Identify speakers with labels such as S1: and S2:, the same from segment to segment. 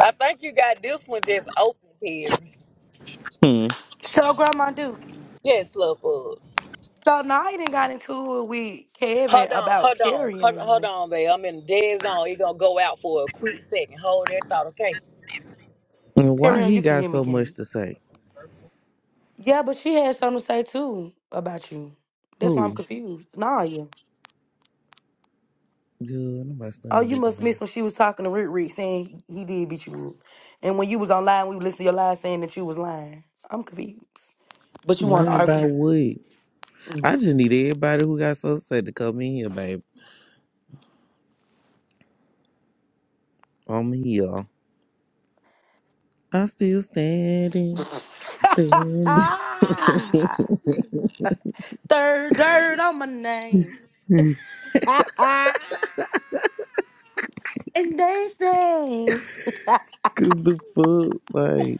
S1: I think you got this one just open here.
S2: Hmm.
S3: So, Grandma Dookie.
S1: Yes, love bug.
S3: So, now I didn't got into it with Kevin
S1: Hold on,
S3: about
S1: hold on, hold, hold
S3: Perion.
S1: on, babe. I'm in the dead zone. It gonna go out for a quick second. Hold that thought, okay?
S2: And why
S3: Perion,
S2: he
S3: you can
S2: got
S3: hear me
S2: so much
S3: again.
S2: to say?
S3: Yeah, but she had something to say too about you. That's why I'm
S2: Who?
S3: confused. Nah, yeah.
S2: Good. Nobody still
S3: Oh,
S2: know
S3: you must
S2: that.
S3: miss when she was talking to Rick Rick saying he, he did beat you up. And when you was online, we listened to your lies saying that you was lying. I'm confused. But you want to
S2: Lying
S3: argue.
S2: about what?
S3: Mm.
S2: I just need everybody who got so sad to come in here, babe. I'm here. I'm still standing, standing. Cause
S3: Third dirt on my name. And they say,
S2: the fuck, like,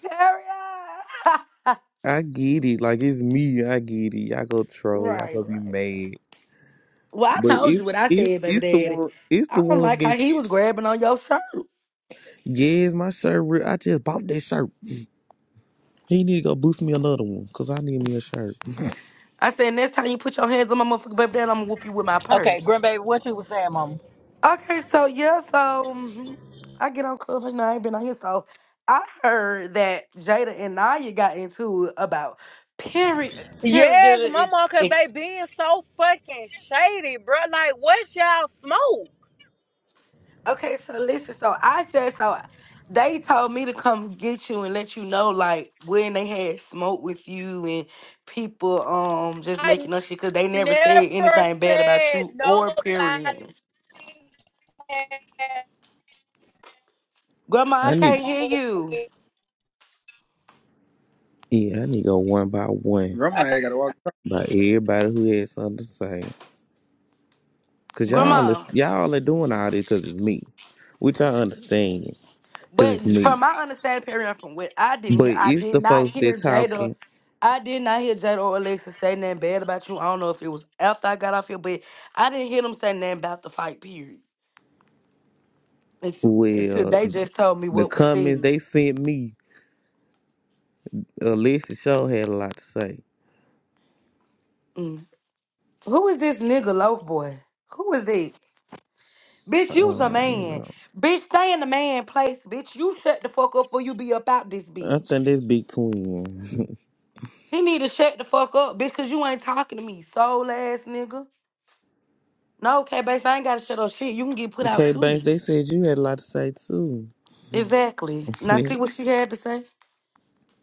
S3: period. right,
S2: I get it. Like it's me. I get it. Y'all go troll. Y'all
S3: right,
S2: go be
S3: right.
S2: mad.
S3: Well, I
S2: But
S3: told you
S2: it's
S3: what I
S2: it's
S3: said, baby
S2: it's the
S3: daddy.
S2: one. It's the
S3: I don't
S2: ones
S3: like how
S2: get.
S3: he was grabbing on your shirt.
S2: Yes, my shirt. Real. I just bought that shirt. He need to go boost me another one. Cause I need me a shirt.
S3: I said, next time you put your hands on my motherfucking baby daddy, I'm gonna whoop you with my
S1: Okay,
S3: purse.
S1: grandbaby, what you was saying, mama?
S3: Okay, so yeah, so mhm, I get on Clubhouse now. I ain't been on here, so I heard that Jada and Naya got into it about period,
S1: Yes,
S3: period.
S1: mama, cause they being so fucking shady, bro. Like, what y'all smoke?
S3: Okay, so listen, so I said so they told me to come get you and let you know like when they had smoke with you and people um just
S1: I
S3: making up shit because they never said
S1: never
S3: anything bad about
S1: said
S3: you or
S1: nobody
S3: period.
S1: had
S3: Grandma, I
S2: I need.
S3: can't hear
S1: smoke.
S3: you.
S1: with-
S2: Yeah, I need to go one by one
S4: Grandma
S1: I
S4: had
S1: th-
S4: got to walk
S2: by everybody who had something to say. Cause y'all is,
S3: Grandma.
S2: y'all are doing all this cause it's me, which I understand cause
S3: But
S2: it's me.
S3: from my understanding, period, from what I didn't
S2: But
S3: hear, I
S2: it's
S3: did
S2: the
S3: not
S2: folks that
S3: hear Jada.
S2: talking.
S3: I did not hear Jada or Alexa say nothing bad about you. I don't know if it was after I got off here, but I didn't hear them say nothing about the fight, period. It's, it's
S2: Well,
S3: they just told me
S2: the
S3: what was
S2: comments
S3: seen.
S2: they sent me, Alicia Shaw had a lot to say.
S3: Mm. Who is this nigga loaf boy? Who is that? Bitch, you's a
S2: Oh
S3: man.
S2: no,
S3: Bitch, stay in the man place. Bitch, you shut the fuck up before you be up out this
S2: I
S3: bitch.
S2: think that's Big Twin.
S3: He need to shut the fuck up, bitch, cause you ain't talking to me, soul ass nigga. No, okay, base, I ain't gotta shut up shit. You can get put out
S2: okay, Banks,
S3: too.
S2: they said you had a lot to say too.
S3: Exactly. Now see what she had to say.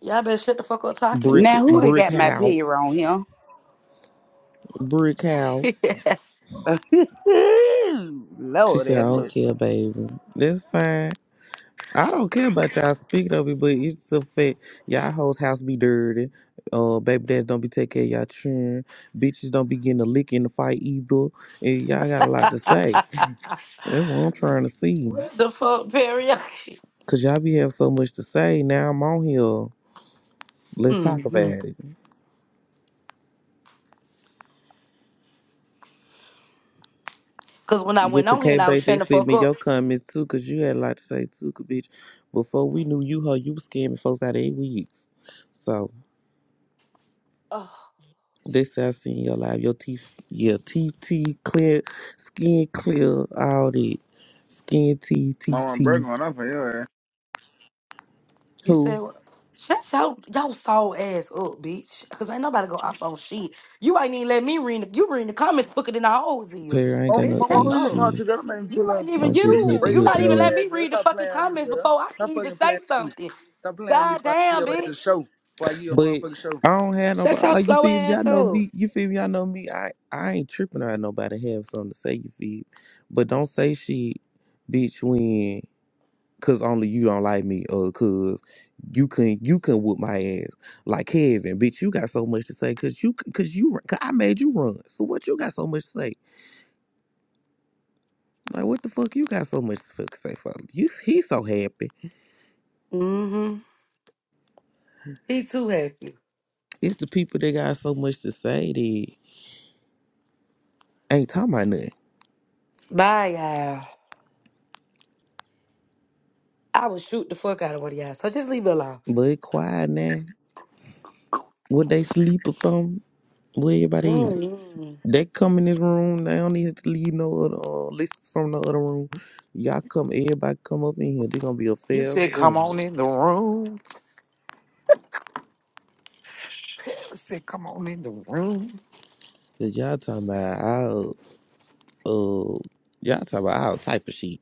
S3: Y'all better shut the fuck up talking to
S2: brick,
S3: me.
S5: Now
S3: The
S5: who they
S3: fuck?
S2: brick
S5: got my beer
S2: house,
S5: on here?
S2: brick house.
S5: Ooh,
S2: She
S5: Lord,
S2: said I
S5: that
S2: don't
S5: bus.
S2: care, baby. That's fine. I don't care about y'all speaking of it, but it's the fact y'all hoes house be dirty. Uh, baby dads don't be taking care of y'all children. Bitches don't be getting a lick in the fight either. And y'all got a lot to say. That's what I'm trying to see.
S3: what the fuck, Perry?
S2: Cause y'all be having so much to say. Now I'm on here. Let's talk about
S3: mm
S2: it.
S3: Cause when I
S2: Yeah,
S3: went
S2: cause
S3: on here
S2: K
S3: and I was
S2: Bay, they
S3: shutting the
S2: sent
S3: fuck
S2: me your
S3: up,
S2: comments too, cause you had a lot to say too, 'cause bitch. Before we knew you, her, you was scamming folks out of eight weeks. So
S3: oh,
S2: They say I seen your live. Your teeth, yeah, teeth, teeth, clear, skin clear, all that. Skin, teeth,
S4: my
S2: teeth,
S4: mom
S2: teeth.
S4: breaking on up for your ass.
S3: you
S2: Who?
S3: said what? Shut your your soul ass up, bitch. Cause ain't nobody go off on shit. You ain't even let me read. The, you read the comments quicker than I always is,
S2: Perry, I ain't
S4: Oh,
S2: got no
S3: bitch.
S4: mama,
S3: Shut
S4: who you
S3: up.
S4: talking
S2: issue.
S4: to, girl? Don't make me
S3: You
S4: pull up and
S3: ain't
S4: beat the,
S3: even
S2: I'm just
S4: beat the
S2: here
S3: you.
S2: to
S3: You
S4: brakes
S2: hit
S4: off
S3: not
S2: and
S3: even
S4: your
S3: let
S4: ass,
S2: miss.
S3: me
S4: girl.
S3: read the
S4: Stop
S3: fucking
S4: playing with me,
S3: comments
S4: girl.
S3: before I
S4: Stop
S3: can even
S4: fucking
S3: say
S4: playing with me.
S3: something.
S4: Stop playing with me
S3: God
S4: before I give
S3: damn,
S4: your ass a
S3: bitch.
S4: show. Before I give you a
S2: But
S4: motherfucking show.
S2: I don't have
S3: Shut
S2: nobody,
S3: your
S2: like, you
S3: slow
S2: feel me? Y'all
S3: ass
S2: know
S3: up.
S2: me. You feel me? Y'all know me. I, I ain't tripping around nobody have something to say, you feel me? But don't say shit, bitch, when, cause only you don't like me, uh, cuz. You couldn't you couldn't whoop my ass like Kevin, bitch. You got so much to say because you because you cause I made you run. So what you got so much to say? Like what the fuck you got so much to fuck say for? You he's so happy.
S3: Mm-hmm. He too happy.
S2: It's the people that got so much to say that ain't talking about nothing.
S3: Bye, y'all. I would shoot the fuck out of one of y'all. So just leave it alone.
S2: But it quiet now. Would they sleep or something? Where everybody is?
S3: Mm-hmm.
S2: They come in this room. They don't need to leave no other uh, listen from no other room. Y'all come, everybody come up in here. They gonna be a
S6: You
S2: fair
S6: said, come
S2: room.
S6: on in the room. You said, come on in the room.
S2: Cause y'all talking about oh, Uh, y'all talk about all type of shit.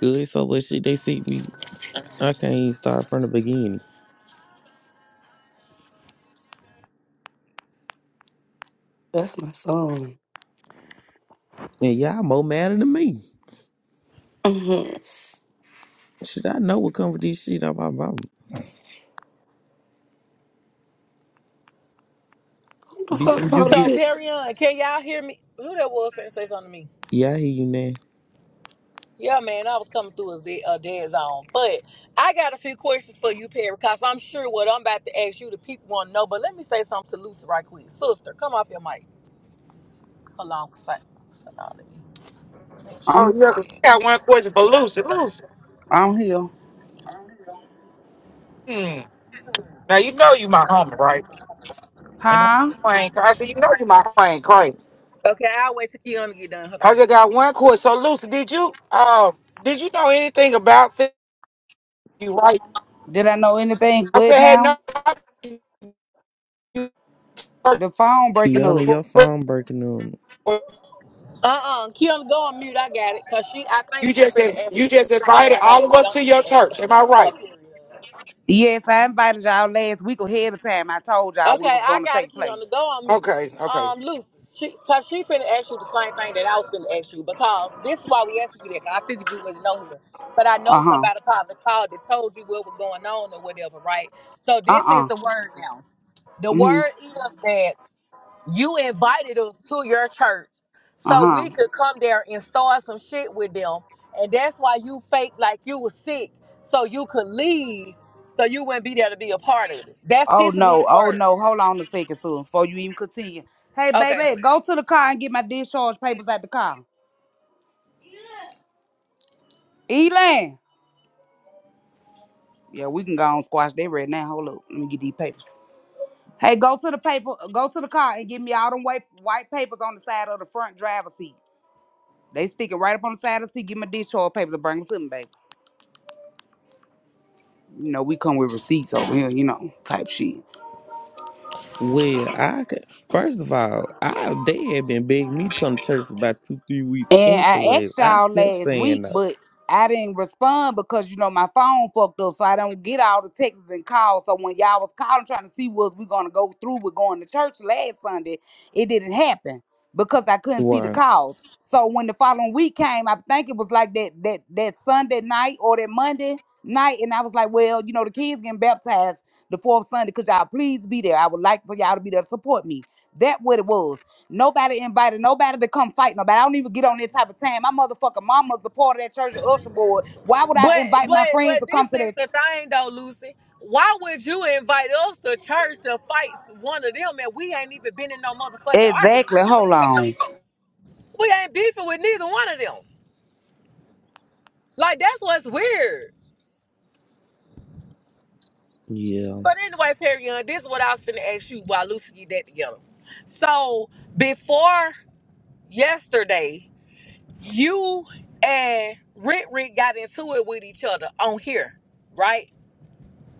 S2: Good so much shit they see me. I can't even start from the beginning.
S3: That's my song.
S2: And y'all more madder than me.
S3: Mhm.
S2: Shit, I know what come with this shit. I'm, I'm, I'm-
S3: Who the
S2: bitch,
S3: fuck
S2: when you
S3: bought
S1: So,
S2: get
S3: it?
S1: Perion, can y'all hear me? Who that was finna say something to me?
S2: Yeah, I hear you now.
S1: Yeah, man, I was coming through a dead, a dead zone. But I got a few questions for you, Perry, because I'm sure what I'm about to ask you, the people want to know. But let me say something to Lucy right quick. Sister, come off your mic. Hold on. 'cause I- hold on, let me-
S6: Oh
S5: I'm
S6: yeah, 'cause I got one question for Lucy. Lucy,
S5: I'm here.
S6: hmm. now you know you my homie, right? And I know
S5: Huh?
S6: I ain't crazy. You know you my I ain't crazy.
S1: Okay, I'll wait till Kiana get done. Hold
S6: I
S1: on.
S6: just got one question. So Lucy, did you uh did you know anything about this? you right?
S5: Did I know anything
S6: I
S5: good
S6: said, hey, no.
S5: now?
S6: You
S5: The phone breaking up.
S2: Kiana, your phone breaking on.
S1: Uh-uh. Kiana, go on mute. I got it. Because she, I think
S6: you
S1: she
S6: just
S1: finna
S6: said
S1: ask
S6: you
S1: Lucy
S6: just
S1: the same
S6: invited all
S1: thing
S6: of
S1: that
S6: us
S1: I'm
S6: to your
S1: finna ask
S6: church.
S1: her.
S6: Am I
S1: Mute her,
S6: right?
S1: period.
S5: Yes, I invited y'all last week ahead of time. I told y'all we
S1: Okay,
S5: was
S1: I
S5: gonna
S1: got a
S5: take
S1: key on
S5: place.
S1: the go on mute.
S6: Okay, okay.
S1: Um, Luke, she, cause she finna ask you the same thing that I was finna ask you because this is why we asked you that. Cause I figured you wasn't on here, but I know
S5: Uh huh.
S1: somebody probably called that told you what was going on or whatever, right? So
S5: Uh
S1: this is
S5: uh.
S1: the word now. The
S5: Mhm.
S1: word is that you invited us to your church
S5: Uh
S1: so
S5: huh.
S1: we could come there and start some shit with them, and that's why you faked like you was sick so you could leave so you wouldn't be there to be a part of it. That's
S5: Oh no.
S1: Tissaboo's
S5: Oh
S1: word.
S5: no. Hold on a second, Susan, before you even continue. Hey,
S1: Okay,
S5: baby, go to the car and get my discharge papers at the car. Elan. Yeah, we can go on squash that right now. Hold up. Let me get these papers. Hey, go to the paper, go to the car and give me all them white white papers on the side of the front driver's seat. They stick it right up on the side of the seat. Give me discharge papers and bring them to me, baby. You know, we come with receipts over here, you know, type shit.
S2: Well, I could, first of all, I they had been begging me to come to church for about two, three weeks
S5: And I
S2: anyways.
S5: asked
S2: I
S5: y'all
S2: kept
S5: last week,
S2: saying no.
S5: but I didn't respond because you know my phone fucked up, so I don't get all the texts and calls. So when y'all was calling trying to see was we gonna go through with going to church last Sunday, it didn't happen because I couldn't see the
S2: Right.
S5: calls. So when the following week came, I think it was like that that that Sunday night or that Monday night, and I was like, well, you know, the kids getting baptized the fourth Sunday. Could y'all please be there? I would like for y'all to be there to support me. That what it was. Nobody invited nobody to come fight nobody. I don't even get on that type of time. My motherfucking mama's a part of that church of usher board. Why would I
S1: But
S5: invite my
S1: but
S5: friends
S1: but
S5: to come
S1: this is
S5: to that?
S1: the thing though, Lucy. Why would you invite us to church to fight one of them and we ain't even been in no motherfucking arguments
S5: Exactly.
S1: with them
S5: Hold
S1: folks?
S5: on.
S1: We ain't beefing with neither one of them. Like that's what's weird.
S2: Yeah.
S1: But anyway, Perry Young, this is what I was finna ask you while Lucy get that together. So before yesterday, you and Rick Rick got into it with each other on here, right?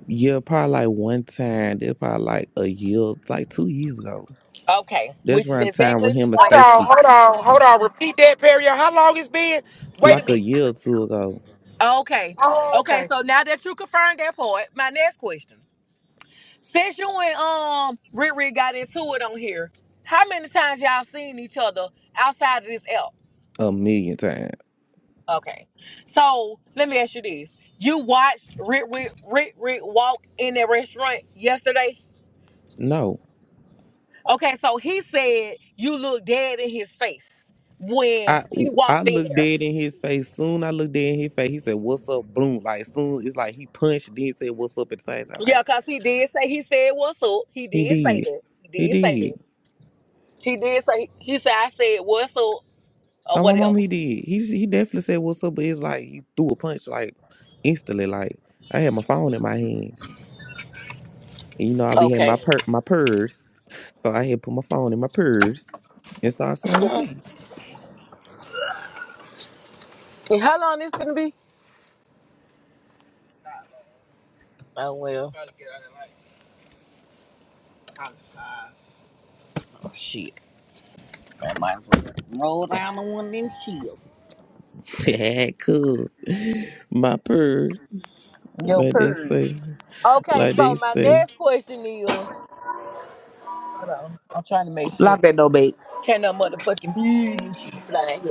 S2: Yeah, probably like one time, they probably like a year, like two years ago.
S1: Okay.
S2: That's
S1: Which is
S2: around time
S1: exactly
S2: with
S1: the
S2: him and
S1: point
S6: Hold on,
S2: Stacey,
S6: hold on, hold on. Repeat that, Perry. How long it's been? Wait a
S2: like
S6: minute.
S2: a year or two ago,
S1: Okay.
S6: Oh,
S1: Okay,
S6: okay.
S1: so now that you confirmed that part, my next question. Since you and um Riri got into it on here, how many times y'all seen each other outside of this app?
S2: a million times.
S1: Okay. So let me ask you this. You watched Rick Rick Rick Rick walk in that restaurant yesterday?
S2: No.
S1: Okay, so he said you look dead in his face when
S2: I
S1: he
S2: I
S1: walked in
S2: looked
S1: there.
S2: dead in his face. Soon I looked dead in his face. He said, What's up, Bloom? Like soon it's like he punched, then he said, What's up at the same time.
S1: Yeah,
S2: Like,
S1: cause he did say he said what's up. He
S2: he
S1: did say
S2: did.
S1: that. He
S2: He
S1: did say that.
S2: did.
S1: He did say he said I said what's up or
S2: Oh, my mom,
S1: whatever.
S2: he did. He he definitely said what's up, but it's like he threw a punch like instantly. Like I had my phone in my hand. And, you know, I be had my
S1: Okay.
S2: per my purse. So I had put my phone in my purse and started swinging.
S1: And how long this gonna be? Oh well. Oh, shit. I might as well roll down on one of them shields.
S2: cool. My purr,
S1: Your
S2: like they
S1: purse.
S2: say.
S1: Okay,
S2: Like
S1: so
S2: they
S1: my
S2: say.
S1: next question is, hold on, I'm trying to make sure.
S5: Lock that door, babe.
S1: Can no motherfucking bees and shit flying here?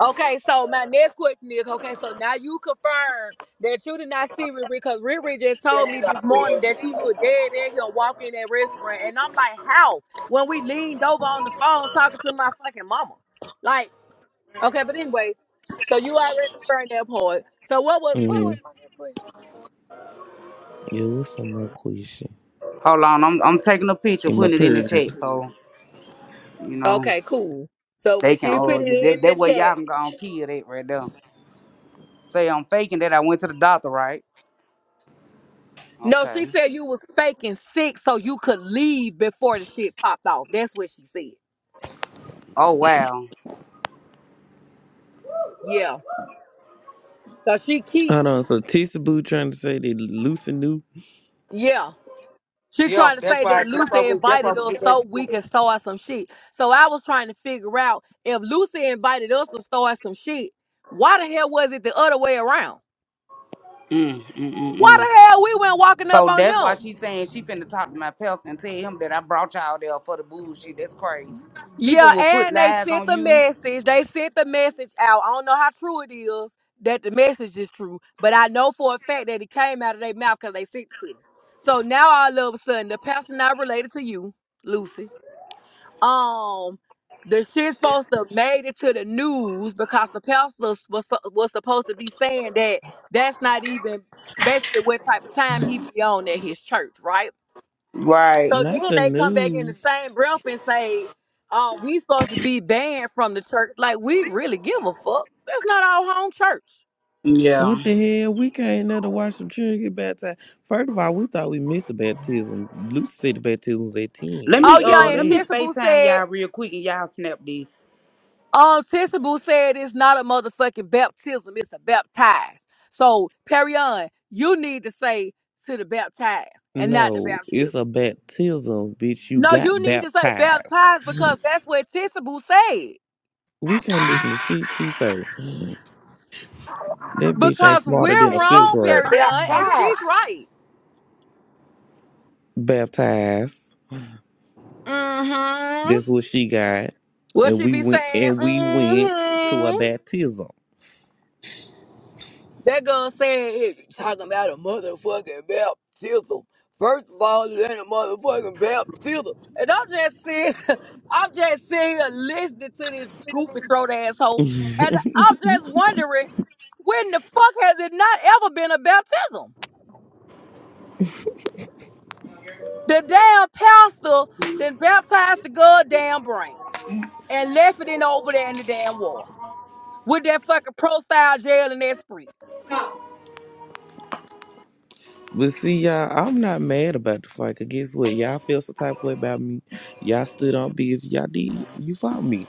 S1: Okay, so my next question is, okay, so now you confirm that you did not see Riri because Riri just told me this morning that you look dead in here walking in that restaurant, and I'm like, how? When we leaned over on the phone talking to my fucking mama, like. Okay, but anyway, so you already confirmed that part. So what was what was
S2: Mm-hmm.
S1: my next question?
S2: Yeah, what's some more question?
S5: Hold on. I'm I'm taking a picture,
S2: In my
S5: putting it in the
S2: purse.
S5: chat, so you know
S1: Okay, cool. So when
S5: they can.
S1: she
S5: Uh,
S1: put it
S5: yeah, that,
S1: in the
S5: that way y'all
S1: chat,
S5: can go on kill that right there. Say I'm faking that I went to the doctor, right?
S1: no, she
S5: Okay.
S1: said you was faking sick so you could leave before the shit popped off. That's what she said.
S5: Oh wow.
S1: Yeah. So she keep
S2: Hold on, so Tissa Boo trying to say they loosen new.
S1: yeah. She
S6: Yeah,
S1: trying to
S6: that's
S1: say
S6: why.
S1: that
S6: That's why
S1: Lucy
S6: we. That's why
S1: invited
S6: we
S1: us
S6: get back
S1: so we
S6: together.
S1: could start some shit. So I was trying to figure out if Lucy invited us to start some shit, why the hell was it the other way around?
S5: Mm, mm, mm,
S1: Why
S5: mm.
S1: the hell we went walking up
S5: So
S1: on
S5: that's
S1: them?
S5: why she's saying she finna talk to my pals and tell him that I brought y'all there for the bullshit. That's crazy. People
S1: Yeah,
S5: will put
S1: and they
S5: lies
S1: sent
S5: on
S1: the
S5: you.
S1: message. They sent the message out. I don't know how true it is that the message is true, but I know for a fact that it came out of their mouth because they sent it to me. So now all of a sudden, the person not related to you, Lucy, um, the shit's supposed to have made it to the news because the pastor was su- was supposed to be saying that that's not even basically what type of time he be on at his church, right?
S5: Right.
S1: So
S2: Not
S1: then
S2: the
S1: they come back in the
S2: news.
S1: same breath and say, um, we supposed to be banned from the church. Like we really give a fuck. That's not our home church.
S2: What
S5: Yeah.
S2: the hell? We came there to watch some children get baptized. First of all, we thought we missed the baptism. Lucy said the baptism was at 10.
S5: Let
S2: It
S1: Oh
S5: me
S2: was at
S1: yeah,
S5: uh
S1: and
S5: let me
S2: 11.
S1: Tissaboo
S5: FaceTime
S1: said,
S5: y'all real quick and y'all snap this.
S1: um, Tissaboo said it's not a motherfucking baptism, it's a baptize. So Perion, you need to say to the baptized and not the
S2: No, it's a
S1: baptism.
S2: baptism, bitch. You
S1: No,
S2: got
S1: you need to say
S2: baptized.
S1: baptized because that's what Tissaboo said.
S2: We can't listen to shit she say. That bitch ain't
S1: Because
S2: smarter
S1: we're
S2: than
S6: See,
S2: a
S6: you
S2: fifth
S1: wrong,
S6: Said
S2: grader.
S6: they
S1: Perion, and
S6: outside.
S1: she's right.
S2: Baptized.
S1: Mm-hmm.
S2: That's what she got.
S1: What
S2: And
S1: she
S2: we
S1: be
S2: went
S1: saying?
S2: and we went to a
S1: Mm-hmm.
S2: baptism.
S1: That girl saying hey, talking about a motherfucking baptism. First of all, it ain't a motherfucking baptism. And I'm just sitting, I'm just sitting here listening to this goofy throat asshole.
S2: but
S1: And I'm just wondering, when the fuck has it not ever been a baptism? The damn pastor then baptized the goddamn brain and left it in over there in the damn wall with that fucking pro style jail and that spree.
S2: see y'all, I'm not mad about the fight. 'cause guess what? Y'all feel some type of way about me. Y'all stood on business. Y'all did you fought me.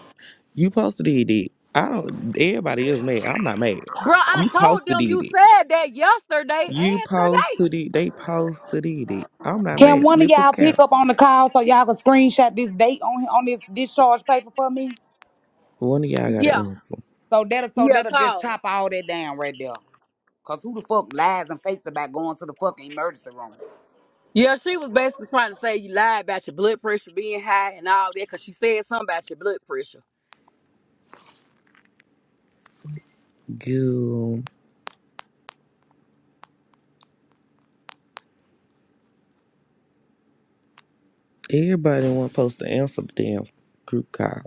S2: You posted did it. I don't everybody else mad. I'm not mad.
S1: Bro, I
S2: You
S1: told
S2: posted
S1: them
S2: did
S1: you
S2: it.
S1: said that yesterday and
S2: You
S1: today.
S2: posted it. They posted did it. I'm not
S5: Can
S2: mad.
S5: one of
S2: Slippers
S5: y'all pick
S2: count.
S5: up on the call so y'all can screenshot this date on on this discharge paper for me?
S2: One of y'all gotta
S1: Yeah,
S2: answer.
S5: So that'll so
S1: yeah,
S5: that'll just
S1: cause
S5: chop all that down right there. Cause who the fuck lies and fakes about going to the fucking emergency room?
S1: yeah, she was basically trying to say you lied about your blood pressure being high and all that because she said something about your blood pressure.
S2: Girl. Everybody wasn't supposed to answer the damn group call.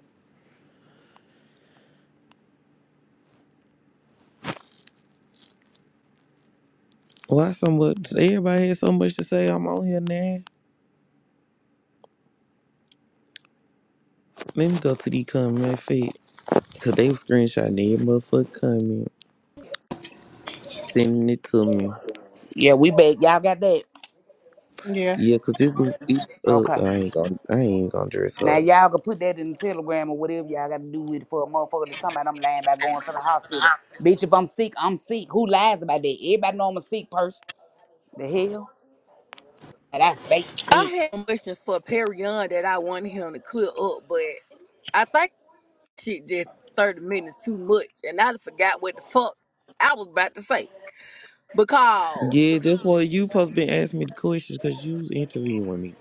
S2: Why so much? Everybody had so much to say. I'm on here now. Let me go to the comment feed. Cause they was screenshotting every motherfucker comment, sending it to me.
S5: Yeah, we bet y'all got that.
S7: Yeah,
S2: Yeah, cause it was it's uh
S5: Okay.
S2: I ain't gonna I ain't gonna dress her
S5: Now
S2: up.
S5: y'all can put that in the telegram or whatever y'all got to do with it for a motherfucker to tell me I'm lying about going to the hospital. Bitch, if I'm sick, I'm sick. Who lies about that? Everybody know I'm a sick person. The hell? And I fake sick.
S1: I had questions for Perry Young that I wanted him to clear up, but I think shit just 30 minutes too much and I done forgot what the fuck I was about to say. Because
S2: Yeah, that's why you supposed to be asking me the questions cause you was interviewing me.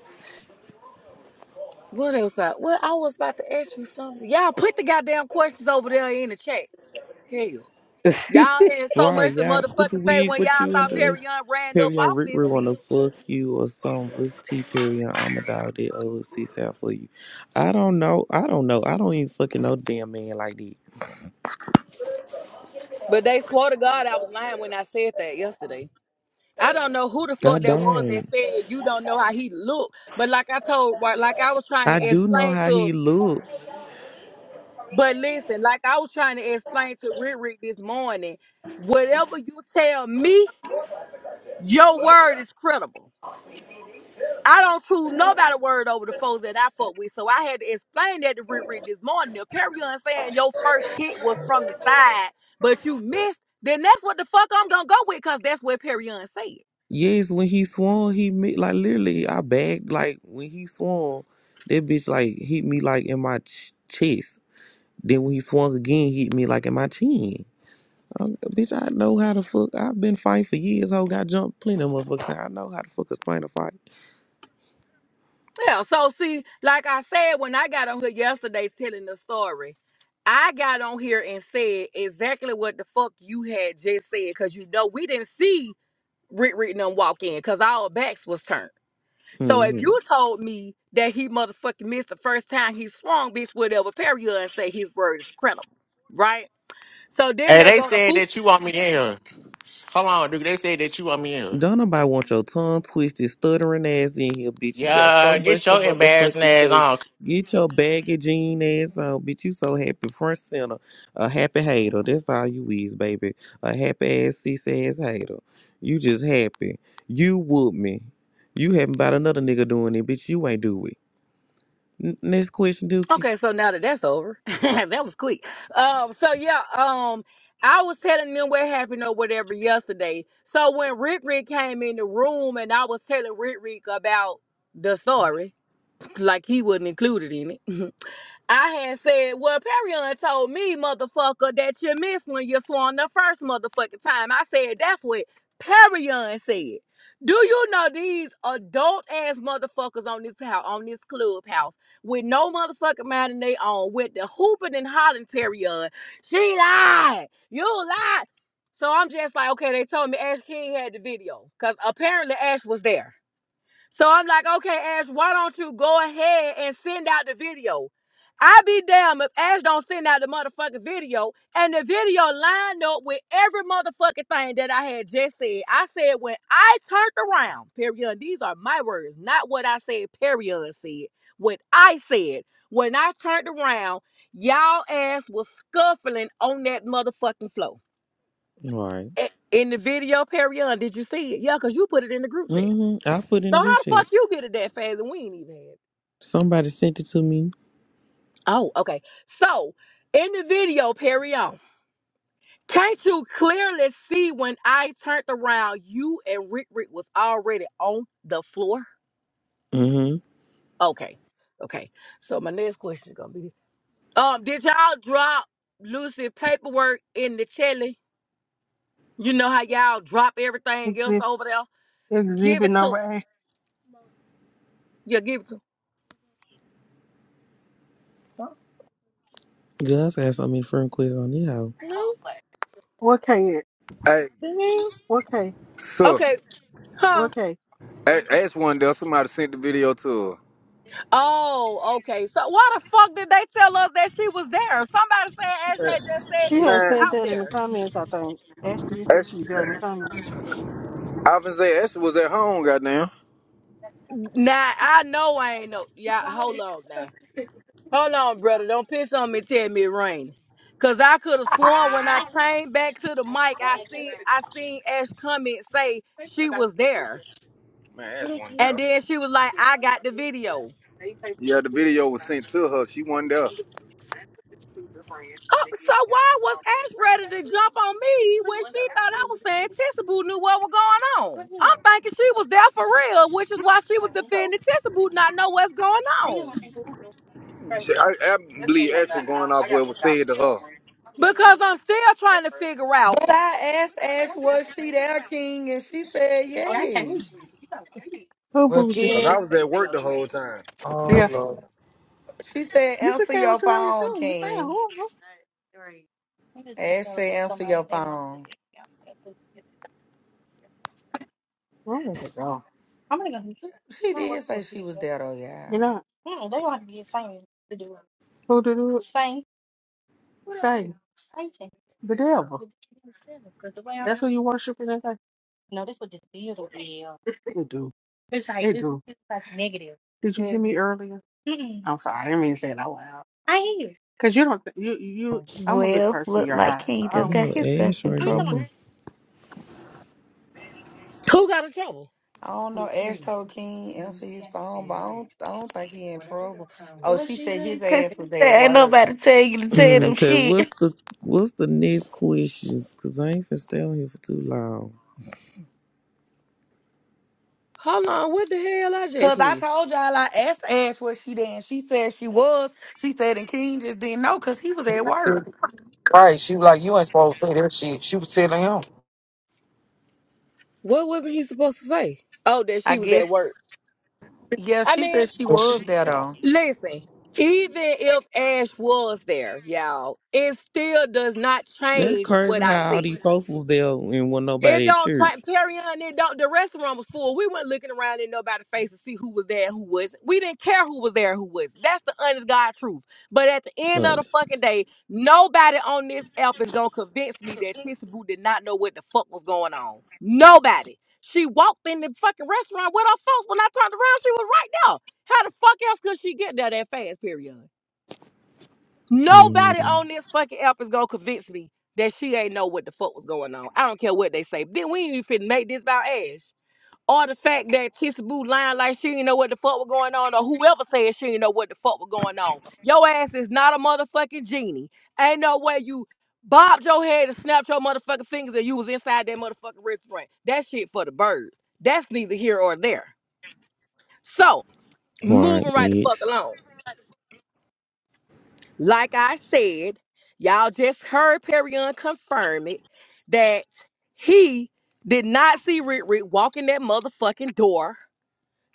S1: what else I well, I was about to ask you something. Y'all put the goddamn questions over there in the chat. Hell. Y'all had so much
S2: Right,
S1: to
S2: y'all stupid
S1: motherfucking say
S2: wig,
S1: when
S2: what
S1: y'all
S2: you
S1: thought
S2: under?
S1: Perry Young ran up
S2: Perry and
S1: off
S2: Rick
S1: this
S2: Rick wanna
S1: bitch.
S2: fuck you or something. What's T Perry and I'm a dog that old six out for you. I don't know. I don't know. I don't even fucking know damn man like that.
S1: But they swore to God I was lying when I said that yesterday. I don't know who the
S2: I
S1: fuck that was that
S2: don't.
S1: said you don't know how he looked. But like I told, right, like I was trying to
S2: I do know
S1: explain
S2: how
S1: to,
S2: he look.
S1: but listen, like I was trying to explain to Rick Rick this morning, whatever you tell me, your word is credible. I don't choose nobody word over the folks that I fuck with. So I had to explain that to Rick Rick this morning. If Perion saying your first hit was from the side, but you missed, then that's what the fuck I'm gonna go with, cause that's what Perion said.
S2: Yes, when he swung, he me like literally I bagged like when he swung, that bitch like hit me like in my ch- chest. Then when he swung again, hit me like in my chin. Um, bitch, I know how to fuck. I've been fighting for years. Ho, got jumped plenty of motherfuckers. I know how to fuck explain a fight.
S1: Yeah, so see, like I said when I got on here yesterday telling the story, I got on here and said exactly what the fuck you had just said, cause you know we didn't see Rick Rick and them walk in, cause our backs was turned. So if
S2: Hmm.
S1: you told me that he motherfucking missed the first time he swung, bitch would ever parry you and say his word is credible, right? So then
S8: Hey,
S1: they
S8: they
S1: go to
S8: said
S1: hoop.
S8: that you want me in here. Hold on, dude. They said that you want me in here.
S2: Don't nobody want your tongue twisted, stuttering ass in here, bitch. You got so
S8: Yeah, get
S2: much to
S8: your embarrassing
S2: motherfucking
S8: ass
S2: say.
S8: on.
S2: Get your baggy jean ass on, bitch. You so happy, front center. A happy hater. That's all you is, baby. A happy ass, cis ass hater. You just happy. You whoop me. You haven't about another nigga doing it, bitch. You ain't do it. N- next question, Dookie.
S1: Okay, so now that that's over, that was quick. Um, so yeah, um, I was telling them what happened or whatever yesterday. So when Rick Rick came in the room and I was telling Rick Rick about the story, like he wasn't included in it. I had said, well, Perion told me, motherfucker, that you missed when you swung the first motherfucking time. I said, that's what Perion said. Do you know these adult ass motherfuckers on this house, on this clubhouse, with no motherfucking mind in they own, with the hooping and hollering Perion? She lied. You lied. So I'm just like, okay, they told me Ash King had the video. Cause apparently Ash was there. So I'm like, okay, Ash, why don't you go ahead and send out the video? I be damn if Ash don't send out the motherfucking video. And the video lined up with every motherfucking thing that I had just said. I said when I turned around, period. These are my words, not what I said, period said. What I said. When I turned around, y'all ass was scuffling on that motherfucking floor.
S2: All right.
S1: I- In the video, period. Did you see it? Yeah, because you put it in the group chat.
S2: Mm-hmm. I put in
S1: So
S2: the group
S1: how the
S2: chat.
S1: fuck you get it that fast and we ain't even had it?
S2: Somebody sent it to me.
S1: Oh, okay. So in the video, Perry on. Can't you clearly see when I turned around, you and Rick Rick was already on the floor?
S2: Mm-hmm.
S1: Okay. Okay. So my next question is gonna be Um, did y'all drop Lucy paperwork in the telly? You know how y'all drop everything else
S7: exhibit
S1: over there? Give
S7: exhibit
S1: it
S7: number
S1: to.
S7: A.
S1: Yeah, give it to. Huh?
S2: Gus asked so many friend quiz on this hoe.
S1: No.
S7: What K it?
S9: Hey,
S1: The
S7: What K?
S1: hell?
S9: so
S1: Okay. Huh?
S7: What K?
S9: a- ask one day somebody sent the video to her.
S1: Oh, okay. So why the fuck did they tell us that she was there? Somebody said Ashley had just said
S7: She
S1: she was
S7: had
S9: Man,
S7: said
S1: out
S7: that in the
S1: there.
S7: comments, I think. Ashley said
S9: Ash,
S7: she was there in the comments.
S9: I was say Ash was at home, goddamn.
S1: Nah, I know I ain't no. Yeah, hold on now. Hold on, brother. Don't piss on me. and Tell me it raining. Cause I could have sworn when I came back to the mic, I see I seen Ash come and say she was there,
S9: Man, Ash one day.
S1: and then she was like, "I got the video."
S9: Yeah, the video was sent to her. She wasn't there.
S1: Oh, so why was Ash ready to jump on me when she thought I was saying Tissy Boo knew what was going on? I'm thinking she was there for real, which is why she was defending Tissy Boo not know what's going on.
S9: She, I, I believe Ash was going off what was said to her.
S1: Because I'm still trying to figure out
S10: But I asked Ash, was she there, King? And she said, yes.
S7: Who
S6: well,
S7: bougie?
S9: Cause I
S6: King.
S9: was at work the whole time.
S6: Oh
S7: Yeah.
S6: Lord.
S10: She said,
S7: You can
S10: answer
S7: stay on
S10: your
S7: two eighty
S10: phone,
S7: two. You stay on
S10: King.
S7: who?
S10: Ash said, answer your phone.
S7: Where did it go?
S10: She did say she was there, though,
S7: You
S10: y'all.
S7: know who to do it? Same. Same. The devil. That's who you worship in that day? It do. It's like it it's, do. It's like negative. Did you hear me earlier? Mm-mm. I'm sorry, I didn't mean to say it out loud. Cause you don't, th- you you. I'm a good
S11: Well,
S7: person in
S11: look
S7: your
S11: like
S7: eyes, so
S11: King
S7: I
S11: just
S7: don't.
S11: got
S7: want
S2: Real
S11: himself
S2: ass
S11: in
S2: right
S11: trouble.
S2: there.
S1: who got in trouble.
S10: I don't know. Ash told King, answer his phone, but I don't, I don't think he in trouble. Oh, she said his
S11: Cause
S10: ass
S11: she
S10: was at
S11: said ain't
S10: work.
S11: nobody tell you to tell
S2: Mm,
S11: them
S2: Okay, what's
S11: shit.
S2: the what's the next questions? Cause I ain't finna stay on here for too long.
S1: Hold on, what the hell I just
S10: Because I
S1: missed?
S10: told y'all, I asked Ash was she there, and she said she was. She said, and King just didn't know because he was at
S6: Said,
S10: work.
S6: Christ, she was like, you ain't supposed to say that shit. She was telling him.
S1: What wasn't he supposed to say? Oh, that
S10: I
S1: she was
S10: guess,
S1: at work.
S10: yeah,
S1: I
S10: she
S1: mean,
S10: said she
S6: But she,
S10: was there,
S6: you know.
S10: though.
S1: listen, even if Ash was there, y'all, it still does not
S2: That's
S1: change what
S2: crazy
S1: I
S2: how all
S1: said.
S2: these folks was there and wasn't
S1: It
S2: nobody at
S1: don't
S2: church.
S1: like Perion. It don't. The restaurant was full. We went looking around in nobody's face to see who was there and who wasn't. We didn't care who was there and who wasn't. That's the honest God truth. But at the end of the
S2: Honest.
S1: fucking day, nobody on this app is gonna convince me that Tissy Boo did not know what the fuck was going on. Nobody. She walked in the fucking restaurant with her folks. When I turned around, she was right there. How the fuck else could she get there that fast? Period. Nobody
S2: Mm,
S1: on this fucking app is gonna convince me that she ain't know what the fuck was going on. I don't care what they say. Then we ain't even finna make this about Ash. Or the fact that Tissa Boo lying like she didn't know what the fuck was going on, or whoever said she didn't know what the fuck was going on. Your ass is not a motherfucking genie. Ain't no way you bobbed your head and snapped your motherfucking fingers and you was inside that motherfucking restaurant. That shit for the birds. That's neither here or there. So, moving
S2: right,
S1: right the fuck
S2: next.
S1: along. Like I said, y'all just heard Perion confirm it that he did not see Rick Rick walk in that motherfucking door.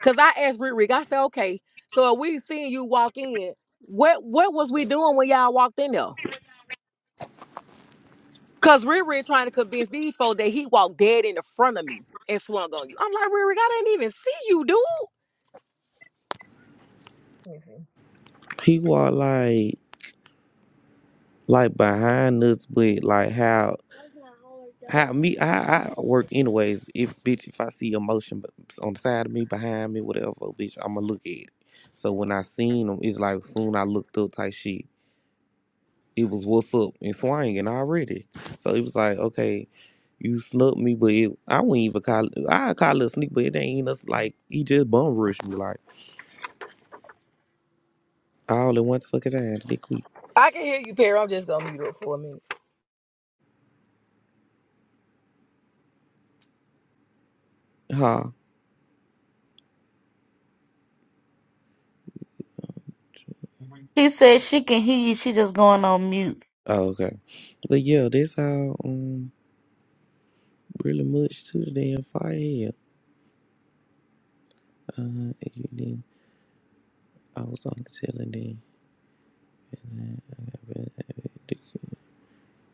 S1: Cause I asked Rick Rick, I said, okay, so if we seen you walk in, what what was we doing when y'all walked in there? Cause Rick Rick trying to convince these folks that he walked dead in the front of me and swung on you. I'm like, Rick Rick, I didn't even see you, dude.
S2: He was like like behind us, but like how how me I, I work anyways. If bitch, if I see emotion b- on the side of me, behind me, whatever, bitch, I'ma look at it. So when I seen him, it's like soon I looked up type shit. it was what's up and swinging already. So it was like, okay, you snubbed me, but it, I wouldn't even call it, I call it a sneak, but it ain't nothing like, he just bum rushed me like all at once fucking time, that quick.
S1: I can hear you, Perry. I'm just gonna mute up for a minute.
S2: Huh.
S11: He said she can hear you, she just going on mute.
S2: Oh, okay. But yeah, that's how, um, really much to the damn fire here. Uh, and then I was on the telling them, and I, I, I,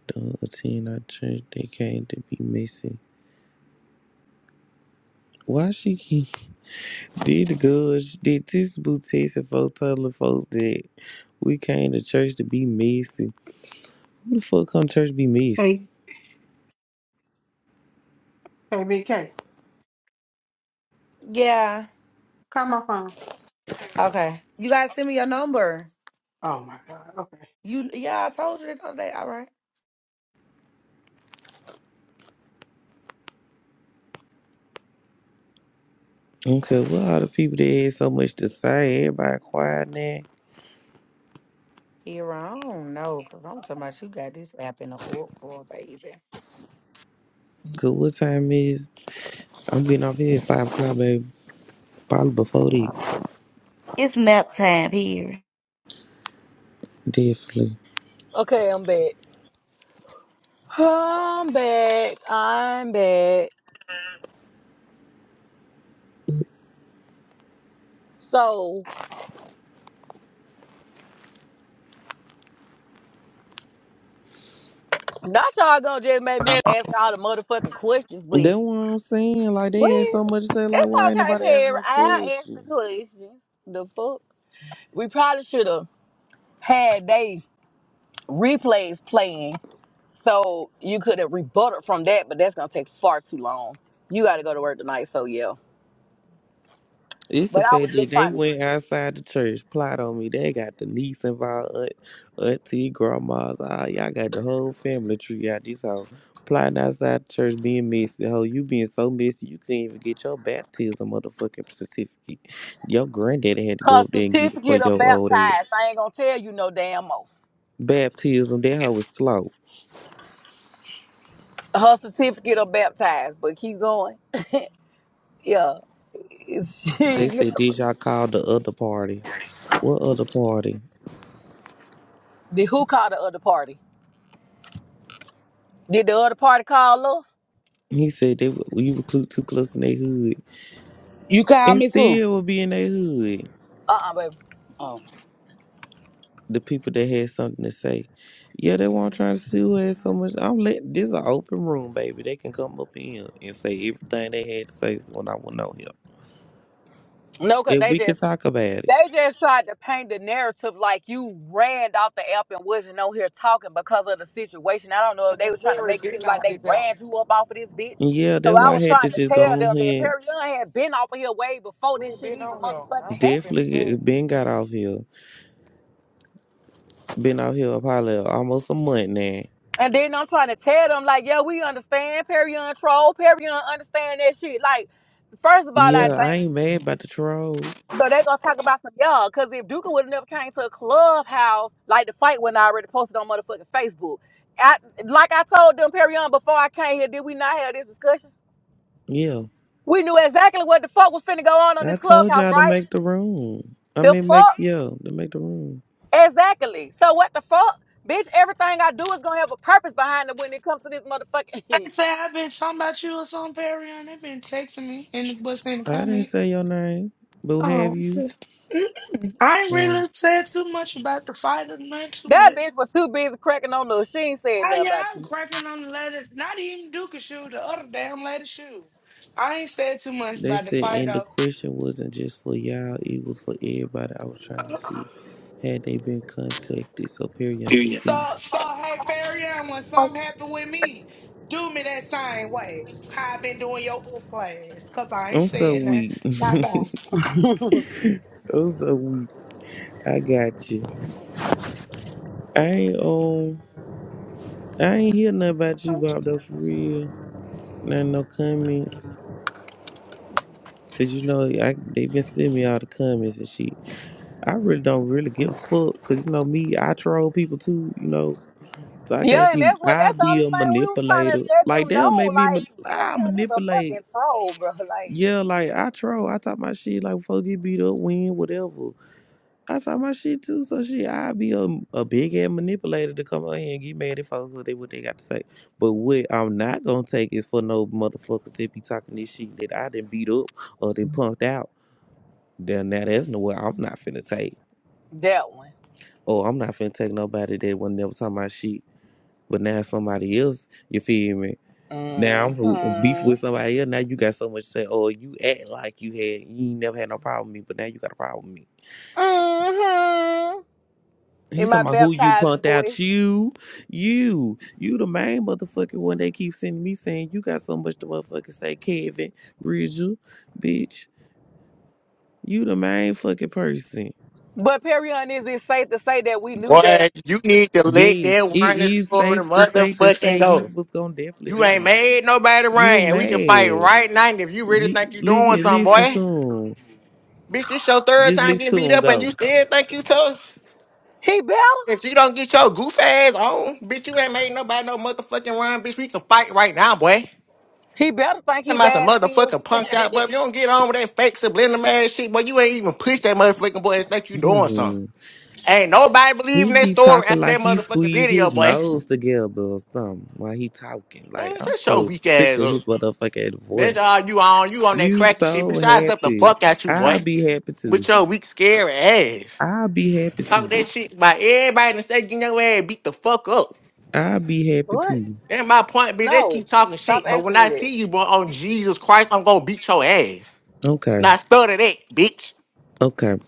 S2: the, the 10 I church, they came to be missing. Why she keep Did the girls, did this boutique and folks tell the folks that we came to church to be messy? Who the fuck come to church to be
S7: to
S2: messy?
S7: KBK,
S10: Yeah.
S7: call my phone.
S10: Okay. You guys send me your number.
S7: Oh my God. Okay.
S10: You yeah, I told you that the other day. All right.
S2: Okay, what all the people that had so much to say, everybody quiet now.
S10: Here I don't know, cause I'm talking about you got this app in the uproar, baby.
S2: Cause what time is? I'm getting off here at 5 o'clock, baby. Probably before that,
S11: It's nap time here.
S2: definitely.
S1: Okay, I'm back. I'm back. I'm back. So not y'all gonna just make me
S10: Come on.
S1: ask all the motherfucking questions, but
S2: That's what I'm saying. Like, they
S1: well,
S2: had so much to say, like,
S1: it's
S2: why ain't
S1: okay,
S2: nobody ask
S1: Perry.
S2: no
S1: I'll ask the
S2: question?
S1: questions. The fuck? We probably should have had they replays playing so you could have rebutted from that, but that's gonna take far too long. You gotta go to work tonight, so yeah.
S2: It's the
S1: But I was
S2: fact that
S1: just
S2: they
S1: trying to
S2: went outside the church, plot on me. They got the niece involved, aunt, auntie, grandmas. Ah, y'all got the whole family tree out this house. Plotting outside the church, being messy. Ho, you being so messy, you couldn't even get your baptism motherfucking certificate. Your granddaddy had to
S1: her
S2: go up there and get it for
S1: certificate of
S2: your old
S1: baptized.
S2: ass.
S1: I ain't gonna tell you no damn more.
S2: Baptism, that hoe was slow.
S1: Her certificate of baptized, but keep going. Yeah. It's,
S2: They said, did
S1: the
S2: y'all call the other party? What other party?
S1: who called the other party? Did the other party call us?
S2: He said, they, were- you were clu- too close in their hood.
S5: you call
S2: And
S5: me soon.
S2: still will be in their hood.
S1: Uh uh baby.
S5: Oh.
S2: the people that had something to say. Yeah, they weren't trying to see who had so much. I'm let this an open room, baby. They can come up in and say everything they had to say when I went on here.
S1: No, cause
S2: If
S1: they
S2: we could
S1: just
S2: talk about it.
S1: they just tried to paint the narrative like you ran off the app and wasn't on here talking because of the situation. I don't know
S6: Man,
S1: if they was
S6: we
S1: trying to
S6: already
S1: make it
S6: been
S1: seem like
S6: on
S1: they
S6: this out.
S1: ran you up off of this bitch.
S2: And Yeah,
S1: So
S2: that's
S1: I
S2: why I
S1: was
S2: had to
S1: trying to
S2: just go
S1: tell
S2: on
S1: them that
S2: here.
S1: Perry Young had been off of here way before
S6: We
S1: this
S6: ain't
S1: shit
S6: been
S1: even
S6: on here.
S1: motherfucking
S6: I'm just
S1: happened.
S6: been
S2: Definitely
S6: saying.
S2: get- been got off here. Been out here probably almost a month now.
S1: And then I'm trying to tell them like, yeah, we understand Perry Young troll, Perry Young understand that shit. Like, first of all, I
S2: Yeah, I
S1: think.
S2: ain't mad about the trolls.
S1: So they gonna talk about some y'all. Cause if Duka would have never came to a clubhouse, like the fight when I already posted on motherfucking Facebook. I, like I told them Perry on before I came here, did we not have this discussion?
S2: Yeah,
S1: We knew exactly what the fuck was finna go on on
S2: I
S1: this
S2: told
S1: clubhouse,
S2: y'all to
S1: right?
S2: make the room. I
S1: The
S2: mean, make
S1: fuck,
S2: yeah to make the room.
S1: exactly. So what the fuck, bitch? Everything I do is gonna have a purpose behind it when it comes to this motherfucking.
S12: They say I've been talking about you or something, Perry, and they've been texting me in the what's in the
S2: I didn't
S12: comment.
S2: say your name, but
S12: Oh,
S2: have
S12: I'm
S2: you?
S12: so- Mm-mm. I ain't
S2: Oh.
S12: really said too much about the fight or nothing too
S1: that
S12: much.
S1: bitch was too busy cracking on the. She ain't said
S12: Oh
S1: nothing
S12: yeah,
S1: about
S12: I'm
S1: you.
S12: cracking on the lady, not even Duke shoe, the other damn lady shoe. I ain't said too much
S2: They
S12: about the
S2: said,
S12: fight
S2: and the
S12: though.
S2: question wasn't just for y'all, it was for everybody. I was trying to see had they been contacted so Perion could
S10: Period.
S2: see.
S12: So, so hey Perry, when something happen with me, do me that same way. How I been doing your old class, cause I ain't
S2: I'm so
S12: saying that.
S2: weak.
S12: Bye bye.
S2: I'm so weak. I got you. I ain't um I ain't hear nothing about you, Bob though for real. Not no comments. Cause you know I they been sending me all the comments and shit. I really don't really give a fuck. Cause you know me, I troll people too, you know. So I can't
S1: Yeah, and
S2: be.
S1: that's what
S2: I
S1: that's the only
S2: be a
S1: thing we was trying to
S2: manipulator.
S1: let
S2: Like
S1: them
S2: they'll make
S1: know.
S2: me.
S1: Like,
S2: ma- I
S1: Tyrion is a fucking
S2: manipulate.
S1: troll, bro. Like
S2: Yeah, like I troll. I talk my shit. Like fuck get beat up, win, whatever. I talk my shit too. So shit, I be a, a big ass manipulator to come out here and get mad at folks what they what they got to say. But what I'm not gonna take is for no motherfuckers that be talking this shit that I didn't beat up or did punked out. Then now that's nowhere I'm not finna take.
S1: that one.
S2: Oh, I'm not finna take nobody that was never talking my shit. But now somebody else, you feel me? Now I'm fu- beef
S1: Mm-hmm.
S2: with somebody else. Now you got so much to say. Oh, you act like you had you ain't never had no problem with me, but now you got a problem with me.
S1: Mm-hmm. In
S2: He's
S1: my
S2: talking about who you
S1: baptized
S2: punked out.
S1: voice.
S2: You, you, you the main motherfucking one. They keep sending me saying you got so much to motherfucking say, Kevin Ridgel, bitch. You the main fucking person.
S1: But Perion, is it safe to say that we knew that
S8: Boy, you need to let
S2: Yes,
S8: that
S2: it
S8: running
S2: is
S8: story
S2: safe to say to
S8: motherfucking
S2: say he
S8: go.
S2: was gonna definitely
S8: You
S2: do
S8: ain't
S2: this.
S8: made nobody
S2: You're
S8: run. We can fight
S2: mad.
S8: right now if you really
S2: You
S8: think you doing
S2: listen,
S8: something,
S2: listen
S8: boy.
S2: to him.
S8: Bitch, this your third
S2: Just
S8: time
S2: listen
S8: getting
S2: to
S8: beat
S2: him
S8: up and you
S2: go.
S8: still think you tough.
S1: he better?
S8: If you don't get your goof ass on, bitch, you ain't made nobody no motherfucking run. Bitch, we can fight right now, boy.
S1: He better think he
S8: Talking about some
S1: bad still.
S8: motherfucking punked out, but if you don't get on with that fake subliminal ass shit, boy, you ain't even push that motherfucking boy and think you doing something.
S2: Mm-hmm.
S8: Ain't nobody believing
S2: He
S8: that
S2: be
S8: story
S2: talking
S8: after
S2: like
S8: that
S2: he
S8: motherfucking
S2: squeezed
S8: video,
S2: his
S8: boy.
S2: nose together or something while he talking. Like
S8: Man,
S2: I'm
S8: shut your
S2: so
S8: weak
S2: sick
S8: ass
S2: of
S8: up.
S2: his motherfucking
S8: That's
S2: voice.
S8: all you on. You on that
S2: You
S8: cracking shit,
S2: so
S8: bitch. I stuff the
S2: happy.
S8: fuck out you,
S2: I'll
S8: boy.
S2: be happy
S8: With
S2: too.
S8: your weak, scary ass.
S2: I'll be happy too.
S8: Talk that shit about everybody in the state getting your ass beat the fuck up.
S2: I'll be happy
S1: what?
S2: too.
S8: That's my point, bitch. They
S1: No.
S8: keep talking
S1: Stop
S8: shit, but when
S1: asking me
S8: I
S1: that.
S8: see you, boy, on Jesus Christ, I'm gonna beat your ass.
S2: Okay.
S8: Now stutter that, bitch.
S2: Okay.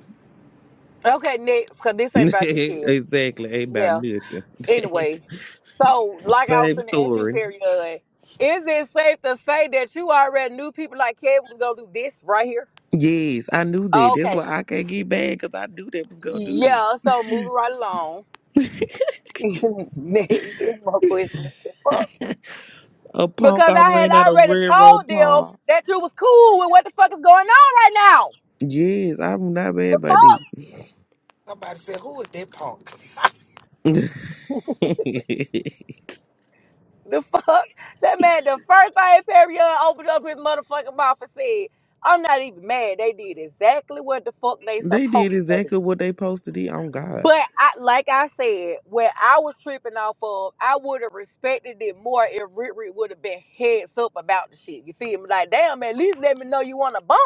S1: Okay, next, cause this ain't about you, Kevin.
S2: exactly. Ain't about
S1: Yeah.
S2: nothing.
S1: anyway, so like I was
S2: Same
S1: going to ask you,
S2: story.
S1: Period, is it safe to say that you already knew people like Kevin was gonna do this right here?
S2: Yes, I knew that. That's
S1: Okay,
S2: why I can't get bad because I knew that was gonna do this.
S1: yeah. So moving right along. Next, any more questions. The fuck?
S2: A punk
S1: Because
S2: I
S1: I had
S2: ran out of
S1: already
S2: railroad
S1: told them
S2: paw.
S1: that you was cool with what the fuck is going on right now.
S2: Yes, I'm not
S1: The
S2: bad by
S1: fuck.
S2: this.
S6: Somebody said, who is that punk?
S1: The fuck? That man, the first thing Period opened up his motherfucking mouth and said, I'm not even mad. They did exactly what the fuck they
S2: They
S1: supposed
S2: did
S1: to do.
S2: exactly what they posted it on God.
S1: But I, like I said, where I was tripping off of, I would have respected it more if Rick Rick would have been heads up about the shit. You feel me? Like, damn, at least let me know you want to bump.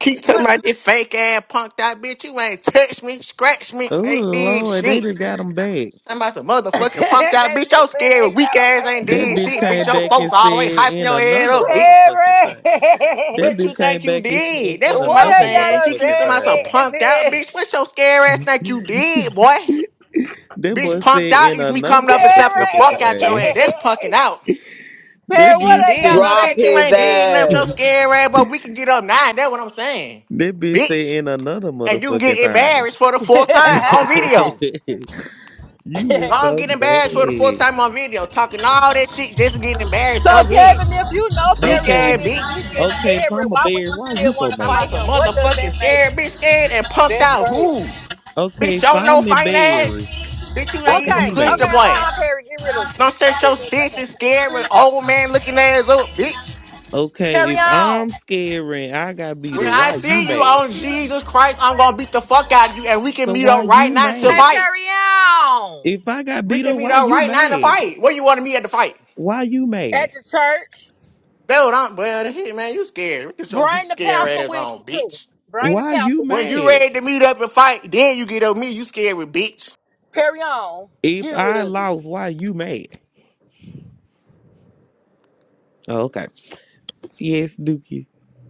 S8: Keep talking
S1: You-
S8: about this fake ass punked out bitch. You ain't touch me, scratch me,
S2: Oh
S8: ain't did
S2: Lord, they
S8: shit.
S2: done got them back.
S8: Talking about some
S1: that
S8: motherfucking
S1: bitch
S8: punked
S1: said
S8: out bitch. Your scary
S1: they
S8: weak
S1: got a
S8: ass ain't
S1: back.
S2: That
S8: did
S2: bitch
S8: shit, bitch.
S2: came
S8: Your
S2: back and
S8: folks always
S2: said
S8: hyping
S2: in
S8: your head
S2: another
S8: up, bitch.
S2: motherfucking
S1: Terry,
S2: thing. That
S8: What you
S2: bitch came
S8: think you
S2: back and said
S8: did?
S2: in
S8: That's what
S1: what
S8: I'm
S2: another
S1: they
S8: saying.
S1: got a
S8: He keeps talking
S1: back
S8: about some
S2: motherfucking
S1: is
S8: punked out
S1: it?
S8: bitch. What your scary ass
S2: thing.
S8: think you did, boy?
S2: That
S8: Bitch,
S2: boy said
S8: punked out
S2: in
S8: is me
S2: another
S8: coming up and slapping the
S2: motherfucking
S8: fuck
S1: Terry,
S8: out your
S2: thing.
S8: ass. That's punking out.
S1: Terry,
S2: That
S8: Thinking
S1: what
S8: you
S2: bitch
S1: they
S8: did
S1: got a
S2: said
S8: something,
S13: Drop
S1: back
S8: bitch. You
S13: his
S8: ain't did nothing. Your
S13: ass.
S8: scary ass, but we can get up now. That's what I'm saying,
S2: that bitch said
S8: bitch.
S2: in another
S8: and you can get
S2: motherfucking thing.
S8: embarrassed for the fourth time on video.
S1: is?
S2: you is
S8: I don't
S2: so
S8: get embarrassed for the fourth
S2: mad.
S8: time on video, talking all that shit, just getting embarrassed
S1: So
S8: again.
S1: Kevin, if you know
S8: Weak
S2: Okay,
S8: ass
S1: Perion
S2: if you,
S1: is weak
S8: bitch.
S1: and
S2: okay, if
S1: scary,
S2: I'm a
S1: why would
S2: Bears,
S1: you
S2: why you
S1: still
S2: so
S1: want to
S8: Talking
S2: mad?
S1: fight
S8: about some
S1: him? What does
S8: motherfucking
S1: that make
S8: scared bitch,
S1: you?
S8: scared and punked
S1: That's
S8: out.
S1: crazy.
S8: Who?
S2: Okay,
S8: Bitch,
S2: if
S8: y'all know
S2: I'm
S8: fine ass.
S2: embarrassed,
S8: Bitch, you
S1: Okay,
S2: why
S8: ain't even
S2: you
S1: okay,
S8: pushed the
S2: mad?
S8: boy.
S1: uh-uh, Perry, get rid of it.
S8: Don't
S1: Get
S8: set
S1: rid
S8: your
S1: of it. I
S8: sissy
S1: can't take it.
S8: scared with old man looking ass up, bitch.
S2: Okay, if
S1: Perion.
S2: I'm scared and I got beat
S8: When
S2: up,
S8: I
S2: why you
S8: see you
S2: mad?
S8: on Jesus Christ, I'm gonna beat the fuck out of you, and we can
S2: So
S8: meet
S2: why
S8: up right
S2: you
S8: now to
S1: Hey,
S2: mad?
S8: fight.
S1: Perion.
S2: If I got
S8: We
S2: beat
S8: can
S2: up,
S8: meet
S2: why
S8: up
S2: you
S8: right now to
S2: mad?
S8: fight. Where you want to meet at the fight?
S2: Why you
S1: At
S2: mad?
S1: the church,
S8: That's what I'm. Well, Hey, man, you scared. Get your weak,
S1: bring the
S8: scare
S1: pastor
S8: ass
S1: with
S8: on,
S1: you too.
S8: bitch.
S1: Bring the
S2: Why
S1: pastor
S2: you
S8: When
S1: with
S8: you
S2: mad?
S8: ready to meet up and fight, then you get up me. You scared with bitch.
S1: you. Perion,
S2: If
S1: get rid
S2: I
S1: of it.
S2: lost, why you mad? Oh, okay. Yes, Dookie.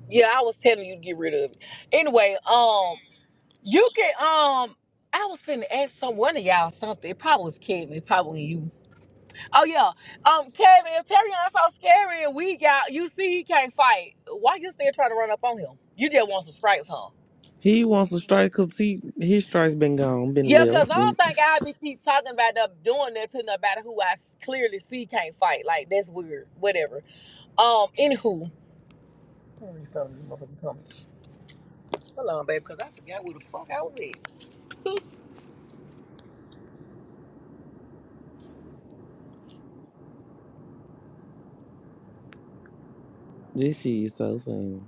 S1: Yeah, I was telling you to get rid of it. Anyway, um, you can um. I was finna ask some one of y'all something. It probably was Kevin, it probably you Oh yeah. Um, Kevin, if Perion's so scary and we got you see he can't fight, why you still trying to run up on him? You just want some stripes, huh?
S2: He wants to strike because he his strike's been gone, been
S1: Yeah, cause
S2: left.
S1: I
S2: Been,
S1: don't think I'd be keep talking about them doing that to nobody who I s- clearly see can't fight. Like that's weird. Whatever. Um, anywho. Let me read some of these motherfucking comments. Hold on, babe, cause I forgot where the fuck I was at.
S2: this shit is so funny.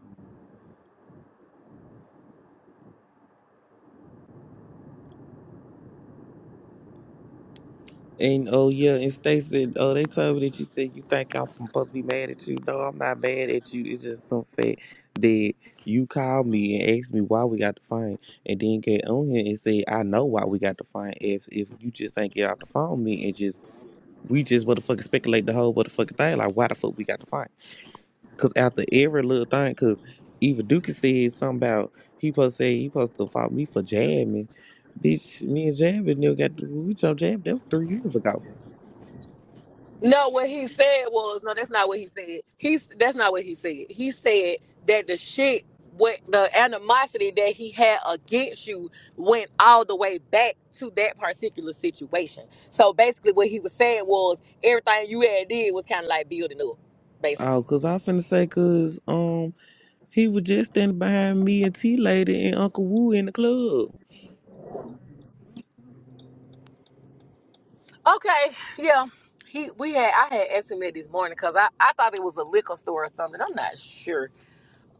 S2: And oh yeah, and Stacey, oh they told me that you said you think I'm supposed to be mad at you. No, I'm not mad at you. It's just some fact that you called me and asked me why we got the phone, and then get on here and say I know why we got the phone. If if you just ain't get off the phone with me and just we just motherfucking speculate the whole motherfucking thing like why the fuck we got the phone? Cause after every little thing, cause even Duke said something about he supposed to say he supposed to fight me for jamming. Bitch, me and Jab and them got we jumped Jab that was three years ago.
S1: No, what he said was no. That's not what he said. He's that's not what he said. He said that the shit, what the animosity that he had against you went all the way back to that particular situation. So basically, what he was saying was everything you had did was kind of like building up,
S2: Oh,
S1: basically.
S2: cause I finna say, cause um, he was just standing behind me and T Lady and Uncle Wu in the club.
S1: Okay, yeah. He we had I had asked him that this morning because I I thought it was a liquor store or something. I'm not sure.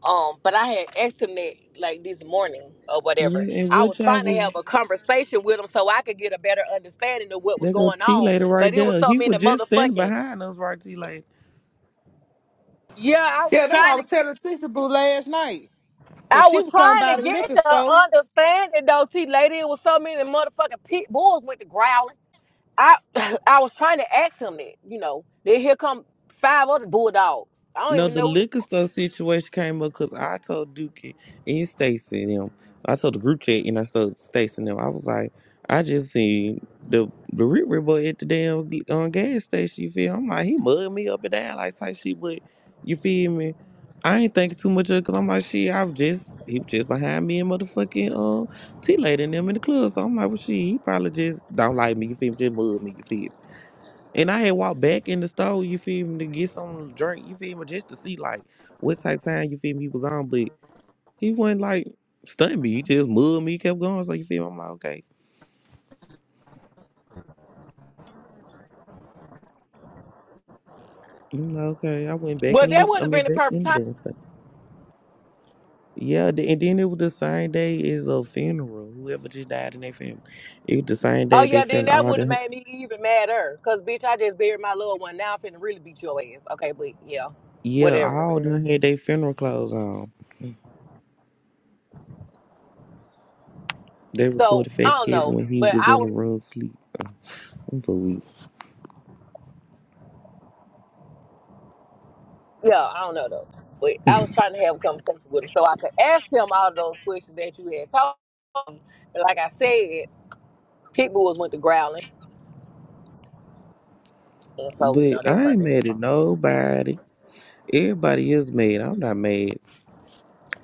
S1: Um, but I had asked him that like this morning or whatever.
S2: Yeah, and
S1: I was
S2: which I
S1: trying to
S2: was.
S1: have a conversation with him so I could get a better understanding of what was
S2: There go
S1: going
S2: T
S1: on.
S2: Lady
S1: But
S2: right
S1: it was
S2: there.
S1: so
S2: He was
S1: many
S2: just standing
S1: motherfucking
S2: behind us, right, T Lady.
S1: yeah. I
S14: Yeah,
S1: was
S14: that's what
S1: trying
S14: I
S1: to
S14: was
S1: get.
S14: telling Sister Boo last night. Cause
S1: I
S14: she
S1: was
S14: was talking
S1: trying to
S14: about a
S1: get
S14: liquor
S1: to
S14: store.
S1: understanding though, T lady. It was so many motherfucking pit bulls with the growling. I I was trying to ask him that, you know. Then here come five other bulldogs. I don't
S2: No,
S1: even
S2: the
S1: know.
S2: liquor store situation came up because I told Dookie and Stacy and them. I told the group chat and I told Stacy and them. I was like, I just seen the the Rick Rick boy at the damn um, gas station. You feel? I'm like, he mugged me up and down like type shit. But you feel me? I ain't thinking too much of it because I'm like, shit, I've just he was just behind me and motherfucking um T lady and them in the club. So I'm like, well, shit, he probably just don't like me. You feel me? Just mug me. You feel me? And I had walked back in the store, you feel me, to get something to drink, you feel me, just to see like what type of time you feel me he was on. But he wasn't like stunned me. He just mugged me, kept going. So you feel me? I'm like, okay. I'm like, okay. I went back
S1: Well,
S2: and
S1: that
S2: look
S1: would
S2: I
S1: have
S2: mean
S1: been the
S2: back
S1: perfect
S2: in
S1: time.
S2: the stuff. Yeah, the, and then it was the same day as a funeral. Whoever just died in their family. It was the same
S1: Oh
S2: day they
S1: yeah, then
S2: funeral
S1: that
S2: all
S1: would have
S2: the
S1: made me even madder. Cause bitch, I just buried my little one. Now I'm finna really beat your ass. Okay, but yeah,
S2: yeah, all
S1: whatever.
S2: them had their funeral clothes on. They
S1: So
S2: recorded Fat
S1: I don't
S2: Kevin
S1: know,
S2: when he
S1: but
S2: was
S1: I
S2: in
S1: was
S2: the room sleep. I'm so weak.
S1: yeah, I don't know though. But I was trying to have a conversation with him so I could ask him all those questions that you had told me. But like I said, pit bulls went to growling, and so you
S2: But
S1: know they
S2: I
S1: turned
S2: ain't
S1: into
S2: mad at
S1: something.
S2: nobody. Everybody is mad. I'm not mad.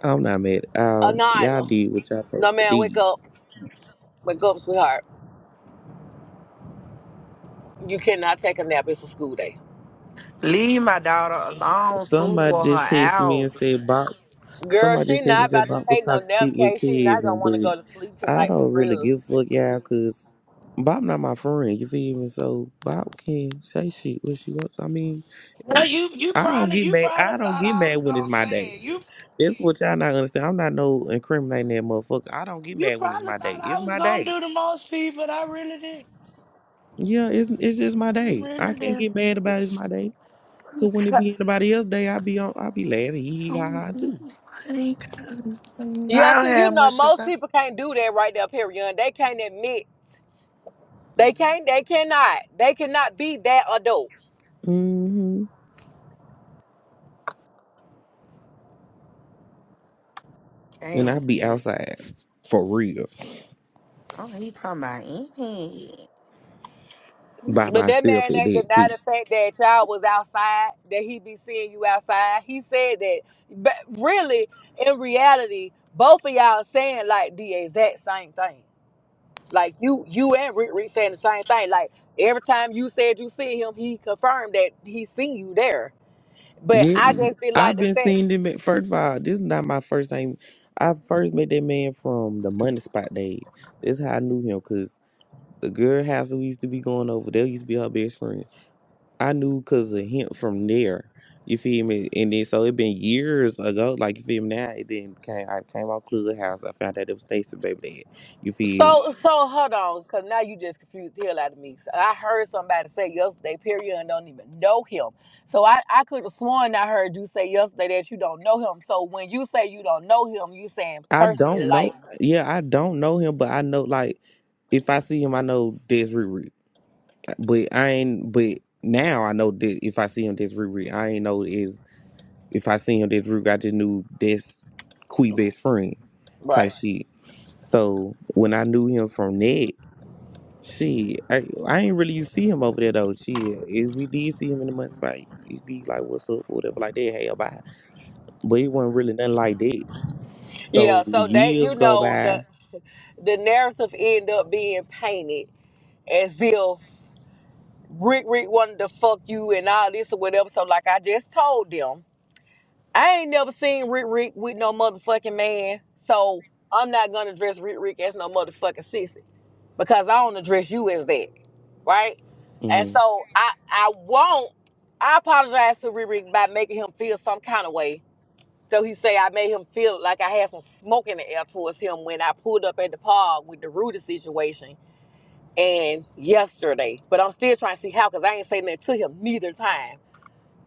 S2: I'm not mad. Uh,
S1: Uh,
S2: y'all
S1: Nyla,
S2: did what y'all
S1: no
S2: supposed to
S1: man, wake
S2: do.
S1: up, wake up, sweetheart. You cannot take a nap. It's a school day.
S10: Leave my daughter alone. School
S2: Somebody
S10: wore her
S2: just texted me
S10: out.
S2: and said Bob.
S1: Girl,
S2: Somebody
S1: she
S2: just texted me
S1: not
S2: and said
S1: about to
S2: Bob was
S1: take no
S2: talking
S1: nap
S2: shit with
S1: case. She not
S2: Kevin,
S1: gonna want to
S2: but
S1: go to sleep
S2: I
S1: tonight for
S2: don't really
S1: real.
S2: give a fuck, y'all, cause Bob not my friend. You feel me? So Bob can say shit what she wants. I mean,
S12: Well, you you
S2: I don't
S12: probably
S2: get
S12: you
S2: mad.
S12: probably
S2: I don't
S12: thought
S2: get
S12: I
S2: mad
S12: was
S2: when it's
S12: gonna
S2: my day.
S12: say it. You
S2: That's what y'all not understand. I'm not no incriminating that motherfucker. I don't get
S12: you
S2: mad when it's
S12: probably
S2: my day.
S12: thought I
S2: It's
S12: was
S2: my
S12: gonna
S2: day.
S12: do the most pee, but I really did.
S2: Yeah, it's it's just my
S12: I
S2: day. I
S12: really
S2: can't
S12: did.
S2: get mad about it, it's
S12: Just-
S2: my day. Cause when it
S12: I
S2: be anybody else's day, I be on I be laughing, hee hee ha
S12: don't
S2: ha too.
S12: I don't
S1: Yeah, see, you
S12: have
S1: know
S12: much to
S1: most
S12: say.
S1: people can't do that right there, period. They can't admit they
S10: Mhm.
S1: can't. They cannot. They cannot be that adult.
S2: hmm And
S10: Damn,
S2: I be
S10: baby.
S2: outside for real
S10: Oh, he talking about any.
S2: by
S1: But that
S2: myself
S1: man
S2: at
S1: ain't
S2: that too.
S1: deny the fact that y'all was outside. That he be seeing you outside. He said that. But really, in reality, both of y'all saying like the exact same thing. Like you, you and Rick, Rick saying the same thing. Like every time you said you see him, he confirmed that he seen you there. But
S2: Yeah,
S1: I just didn't like
S2: I've
S1: the
S2: been
S1: fact.
S2: seeing them. At, first of all, this is not my first time. I first met that man from the money spot days. That's how I knew him. Cause the girl house that we used to be going over, there used to be her best friend. I knew because of him from there. You feel me? And then so it been years ago. Like you feel me now? It then came. I came out Clubhouse. I found out it was Stacy Baby Dad. You feel? me?
S1: So so hold on, cause now you just confused the hell out of me. So I heard somebody say yesterday, period, and don't even know him. So I I could have sworn I heard you say yesterday that you don't know him. So when you say you don't know him, you saying
S2: I
S1: personally,
S2: don't know.
S1: like
S2: Yeah, I don't know him, but I know like if I see him, I know that's Riri. But I ain't. But now I know that if I see him, that's Riri. I ain't know is if I see him, that's Riri. I just knew that's Quee best friend
S1: Right.
S2: type shit. So when I knew him from that. Shit, I, I ain't really see him over there though. Shit, if we did see him in the mud spot, it'd be like, "What's up?" or whatever, like that. Hey, bye. But it wasn't really nothing like that.
S1: yeah.
S2: So
S1: So they, you
S2: years go
S1: know,
S2: by.
S1: the the narrative end up being painted as if Rick Rick wanted to fuck you and all this or whatever. So like I just told them. I ain't never seen Rick Rick with no motherfucking man, so I'm not gonna address Rick Rick as no motherfucking sissy because I don't address you as that, right? And
S2: hmm
S1: so I I won't. I apologize to Rick Rick by making him feel some kind of way. So he say I made him feel like I had some smoke in the air towards him when I pulled up at the park with the Rudy situation and yesterday. But I'm still trying to see how because I ain't saying that to him neither time.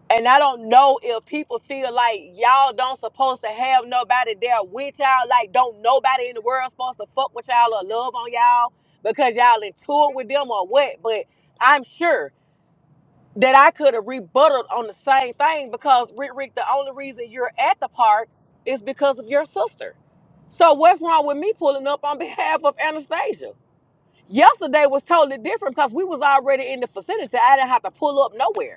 S1: And I don't know if people feel like y'all don't supposed to have nobody there with y'all. Like, don't nobody in the world supposed to fuck with y'all or love on y'all because y'all in tour with them or what. But I'm sure that I could have rebutted on the same thing because Rick Rick, the only reason you're at the park is because of your sister. So what's wrong with me pulling up on behalf of Anastasia? Yesterday was totally different because we was already in the vicinity. I didn't have to pull up nowhere.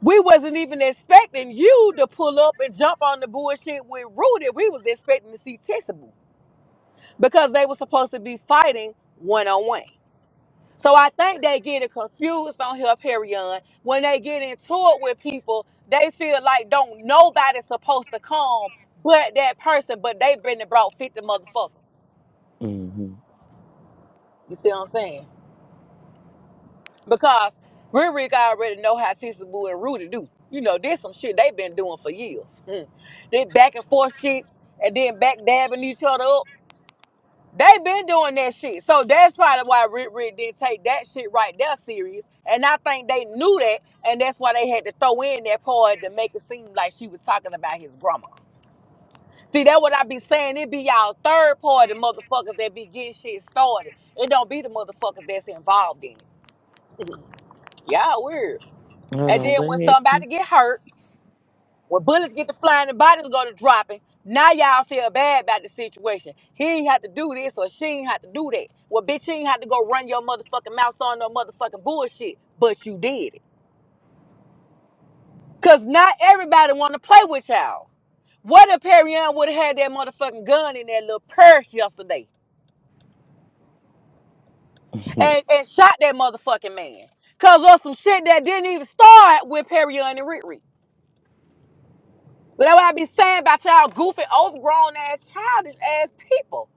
S1: We wasn't even expecting you to pull up and jump on the bullshit with Rudy. We was expecting to see Tissable because they were supposed to be fighting one on one. So I think they getting confused on here, Perion. When they get into it with people, they feel like don't nobody's supposed to come but that person, but they been and brought 50 motherfuckers.
S2: hmm
S1: You see what I'm saying? because Rick already know how Sister Boo and Rudy do. You know, there's some shit they been doing for years. Mm. They back and forth shit and then back dabbing each other up. They been doing that shit. So that's probably why Rick Rick didn't take that shit right there serious. And I think they knew that and that's why they had to throw in that part to make it seem like she was talking about his grandma. See, that what I be saying. It be y'all third party motherfuckers that be getting shit started. It don't be the motherfuckers that's involved in it. Y'all weird.
S2: Hold
S1: And
S2: on,
S1: then
S2: what
S1: when
S2: happened?
S1: somebody get hurt, when bullets get to flying and bodies go to dropping, now y'all feel bad about the situation. He ain't have to do this or she ain't have to do that. Well, bitch, you ain't have to go run your motherfucking mouth on no motherfucking bullshit, but you did it. Cause not everybody wanna play with y'all. What if Perion would have had that motherfucking gun in that little purse yesterday and, and shot that motherfucking man? Cause of some shit that didn't even start with Perion and Riri. So that's what I be saying about y'all goofy, overgrown ass, childish ass people.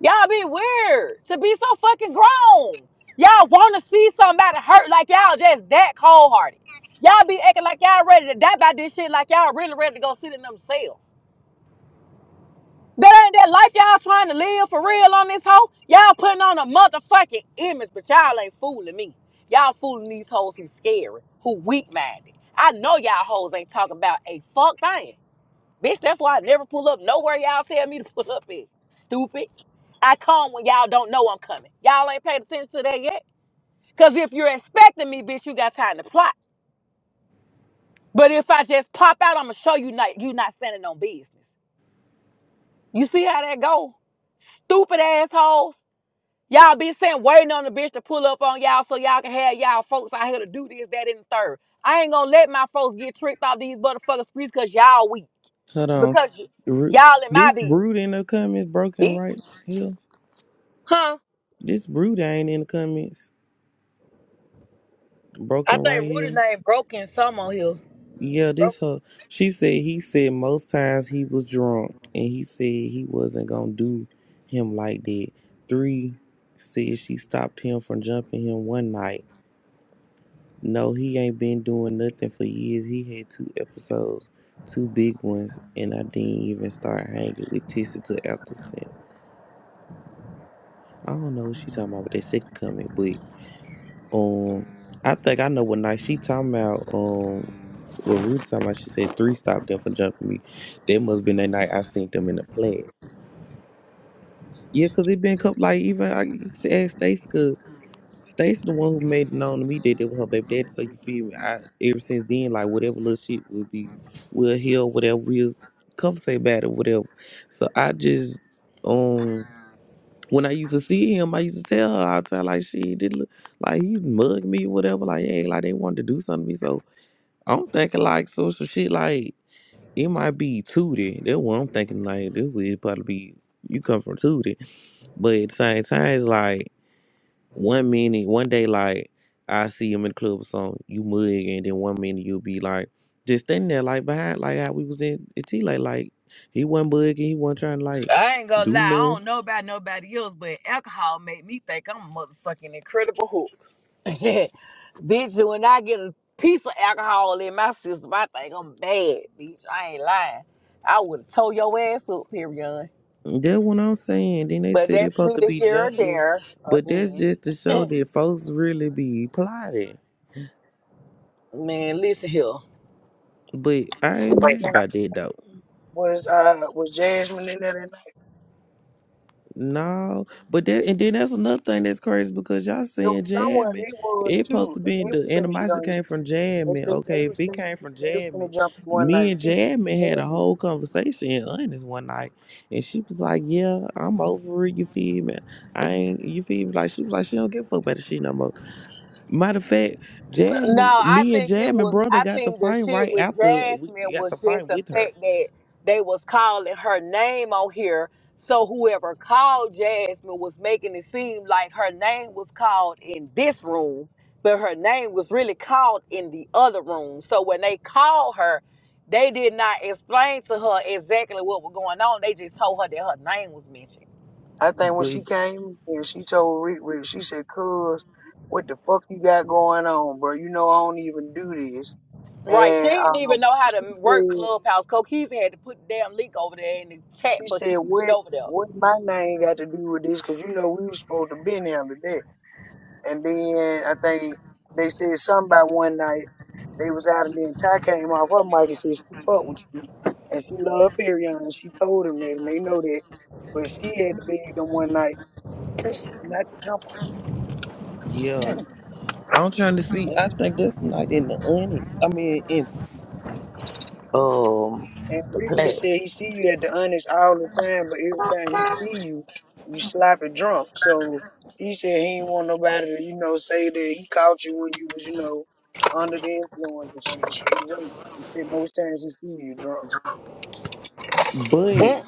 S1: Y'all be weird to be so fucking grown. Y'all want to see somebody hurt like y'all just that cold hearted. Y'all be acting like y'all ready to die by this shit, like y'all really ready to go sit in themselves. That ain't that life y'all trying to live for real on this hoe. Y'all putting on a motherfucking image, but y'all ain't fooling me. Y'all fooling these hoes who scary, who weak minded. I know y'all hoes ain't talking about a fuck thing. Bitch, that's why I never pull up nowhere y'all tell me to pull up at. Stupid. I come when y'all don't know I'm coming. Y'all ain't paid attention to that yet. Cause if you're expecting me, bitch, you got time to plot. But if I just pop out, I'ma show you not you not standing on business. You see how that go? Stupid assholes. Y'all be sitting waiting on the bitch to pull up on y'all so y'all can have y'all folks out here to do this, that, and the third. I ain't gonna let my folks get tricked off these motherfuckers streets cause y'all weak.
S2: Hold on,
S1: Because y-
S2: Ru-
S1: y'all in my
S2: this
S1: business,
S2: brood in the comments broken
S1: bitch.
S2: right here.
S1: Huh?
S2: This brood ain't in the comments
S1: I
S2: broken right
S1: think Rudy's
S2: here.
S1: name broken some on here.
S2: Yeah,
S1: Broke.
S2: this her. She said he said most times he was drunk, and he said he wasn't gonna do him like that. Three said she stopped him from jumping him one night. No, he ain't been doing nothing for years. He had two episodes, two big ones, and I didn't even start hanging with Tissy till after sex. I don't know what she talking about with that second comment, but Um, I think I know what night she talking about. Um, what we talking about? She said three stopped there for jumping me. That must been that night I seen them in the plat. Yeah, cause it been couple like even I used to ask Stacey, cause Stacey the one who made it known to me that it was her baby daddy. So you feel me? I ever since then like whatever little shit would be, we'll heal whatever we'll conversate about it whatever. So I just um. When I used to see him, I used to tell her, I tell like she did look like he mugged me or whatever, like hey, like they wanted to do something to me. So I'm thinking like social shit like it might be Tootie. That's what I'm thinking like this would probably be you come from Tootie. But at the same time it's like one minute, one day like I see him in the club or something, you mug and then one minute you'll be like just standing there like behind like how we was in T like like he wasn't bugging, he wasn't trying to like
S1: I ain't gonna
S2: do
S1: lie, I
S2: nothing.
S1: don't know about nobody else, but alcohol made me think I'm a motherfucking incredible hook. bitch, when I get a piece of alcohol in my system, I think I'm bad, bitch. I ain't lying. I would have told your ass up, period.
S2: That's what I'm saying. Then they
S1: But
S2: say they
S1: that's
S2: supposed to
S1: neither
S2: be
S1: here or
S2: jumping me.
S1: there
S2: But that's
S1: again.
S2: just to show that folks really be plotting.
S1: Man, listen here.
S2: But I ain't mad
S15: Wait,
S2: about that though.
S15: was uh was Jasmine in there that night?
S2: No. But that and then that's another thing that's crazy because y'all
S15: It
S2: saying
S15: was somewhere
S2: jamming.
S15: they was
S2: It supposed
S15: too.
S2: to
S15: and
S2: be
S15: They was
S2: the
S15: finna get
S2: animosity
S15: on you.
S2: came from
S15: They
S2: jamming.
S15: said
S2: Okay,
S15: they was
S2: if it
S15: finna
S2: came from
S15: they was
S2: jamming,
S15: finna jump you one
S2: me
S15: night
S2: and
S15: too.
S2: jamming had a
S15: And
S2: whole conversation in honest one night. And she was like, Yeah, I'm over it, you feel me? I ain't you feel me? Like she was like, she don't give a fuck about the shit no more. Matter of fact,
S1: No,
S2: Jasmine,
S1: I
S2: me and
S1: think it
S2: Jasmine
S1: was.
S2: brother
S1: I
S2: got the
S1: think the
S2: fight
S1: shit
S2: right
S1: with
S2: after we
S1: Jasmine
S2: got
S1: was
S2: the
S1: just
S2: fight
S1: the
S2: with her.
S1: fact that they was calling her name on here. So whoever called Jasmine was making it seem like her name was called in this room, but her name was really called in the other room. So when they called her, they did not explain to her exactly what was going on. They just told her that her name was mentioned.
S15: I think when
S2: But
S15: she came and she told Rick Rick, she said, Cuz, what the fuck you got going on, bro? You know I don't even do this.
S1: Right,
S15: And
S1: she didn't
S15: uh
S1: even know how
S15: she
S1: to work
S15: said
S1: Clubhouse. Cokeys had to put the damn link over there in the chat
S15: she
S1: so
S15: said
S1: she could get
S15: what
S1: over there.
S15: what my name got to do with this? Cause you know we was supposed to been there today. And then I think they said something about one night they was out and then Ty came off her mic and said she fuck with you. And she loved Perion. She told him that and they know that. But she had to beg them one night not to jump on
S2: yeah,
S15: him.
S2: I'm trying to see. I think that's not in the onyx. I mean, in um
S15: and
S2: the
S15: Riri
S2: plat.
S15: said he see you at the honest all the time, but every time he see you, you sloppy drunk. So he said he ain't want nobody to, you know, say that he caught you when you was, you know, under the influence and shit. So he wait. He said most times he see you drunk.
S2: But
S1: Mm,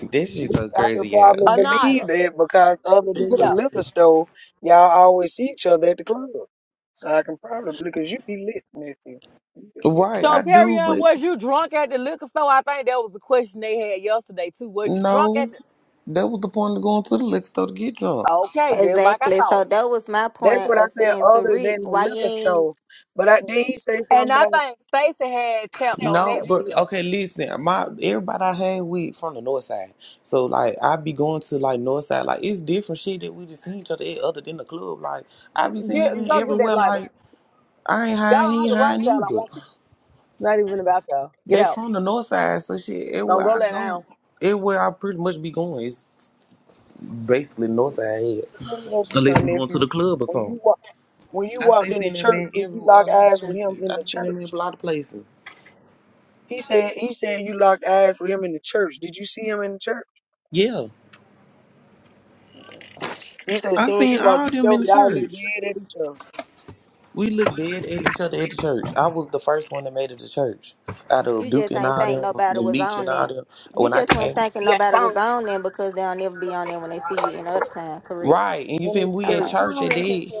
S2: this shit so
S15: Which I
S2: crazy.
S15: could
S2: Yeah,
S15: probably
S2: okay.
S15: believe
S1: Anila,
S15: that because other than
S1: get
S15: the
S1: out.
S15: liquor store, y'all always see each other at the club. So I can probably because you be lit, nephew. You be lit.
S2: Right,
S1: So,
S2: I do,
S1: Perion,
S2: but
S1: was you drunk at the liquor store? I think that was a question they had yesterday, too. Was you drunk at
S2: no,
S1: the.
S2: that was the point of going to the liquor store to get drunk.
S1: Okay, just like I
S16: Exactly.
S1: thought.
S16: So that was my
S15: That's
S16: point
S15: what I
S16: of
S15: said.
S16: saying to
S15: Other
S16: Rick,
S15: than the
S16: why you
S15: liquor store,
S16: ain't
S15: but I, did he say
S1: And
S15: something
S1: I
S15: about?
S1: think Stacey had tapped on that
S2: No,
S1: with
S2: but okay,
S1: him.
S2: listen, my everybody I hang with from the north side. So like I be going to like north side, like it's different shit that we just see each other at other than the club. Like I be seeing
S1: Get,
S2: it
S1: go get that
S2: everywhere,
S1: lighter.
S2: like I ain't
S1: Y'all
S2: high,
S1: don't
S2: he
S1: have the right
S2: high
S1: y'all. I
S2: either.
S1: want to. Not even about y'all. Get
S2: They
S1: out.
S2: from the north side, so shit,
S1: Don't
S2: everywhere
S1: go
S2: I
S1: let
S2: go,
S1: down.
S2: everywhere I pretty much be going, it's basically north side here.
S15: Let me ask you
S2: Unless
S15: something,
S2: we going to
S15: nephew.
S2: the club or
S15: When
S2: something.
S15: you wa- when you
S2: I stay
S15: walked in the
S2: seeing that
S15: church,
S2: man
S15: did you
S2: everywhere
S15: lock
S2: a lot of
S15: eyes with him
S2: places.
S15: in
S2: I
S15: the
S2: just seen that
S15: church?
S2: man a lot of places.
S15: He said he said you locked eyes with him in the church. Did you see him in the church?
S2: Yeah.
S15: He said as
S2: I
S15: soon as
S2: seen
S15: you walked
S2: all
S15: in the
S2: them
S15: door,
S2: in the
S15: y'all look
S2: church.
S15: dead at each other.
S2: We looked dead at each other at the church. I was the first one that made it to church. Out of
S16: you
S2: Duke
S16: just
S2: and
S16: ain't
S2: all
S16: think
S2: them,
S16: nobody
S2: and
S16: was
S2: Meach
S16: on
S2: and all
S16: that.
S2: them.
S16: You
S2: When I
S16: just weren't
S2: came,
S16: thinking nobody was on them because they'll never be on them when they see you in other time, correct?
S2: right, and you
S15: In
S2: feel me?
S15: his
S2: We at
S15: church.
S16: Okay.
S2: church at dead.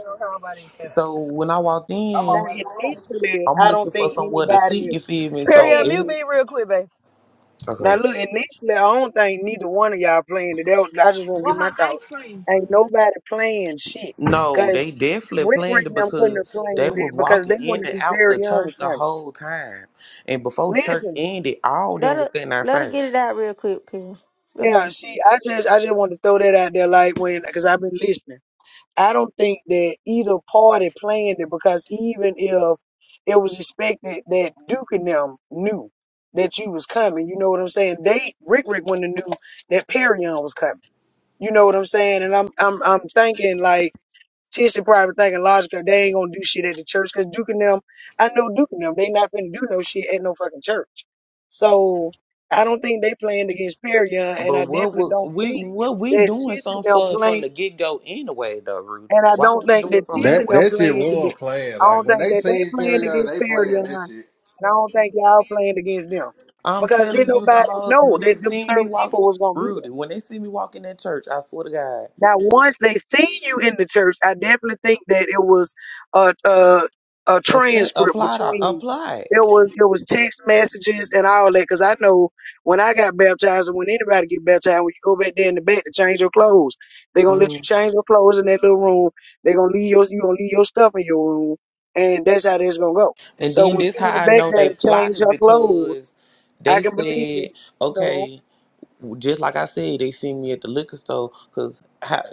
S2: So when I walked
S15: Now,
S2: in,
S15: initially,
S2: I'm
S15: I don't
S2: looking for
S15: think
S2: somewhere to
S15: anybody
S2: sit. You feel me? So
S1: Perion,
S15: planned
S1: mute
S2: every
S15: it.
S1: me real quick, babe.
S15: Now,
S2: Okay.
S15: look, initially, I don't think neither one of y'all planned it. That was, I just want to get my thoughts. Ain't nobody playing shit.
S2: No,
S15: Because
S2: they definitely
S15: Rick Rick
S2: planned it
S15: and them couldn't have
S2: because
S15: planned
S2: they
S15: it
S2: was
S15: because they
S2: walking
S15: wanted
S2: in and
S15: to be
S2: out
S15: very
S2: the
S15: young with
S2: church the
S15: something.
S2: whole time. And before church
S15: Listen,
S2: ended, all
S16: Let
S2: them was
S16: her
S2: standing
S16: let her
S2: outside.
S16: get it out real quick, please. Go
S15: yeah,
S16: ahead.
S15: see, I just I just want to throw that out there like when, because I've been listening. I don't think that either party planned it because even if it was expected that Duke and them knew that you was coming, you know what I'm saying? They Rick Rick wouldn't have knew that Perion was coming. You know what I'm saying? And I'm I'm I'm thinking like Tisha probably thinking logically they ain't gonna do shit at the church because Duke and them, I know Duke and them, they not gonna do no shit at no fucking church. So I don't think they planned against Perion, and
S2: But
S15: I
S2: what
S15: definitely
S2: was
S15: don't
S2: we
S15: think
S2: what we
S15: that
S2: doing
S15: Tisha and
S2: something
S15: them
S2: for from
S15: playing.
S2: the get go anyway though, Rudy?
S15: And I
S2: Why
S15: don't
S2: we
S15: think
S2: doing
S15: that
S2: something
S15: Tish
S17: That
S15: and
S2: anyway?
S15: them
S17: that shit
S15: playing it.
S17: was playing.
S15: I
S17: Like
S15: don't
S17: when
S15: think
S17: they
S15: that they
S17: seen
S15: playing
S17: Perion,
S15: against
S17: they
S15: Perry
S17: playing
S15: and
S17: that
S15: Hunt.
S17: shit.
S15: And I don't think y'all playing against them.
S2: I'm
S15: Because
S2: telling
S15: didn't
S2: you the
S15: nobody
S2: whole
S15: know
S2: when
S15: that
S2: they
S15: them
S2: see me
S15: certain
S2: walk
S15: people was gonna be there.
S2: Rudy, when they see me walking that church, I swear to God,
S15: Now, once they seen you in the church, I definitely think that it was a a, a
S2: accept,
S15: transcript
S2: apply to,
S15: between
S2: apply.
S15: it was it was text messages and all that. Because I know when I got baptized, and when anybody get baptized, when you go back there in the back to change your clothes, they gonna
S2: hmm
S15: let you change your clothes in that little room. they gonna leave your you gonna leave your stuff in your room, and that's how that's gonna go.
S2: And
S15: So
S2: then
S15: when
S2: this
S15: she went
S2: how I
S15: back
S2: know
S15: there
S2: they
S15: to change
S2: plotted
S15: her clothes,
S2: because
S15: I
S2: they
S15: can believe
S2: said,
S15: that. You know,
S2: okay, just like I said, they seen me at the liquor store because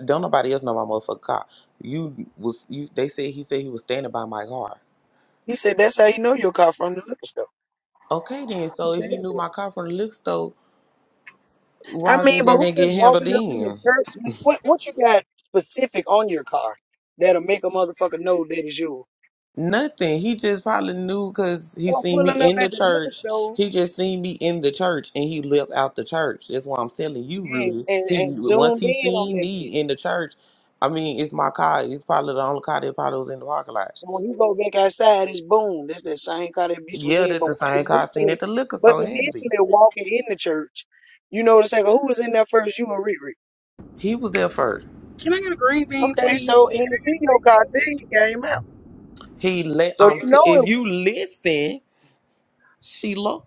S2: don't nobody else know my motherfucking car. You was you. They said he said he was standing by my car.
S15: he said that's how you know your car from the liquor store.
S2: Okay then,
S15: He
S2: so if
S15: said
S2: you knew
S15: that.
S2: my car from the liquor store,
S15: I
S2: why
S15: mean,
S2: did
S15: but
S2: it
S15: who's
S2: did
S15: just
S2: get handled
S15: walking up in the
S2: then?
S15: church? Like, What what you got specific on your car that'll make a motherfucker know that is yours?
S2: Nothing. He just probably knew because he
S15: So I'm
S2: seen me
S15: pulling up
S2: in the
S15: at the liquor
S2: church.
S15: store,
S2: He just seen me in the church and he left out the church. That's why I'm telling you,
S15: yes,
S2: Rudy.
S15: and,
S2: He
S15: and
S2: once
S15: zoomed
S2: he
S15: in on
S2: seen
S15: that
S2: me
S15: bitch.
S2: in the church, I mean, it's my car. It's probably the only car that probably was in the parking lot.
S15: So when you go back outside, it's boom. That's that same car that bitch was
S2: Yeah,
S15: in.
S2: that's
S15: But
S2: the same car I seen at
S15: initially,
S2: the liquor
S15: but
S2: store. It had to be.
S15: initially walking in the church, you know the second who was in there first, you or Riri.
S2: He was there first.
S18: Can I get a green bean,
S15: Okay, so
S18: please?
S15: in the studio car till came out.
S2: He let
S15: So you
S2: um. T-
S15: know
S2: if
S15: it-
S2: you listen, Sheila.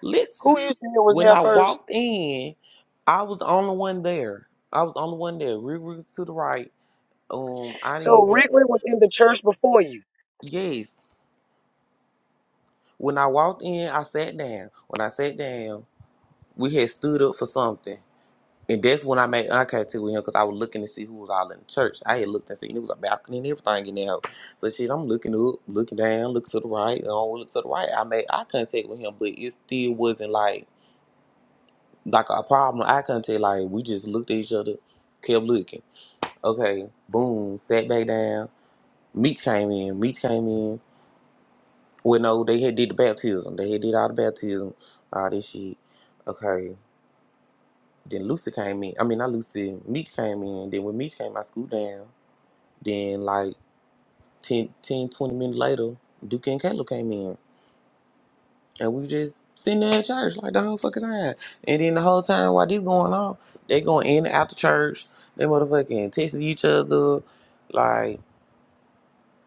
S2: Listen,
S15: who you said was
S2: when
S15: there
S2: I
S15: first.
S2: walked in, I was the only one there. I was the only one there. Rick was to the right. Um, I
S15: So
S2: didn't even.
S15: Riri was in the church before you.
S2: Yes. When I walked in, I sat down. When I sat down, we had stood up for something. And that's when I made eye contact with him because I was looking to see who was all in the church. I had looked and seen it was a balcony and everything in there. So shit, I'm looking up, looking down, looking to the right, and I don't look to the right. I made eye contact with him, but it still wasn't like like a problem I couldn't tell. Like we just looked at each other, kept looking. Okay, boom, sat back down. Meach came in. Meach came in. Well, no, they had did the baptism. They had did all the baptism, all this shit. Okay, then Lucy came in. I mean, not Lucy. Meach came in. Then when Meach came, I scooped down. Then like 10, 10, twenty minutes later, Duke and Caleb came in. And we just sitting there at church like the whole fucking time. And then the whole time while this going on, they going in and out the church. They motherfucking texting each other. Like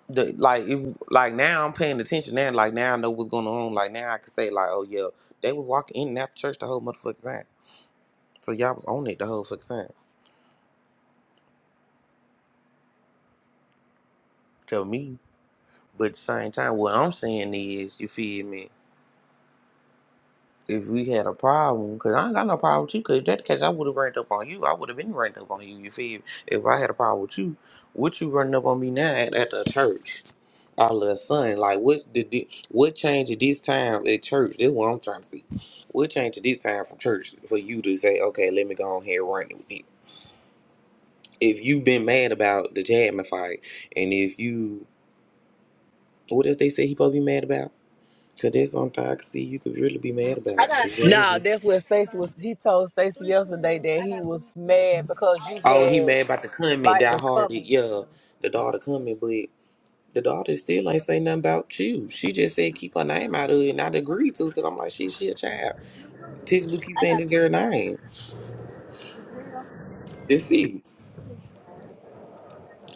S2: the like if like now I'm paying attention now. Like now I know what's going on. Like now I can say like, oh yeah, they was walking in and out the church the whole motherfucking time. So y'all was on it the whole fucking time. Tell me. But at the same time, what I'm saying is, you feel me? if we had a problem, because I ain't got no problem with you, because that case I would have ranked up on you. I would have been ranked up on you, you feel? If I had a problem with you, what you running up on me now at, at the church? Our little son, like what's the di- what changed at this time at church? That's what I'm trying to see. What changed at this time from church for you to say, okay, let me go on here and run it? with it? If you've been mad about the Jasmine fight, and if you what else they say he supposed to be mad about? Cause that's something I can see you could really be mad about is Jasmine.
S1: Nah, that's what Stacey was. He told Stacey yesterday that he was mad because you
S2: Oh, he
S1: had
S2: mad about the comment
S1: like
S2: that
S1: the
S2: Hardy,
S1: comment.
S2: yeah, the daughter coming, but the daughter still ain't say nothing about you. She just said keep her name out of it, and I'd agree to because I'm like, she, she a child. Textbook keep saying this girl name. That's it.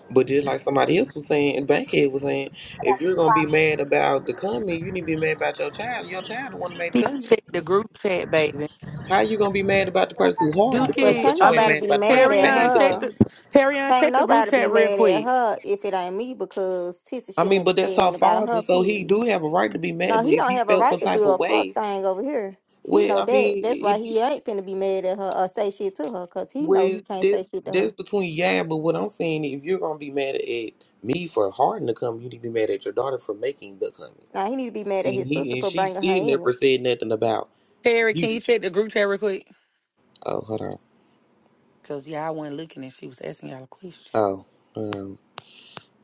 S2: But just like somebody else was saying, and Bankhead was saying, if you're gonna be mad about the comment, you need to be mad about your child. Your child the one that made
S10: Need
S2: the
S10: to
S2: comment.
S10: Check the group chat, baby.
S2: How you gonna be mad about the person who hard the
S16: But
S2: comment,
S10: Dookie,
S16: can't
S2: but
S10: I
S2: you ain't
S10: mean
S16: nobody
S2: mad
S10: P-
S16: be
S2: about the person
S16: mad
S2: who
S16: at
S10: Perion,
S2: made the
S10: check
S16: her.
S10: the
S2: comment?
S10: Perion,
S16: Can't
S10: check the group
S16: nobody be
S10: chat real
S16: mad at
S10: quick.
S16: her if it ain't me because Tissy
S2: I
S16: should
S2: mean,
S16: never
S2: but
S16: say
S2: that's our
S16: nothing about her,
S2: father, so he
S16: period.
S2: do have a right to be mad.
S16: No,
S2: But
S16: he
S2: if
S16: don't
S2: he
S16: have a
S2: felt
S16: right
S2: some
S16: to do
S2: type of
S16: a fuck
S2: way
S16: thing over here. He
S2: Well,
S16: know
S2: I
S16: that.
S2: mean,
S16: That's why
S2: it,
S16: he ain't finna be mad at her or say shit to her, cause he know
S2: well,
S16: he can't say
S2: there's
S16: shit to
S2: there's
S16: her.
S2: between yeah, but what I'm saying, if you're gonna be mad at me for harding the comment, you need to be mad at your daughter for making the comment.
S16: Now he need to be mad at
S2: And
S16: his
S2: he
S16: sister
S2: and
S16: for
S2: she
S16: bringing her
S2: still
S16: in
S2: never
S16: it.
S2: said nothing about
S10: Perry, can you
S2: you.
S10: check the group chat real quick?
S2: Oh, hold on.
S10: Cause y'all wasn't looking and she was asking y'all a question.
S2: Oh, um,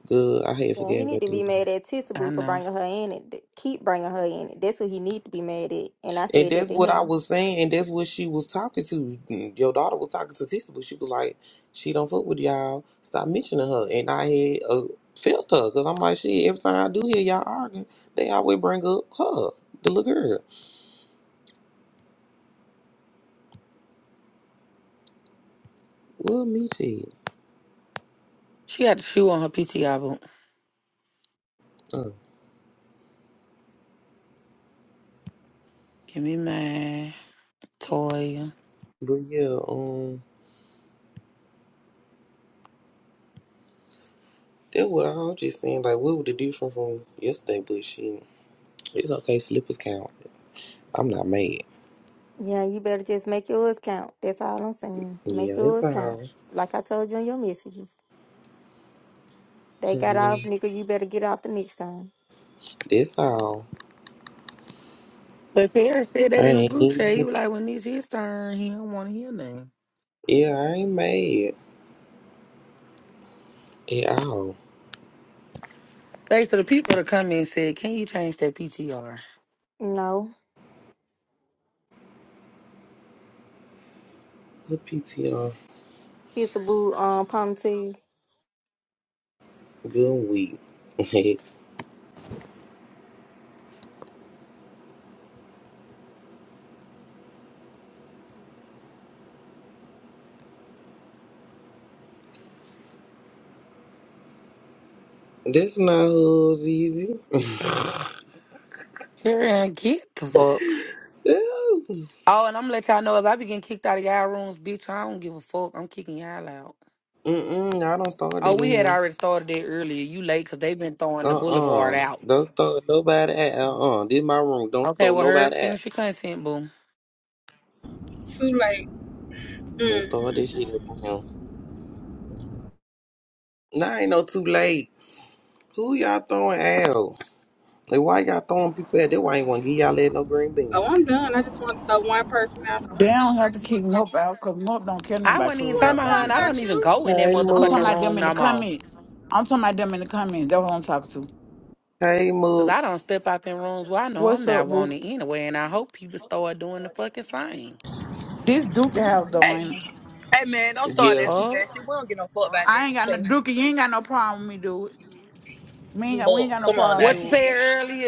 S2: good. I had
S16: Yeah, he
S2: forget
S16: need
S2: about
S16: to be
S2: this.
S16: mad at
S10: I
S16: Tissaboo for
S10: know.
S16: bringing her in it. th- Keep bringing her in it. That's who he need to be mad at. And I
S2: And
S16: said that
S2: that's
S16: to
S2: what I
S16: him.
S2: was saying, and that's what she was talking to. Your daughter was talking to Tisa, but she was like, "She don't fuck with y'all. Stop mentioning her." And I had uh, felt her because I'm like, "Shit." Every time I do hear y'all arguing, they always bring up her, the little girl. Well, me too.
S10: She got the shoe on her PTI boot.
S2: Uh,
S10: Give me mine, Toya.
S2: but yeah, um, that's what I was just saying. Like, what was the difference from yesterday? But she, it's okay. Slippers count. I'm not mad.
S16: Yeah, you better just make yours count. That's all I'm saying. Make
S2: Yeah, that's
S16: yours count.
S2: all.
S16: Like I told you in your messages. They got off,
S2: Honey,
S16: nigga. You better get off the next time.
S2: That's all.
S10: But Terry said that in the
S2: I
S10: group chat. He
S2: ain't.
S10: was like, when it's his turn, he don't want to hear nothing.
S2: Yeah, I ain't mad. Hey, ow.
S10: Thanks to the people that come in and said, can you change that PTR?
S16: No,
S2: The PTR.
S16: Tissaboo um ponytail.
S2: Good week. That's not who's easy.
S10: Terry ain't get the fuck.
S2: Ew.
S10: Oh, and I'm gonna let y'all know if I be getting kicked out of y'all rooms, bitch, I don't give a fuck. I'm kicking y'all out.
S2: Mm-mm, I don't start
S10: Oh,
S2: it
S10: we
S2: in
S10: had
S2: here.
S10: already started that earlier. You late because they been throwing the boulevard
S2: Uh-uh.
S10: out.
S2: Don't start nobody at. Uh-uh. This my room. Don't
S10: Okay,
S2: start
S10: well, Herb,
S2: nobody at.
S10: finish your content, boom.
S18: Too late.
S2: Don't
S18: Mm.
S2: start this shit up on him. Nah, ain't no too late. Who y'all throwing out? Like, why y'all throwing people at? That why I ain't want to give y'all that no green bean.
S18: Oh, I'm done. I just want to throw one person out.
S19: They don't have to kick Mope out because Mope don't care nothing
S10: I
S19: about
S10: wasn't even
S18: What
S10: talking
S19: Clubhouse
S18: if
S10: about
S19: like
S10: her,
S18: talking
S10: and
S19: that,
S10: I
S19: baby.
S10: don't
S18: about
S10: even
S18: you?
S10: go in that
S2: Hey,
S19: I'm talking
S10: motherfucking
S2: Mook.
S19: about them
S10: room
S19: in the
S10: no more.
S19: comments. I'm talking about them in the comments. That's what I'm talking to.
S2: Hey,
S10: Cause
S2: Mook.
S10: I don't step out in rooms where I know I'm
S19: What's
S10: not
S19: up, boo?
S10: wanted anyway, and I hope people start doing the fucking same.
S19: This Duke house, though, ain't it?
S1: Hey man, don't start
S2: Yeah.
S1: that stupid
S10: Fuck.
S1: ass shit. We don't get no fuck about
S19: I ain't got
S1: that.
S19: no
S1: Okay,
S19: Dookie. You ain't got no problem with me, dude. Me ain't got, we ain't
S1: more.
S19: got no
S1: Come on
S19: problem,
S1: now.
S10: What you
S19: dude.
S10: said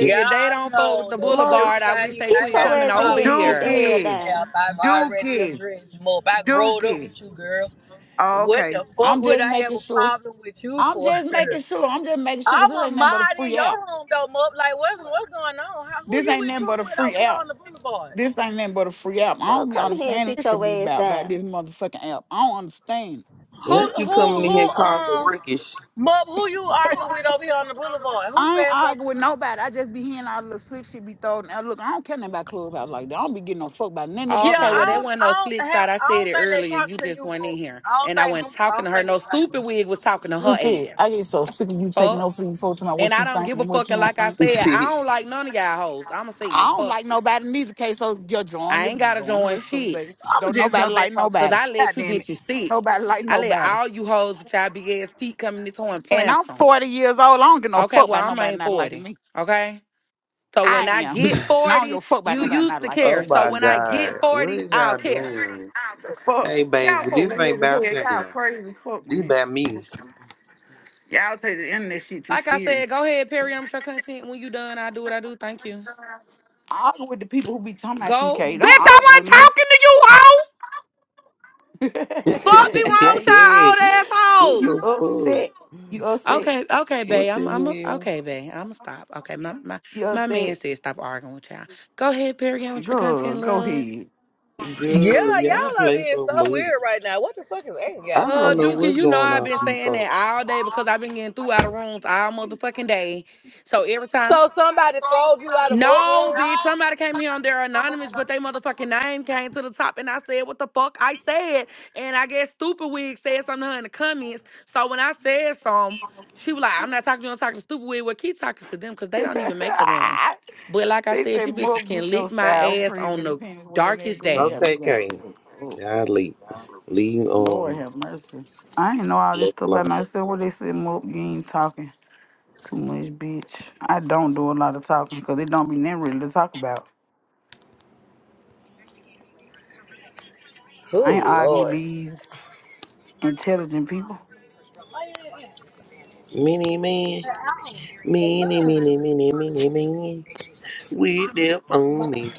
S2: Yeah.
S10: if they don't fuck with
S1: know
S10: the
S1: that
S16: Mug,
S10: boulevard,
S16: s-
S10: I wish
S1: everybody
S10: they
S16: get
S1: I
S10: quit
S1: had
S16: your
S1: a
S10: coming
S16: ass in
S10: over
S16: here
S1: problem
S16: and
S1: with
S16: sit the
S10: here.
S1: on
S16: hell
S1: this
S19: Dookie.
S1: app,
S16: down.
S1: I've already
S19: Dookie.
S1: addressed. More. I growed up
S19: Dookie.
S1: with you, girl.
S19: Oh,
S1: What the
S19: okay.
S1: fuck
S19: I'm
S1: would
S19: just
S1: I have
S19: making
S1: a
S19: sure.
S1: problem with you
S19: I'm
S1: for?
S19: just making sure. I'm just making sure 'cause
S1: I'm
S19: this
S1: a
S19: ain't nothing but a
S1: mod in
S19: free
S1: your
S19: app.
S1: room though, Mop. Like what's what's going on? How, who
S19: This
S1: you
S19: ain't
S1: with
S19: nothing
S1: who
S19: but a
S1: with
S19: free
S1: over here
S19: app.
S1: on the boulevard?
S19: This ain't nothing but a free app. I
S16: Mug,
S19: don't be
S16: come in here and
S19: understanding
S16: sit
S19: this should
S16: your
S19: be
S16: ass
S19: about about
S16: down.
S19: this motherfucking app. I don't understand.
S1: Who
S2: Unless you
S1: who
S2: coming in
S1: who
S2: here causing
S1: um
S2: rickish.
S1: Mop, who you arguing with over here on the boulevard? Who
S19: I ain't
S1: said something?
S19: arguing with nobody. I just be hearing all the little slick shit be thrown. Now look, I don't care nothing about clubhouse like that. I don't be getting no fuck about nothing that be
S10: Oh,
S1: Yeah,
S19: in
S10: okay, well
S1: I
S19: like
S10: that
S19: this.
S1: don't,
S10: wasn't no
S1: I
S10: slick
S1: don't have,
S10: shot. I
S1: I
S10: said
S1: don't
S10: it
S1: think they
S10: earlier.
S1: talking
S10: You
S1: to
S10: just
S1: you,
S10: went in
S1: but
S10: here,
S1: I don't
S10: and I
S1: think
S10: went
S1: this, I
S10: talking to
S1: don't
S10: her.
S1: think this
S10: No
S1: about
S10: stupid
S1: you.
S10: wig was talking to her
S19: Duke, it. I
S10: ass.
S19: get so sick of you taking
S10: Fuck.
S19: no for free folks about
S10: And
S19: what
S10: I
S19: you
S10: don't
S19: think
S10: give a
S19: and what you
S10: fucking.
S19: don't
S10: Like I
S19: think.
S10: said, I don't like none of y'all hoes. I'ma say it.
S19: I don't
S10: Fuck
S19: like
S10: you.
S19: nobody in either case, so just join
S10: I
S19: the
S10: ain't gotta
S19: join the
S10: join
S19: rest of us,
S10: shit.
S19: baby.
S1: I'ma
S19: Don't
S1: just go
S19: nobody
S1: back
S19: like
S1: on
S10: Cause
S1: mute.
S19: nobody.
S10: I
S1: God
S10: let you
S1: damn it.
S10: bitches
S19: Don't
S10: sit.
S19: nobody like
S10: I let
S19: nobody.
S10: all you hoes with y'all big ass feet come in this hoe and
S19: And
S10: plant
S19: I'm
S10: some.
S19: 40 years old. I don't get no
S10: Okay,
S19: fuck about
S10: well I'm
S19: nobody
S10: ain't
S19: not liking
S10: 40.
S19: me.
S10: Okay? So
S19: I
S10: when I
S19: am.
S10: get
S19: And I don't give a
S10: 40,
S19: fuck about
S10: you
S19: nobody not
S10: used to
S19: liking
S2: Oh
S10: care.
S19: me.
S10: So
S2: my
S10: when I get
S2: God. What
S10: 40,
S2: is
S10: I'll
S2: y'all
S10: care.
S2: doing?
S19: Fuck.
S2: Hey, baby,
S19: Y'all fuck
S2: this ain't
S19: weird as hell.
S2: about
S19: Y'all
S2: you.
S19: crazy as fuck,
S2: This
S19: man.
S2: about me.
S19: Y'all take the internet shit too
S10: Like I
S19: serious.
S10: said, go ahead, Perry. I'm your content. When you done, i do what I do. Thank you.
S19: Argue with the people who be talking about you,
S10: Go.
S19: K.
S10: Bitch,
S19: Don't
S10: I
S19: argue with
S10: wasn't
S19: me.
S10: talking to you, hoe.
S19: you
S2: what
S10: Fuck be wrong with
S19: angry.
S10: y'all
S19: You
S10: old assholes.
S2: the
S19: upset.
S2: fuck?
S19: You upset.
S10: Okay, okay, babe.
S2: What
S10: I'm I'm a,
S2: the hell?
S10: okay, babe. I'm gonna stop. Okay, my my
S19: You
S10: my man
S19: upset.
S10: said stop arguing with y'all. Go ahead, Perry, get with your
S19: Good.
S10: content,
S19: Go
S10: love.
S2: Girl,
S1: Yeah,
S2: y'all
S1: y'all are
S2: play
S1: being
S2: so
S1: so
S2: much.
S1: weird right now. What the fuck is angry y'all?
S2: I
S1: God
S10: Uh,
S2: don't know
S10: Dookie,
S1: damn.
S2: what's
S10: you know
S2: going
S10: I've
S2: on
S10: been
S2: with these
S10: saying that
S2: folks.
S10: all day because I've been getting through out of rooms all motherfucking day. So every time.
S1: So somebody throwed you out of mud
S10: No,
S1: room?
S10: bitch. Somebody came here on their anonymous, but they motherfucking name came to the top, and I said what the fuck I said. And I guess Stupid Wig said something to her in the comments. So when I said something, she was like, "I'm not talking to you. I'm talking to Stupid Wig. Well, keep talking to them because they don't even make a room.
S19: ahead.
S10: But like I
S19: They
S10: said,
S19: said,
S10: you bitches
S19: Mom,
S10: can
S19: get your
S10: lick my
S19: sour
S10: ass
S19: cream
S10: on
S19: and the
S10: the
S19: panties wearing that
S10: darkest
S19: go. You got
S10: day.
S19: me
S2: Okay,
S19: going
S2: okay.
S19: to oh,
S2: Y'all leave. Leave
S19: Lord
S2: on.
S19: have mercy. I ain't know all this
S2: look
S19: stuff about
S2: like
S19: myself. What they said, Mop, you ain't talking too much, bitch. I don't do a lot of talking because it don't be nothing really to talk about. I ain't arguing with these intelligent people.
S2: Mini man. Mini mini mini mini mini. With them on me.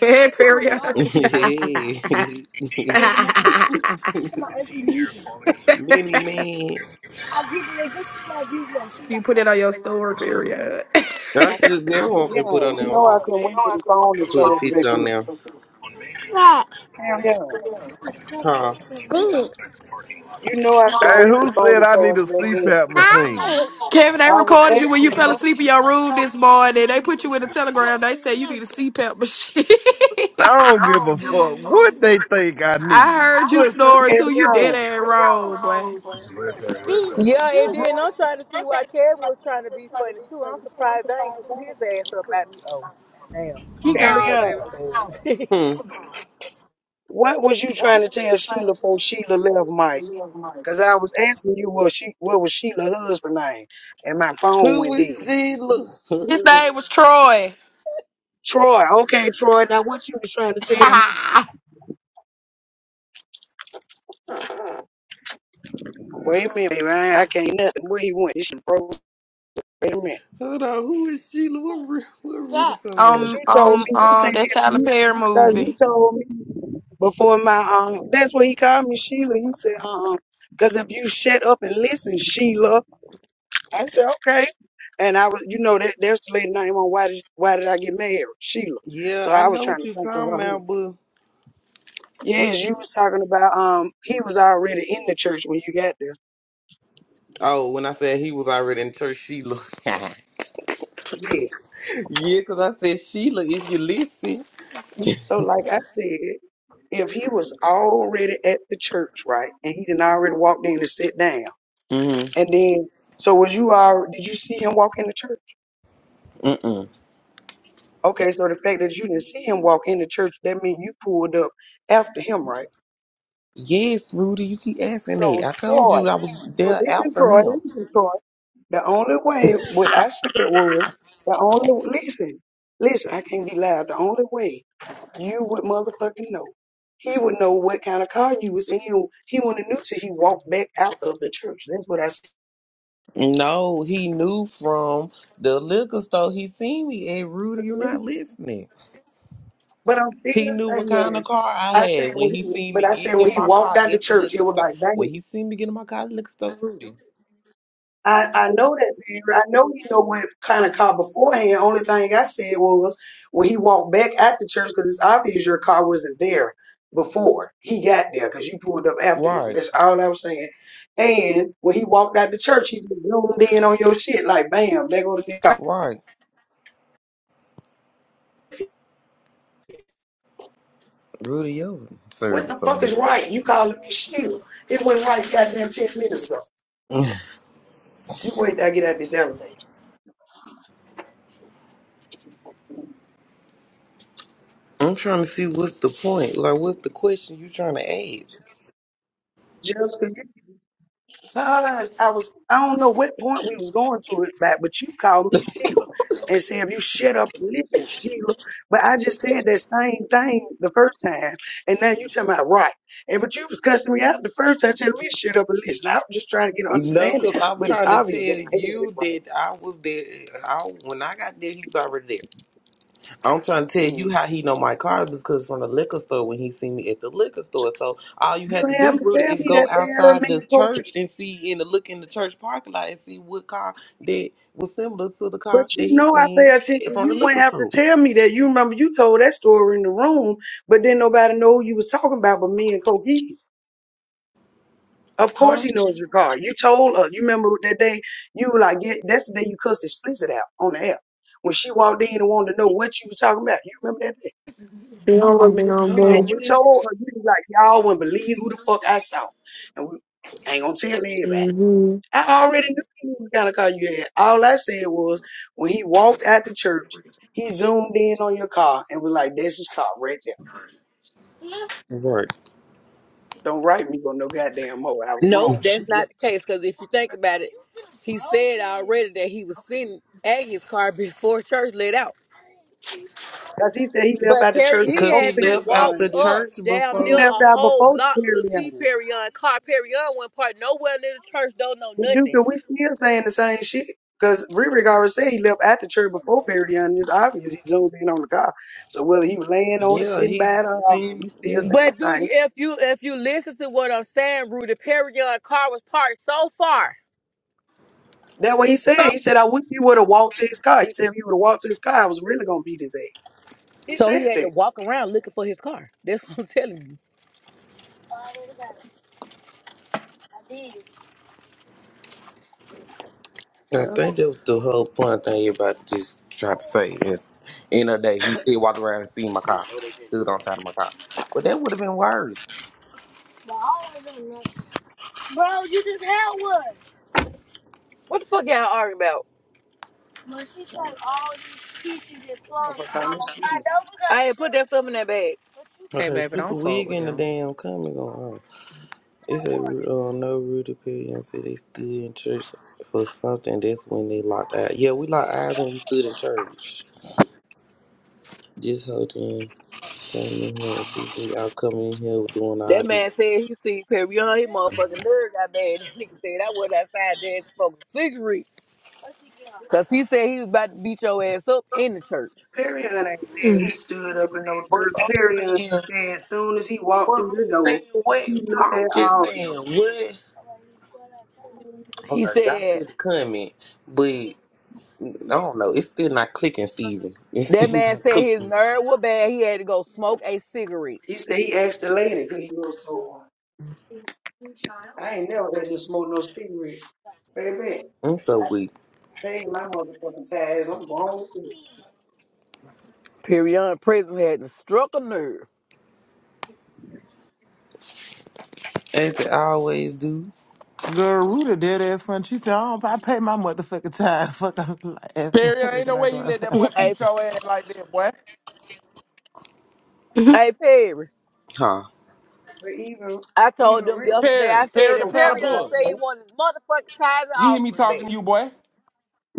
S20: Hey, period.
S2: mini man.
S20: you put it on your story, period.
S2: That's
S15: Hell
S2: just their off
S15: yeah.
S2: and put on
S15: You
S2: their own.
S15: know I couldn't wait for the phone to
S2: Put a
S15: charge back
S2: picture
S15: up.
S2: on there.
S15: Hell yeah.
S2: Huh?
S15: You know I couldn't
S21: Hey,
S15: wait for
S21: who
S15: the phone
S21: said
S15: to
S21: I need
S15: charge
S21: a
S15: back up.
S21: CPAP machine?
S20: Kevin, they
S15: I was
S20: recorded you when you
S15: asking
S20: fell
S15: you,
S20: asleep in your room this morning. They put you in the telegram. They said you need a CPAP machine.
S21: I don't give a fuck what they think I need.
S20: I heard you
S21: Pussies.
S20: snoring
S15: hell
S20: too. You dead ass wrong, boy.
S1: Yeah, it did. And I'm trying to see why Kevin was trying to be funny too. I'm surprised they ain't threw his ass up at me. Oh, damn.
S18: He
S15: yeah,
S1: I
S15: hell
S18: gone,
S1: spoke
S15: yeah.
S18: baby.
S1: to you,
S2: Hmm.
S15: What was you trying to tell Sheila before Sheila left, Mike? Because I was asking you what she what was Sheila's husband name, and my phone
S2: Who
S15: went
S2: is
S15: dead.
S2: Sheila?
S20: His name was Troy.
S15: Troy, okay, Troy. Now what you was trying to tell me? Wait a minute, man. I can't nothing. Where he went? This is broke. Wait a minute.
S2: Hold on. Who is Sheila? What, Ru- what Rudy talking
S15: Cause
S2: about?
S20: um,
S15: you told
S20: um,
S15: me, you said,
S20: um, that
S15: if
S20: Tyler
S15: you,
S20: Perry
S15: cause you
S20: movie.
S15: told me before my, um, that's what he called me, Sheila. You said, um, cause if you shut up and listen, Sheila. I said, okay. And I was, you know, that there's the lady name on why did, why did I get married? Sheila.
S2: Yeah,
S15: So
S2: I
S15: I was
S2: know
S15: trying
S2: what
S15: to
S2: you
S15: think of
S2: talking
S15: her.
S2: about, but what
S15: Yes, you
S2: you?
S15: was talking about, um, he was already in the church when you got there.
S2: Oh, when I said he was already in church, Sheila.
S15: Yeah.
S2: yeah, because I said Sheila, if you listen.
S15: So like I said, if he was already at the church, right, and he didn't already walked in and sit down.
S2: Mm-hmm.
S15: And then, so was you all? Did you see him walk in the church?
S2: Mm-mm.
S15: Okay, so the fact that you didn't see him walk in the church, that means you pulled up after him, right?
S2: Yes, Rudy, you keep asking that.
S15: So
S2: I told
S15: Troy,
S2: you I was
S15: so
S2: there
S15: listen,
S2: after
S15: Troy,
S2: him.
S15: listen, Troy. The only way what I said was the only listen, listen. I can't be loud. The only way you would motherfucking know. He would know what kind of car you was in. He, he wouldn't have knew till he walked back out of the church. That's what I
S2: No, he knew from the liquor store. He seen me. Hey, Rudy, you
S15: said.
S2: not listening.
S15: But I'm still
S2: He knew what kind
S15: saying,
S2: of car I
S15: I said
S2: had
S15: when
S2: when he
S15: he,
S2: seen
S15: but
S2: me
S15: I said
S2: get
S15: when
S2: in
S15: he
S2: my
S15: walked
S2: car
S15: out the
S2: at the
S15: church, it
S2: liquor
S15: was
S2: store.
S15: like, dang.
S2: When he seen me get in my car at the liquor store, Rudy.
S15: I, I know that man. I know he know what kind of car beforehand. Only thing I said was when he walked back at the church, because it's obvious your car wasn't there before he got there, because you pulled up after him.
S2: Right,
S15: That's all I was saying. And when he walked out the church, he just zoomed in on your shit like, bam, there goes the car.
S2: right. Rudy, your
S15: What
S2: service
S15: the
S2: so
S15: fuck is right? You calling me shit? It went right goddamn ten minutes ago.
S2: nervous.
S15: You wait till I get out of this elevator.
S2: I'm trying to see what's the point. Like, what's the question you trying to ask?
S15: Just because you son, I was I don't know what point we was going to it back, but you called me Sheila and said if you shut up and listen, Sheila. But I just said that same thing the first time, and now you talking about right. And but you was cussing me out the first time, telling me to shut up and listen. I was just trying to get an
S2: No,
S15: understanding,
S2: because I'm
S15: but it's
S2: trying to tell
S15: obvious that I had
S2: you
S15: it right.
S2: that I was there. I, when I got there, he was already there. I'm trying to tell
S15: Mm.
S2: you how he know my car is because from the liquor store when he seen me at the liquor store. So all you
S15: You
S2: had
S15: didn't
S2: to
S15: have
S2: do,
S15: to
S2: Rudy,
S15: tell
S2: is
S15: me
S2: go
S15: that there, are a
S2: outside the
S15: man
S2: church and see and look in the church parking lot and see what car that was similar to the
S15: But
S2: car that
S15: you
S2: he
S15: know I pay
S2: seen
S15: attention.
S2: from the
S15: You wouldn't
S2: liquor
S15: have to
S2: store.
S15: tell me that. You remember you told that story in the room, but then nobody know who you was talking about but me and Coquise. Of course
S2: Huh?
S15: he knows your car. You told her. You remember that day you were like, yeah, that's the day you cussed explicit out on the app. When she walked in and wanted to know what you was talking about. You remember that day?
S20: You don't look me on
S2: Hold on,
S15: And
S20: boo.
S15: you
S2: where?
S15: told her, you was like, y'all wouldn't believe who the fuck I saw. And we I ain't gonna tell anybody.
S20: Mm-hmm.
S15: I already knew he was gonna call you that. All I said was when he walked out the church, he zoomed in on your car and was like, "That's his car right there.
S2: Right.
S15: Don't write me on no goddamn more. I was
S1: Nope,
S15: wrong, shit."
S1: that's not the
S15: Because
S1: case. Because if you think about it, he said already that he was sitting at his car before church let out.
S15: he said he left
S1: But
S15: out the
S1: Perry,
S15: church
S1: he
S2: Because
S15: before
S2: he
S1: had to
S15: Perry
S2: left
S1: walk
S2: out
S15: Young.
S2: the
S15: and
S1: up
S2: church
S1: damn
S15: He
S1: near
S2: before.
S15: left
S1: a
S15: out
S1: whole
S15: before
S1: block
S15: Perry
S1: to see
S15: Young.
S1: Perryon car. Perryon went part nowhere near the church. Don't know
S15: But Duke,
S1: nothing.
S15: we still saying the same shit. Because Riri already said he left out the church before Perry Young. It's obvious he zoomed in on the car. So whether he was laying on it,
S2: Yeah,
S15: sitting
S2: he
S15: by it, or not, we
S2: seen.
S15: still
S2: yeah.
S15: saying the
S1: But do
S15: same
S1: you if you if you listen to what I'm saying, Rudy, Perryon car was parked so far.
S15: That what he
S1: So
S15: said. He said, I wish he would have walked to his car. He said, if he would have walked to his car, I was really going to beat his ass. He
S1: so
S15: said
S1: he had to
S15: that.
S1: walk around looking for his car. That's what I'm telling you.
S2: I
S15: Yeah.
S2: think that was the whole point thing you about to just try to say. Is, end of the day, he still walked around and seen my car, stood on side of my car. But that would have been worse.
S1: What the fuck y'all arguing about?
S15: Well,
S1: I
S15: motherfucker, I miss you.
S1: ain't put that stuff in that bag.
S10: Hey,
S2: Okay,
S10: baby, don't
S2: stupid
S10: fuck
S2: wig
S10: with
S2: in the
S10: them.
S2: damn coming going on. It said uh, no Rudy Perry and said they stood in church for something. That's when they locked eyes. Yeah, we locked eyes when we stood in church. This whole thing came in here and pissed me out coming in here doing all
S1: That man
S2: this.
S1: said he seen Perion. His motherfucking nerve got bad. That nigga said I was outside there and smoked a cigarette. Cause he said he was about to beat your ass up in the church.
S15: Perry ain't said he stood up in no
S2: But
S15: church. Perry
S2: I'm
S15: ain't
S2: saying, but
S15: said as soon as he walked
S2: I'm
S15: through the
S2: saying,
S15: door, he
S2: what?
S15: looked
S2: I'm
S15: at
S2: just
S15: all of them.
S2: saying, what?
S1: He
S2: Hold on, y'all
S1: said
S2: see the comment, but I don't know. It's still not clicking, Steven. It's
S1: that
S2: still
S1: man
S2: not
S1: said his
S2: clicking.
S1: nerve was bad. He had to go smoke a cigarette.
S15: He said he asked the lady, could he go smoke one? I ain't never had to smoke no cigarette. Baby,
S2: I'm so
S15: I
S2: weak.
S15: paid my motherfucking tags. I'm grown.
S1: Perion prison had not struck a nerve.
S2: As they always do.
S22: Girl, Ruta dead ass front. She said, I don't I pay my motherfucking time. Fuck I'm
S23: Perry,
S22: like,
S23: ain't
S22: Can
S23: no
S22: I
S23: way
S22: go
S23: you let that
S22: outside?
S23: boy
S1: hey,
S23: beat your ass like that, boy.
S1: hey Perry.
S2: Huh.
S15: But even
S1: I
S15: even
S1: told them
S15: Rick was
S1: yesterday,
S23: Perry,
S1: I said
S23: Perry the
S1: that
S15: no fight
S1: Perion
S23: platypus.
S15: like
S1: said he
S15: that.
S1: wanted his motherfucking tithe and
S23: You hear me
S1: offering
S23: talking to you, boy.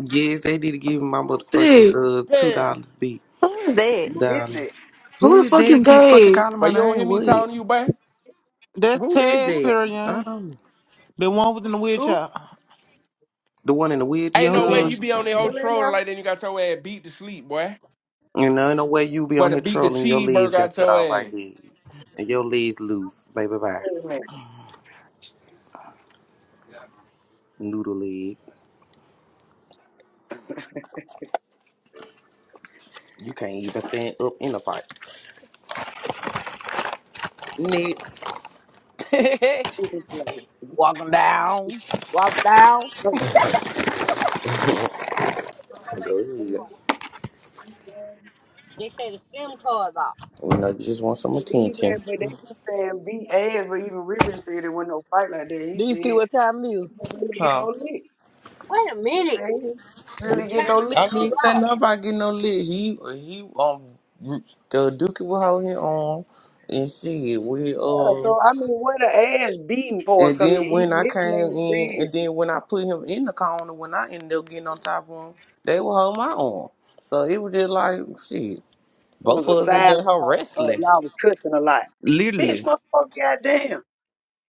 S2: Yes, they did give me my motherfucking
S20: Sick.
S2: uh two
S23: Perry.
S2: dollars big
S16: Who is that?
S15: Who is
S2: dollar.
S15: that?
S20: Who
S2: Who
S20: the
S2: is
S20: fuck is
S2: that keep fucking
S20: Dave?
S2: calling
S23: But
S2: my
S23: you don't hear
S2: name?
S23: me
S2: What?
S23: talking to you, boy.
S22: That's
S10: Who is
S22: Ted's
S15: Who
S10: that?
S15: is that?
S2: I
S22: Perion.
S2: don't know.
S22: The one within the
S15: Who?
S22: wheelchair.
S2: The one in the
S23: Ain't
S2: witch
S22: Yeah, who
S23: no way
S2: girl.
S22: been
S23: you be
S22: uh,
S23: on
S15: She's
S23: that whole
S15: still
S22: yeah.
S15: in
S23: trolling
S15: there?
S23: like that and you got your ass beat to sleep, boy.
S2: You know, ain't no way you be
S23: But
S2: on
S23: to
S2: here
S23: beat the
S2: trolling. Your legs
S23: cheeseburger
S2: got
S23: out
S2: cut
S23: your
S2: off
S23: ass.
S2: like there. And your legs loose. Baby bye.
S15: Wait a minute.
S2: Noodle leg. You can't even stand up in a fight. Next.
S1: back.
S15: She can play.
S1: Walking down. Walk down.
S15: But
S2: Go ahead.
S1: They say the SIM card's off.
S2: We know you just want some
S15: even,
S2: attention.
S15: but they been saying BA or even River said it wasn't no fight like that. He
S1: Do
S15: said
S1: you see
S15: he
S1: what time it is?
S15: didn't really get
S2: Huh?
S15: no lick.
S1: Wait a
S15: He said
S1: minute.
S15: he didn't
S1: I'm
S15: really get no
S1: trying to
S15: lick.
S1: get it
S2: I mean,
S15: in.
S2: he ain't
S1: unlocked.
S2: nobody getting no lick. He he um the Dookie will hold him on and shit. We
S15: Yeah, so
S2: um
S15: I mean, where the ass beating part
S2: and
S15: come in?
S2: then when
S15: Even
S2: I
S15: this man
S2: came in
S15: said it
S2: and then when I put him in the corner when I ended up getting on top of him, they will hold my arm. So it was just like shit. Both
S15: was a
S2: of us is in
S15: silent
S2: her
S15: fight. Uh,
S2: wrestling.
S15: y'all was cussing a lot. Bitch,
S2: Literally.
S15: motherfucker, goddamn.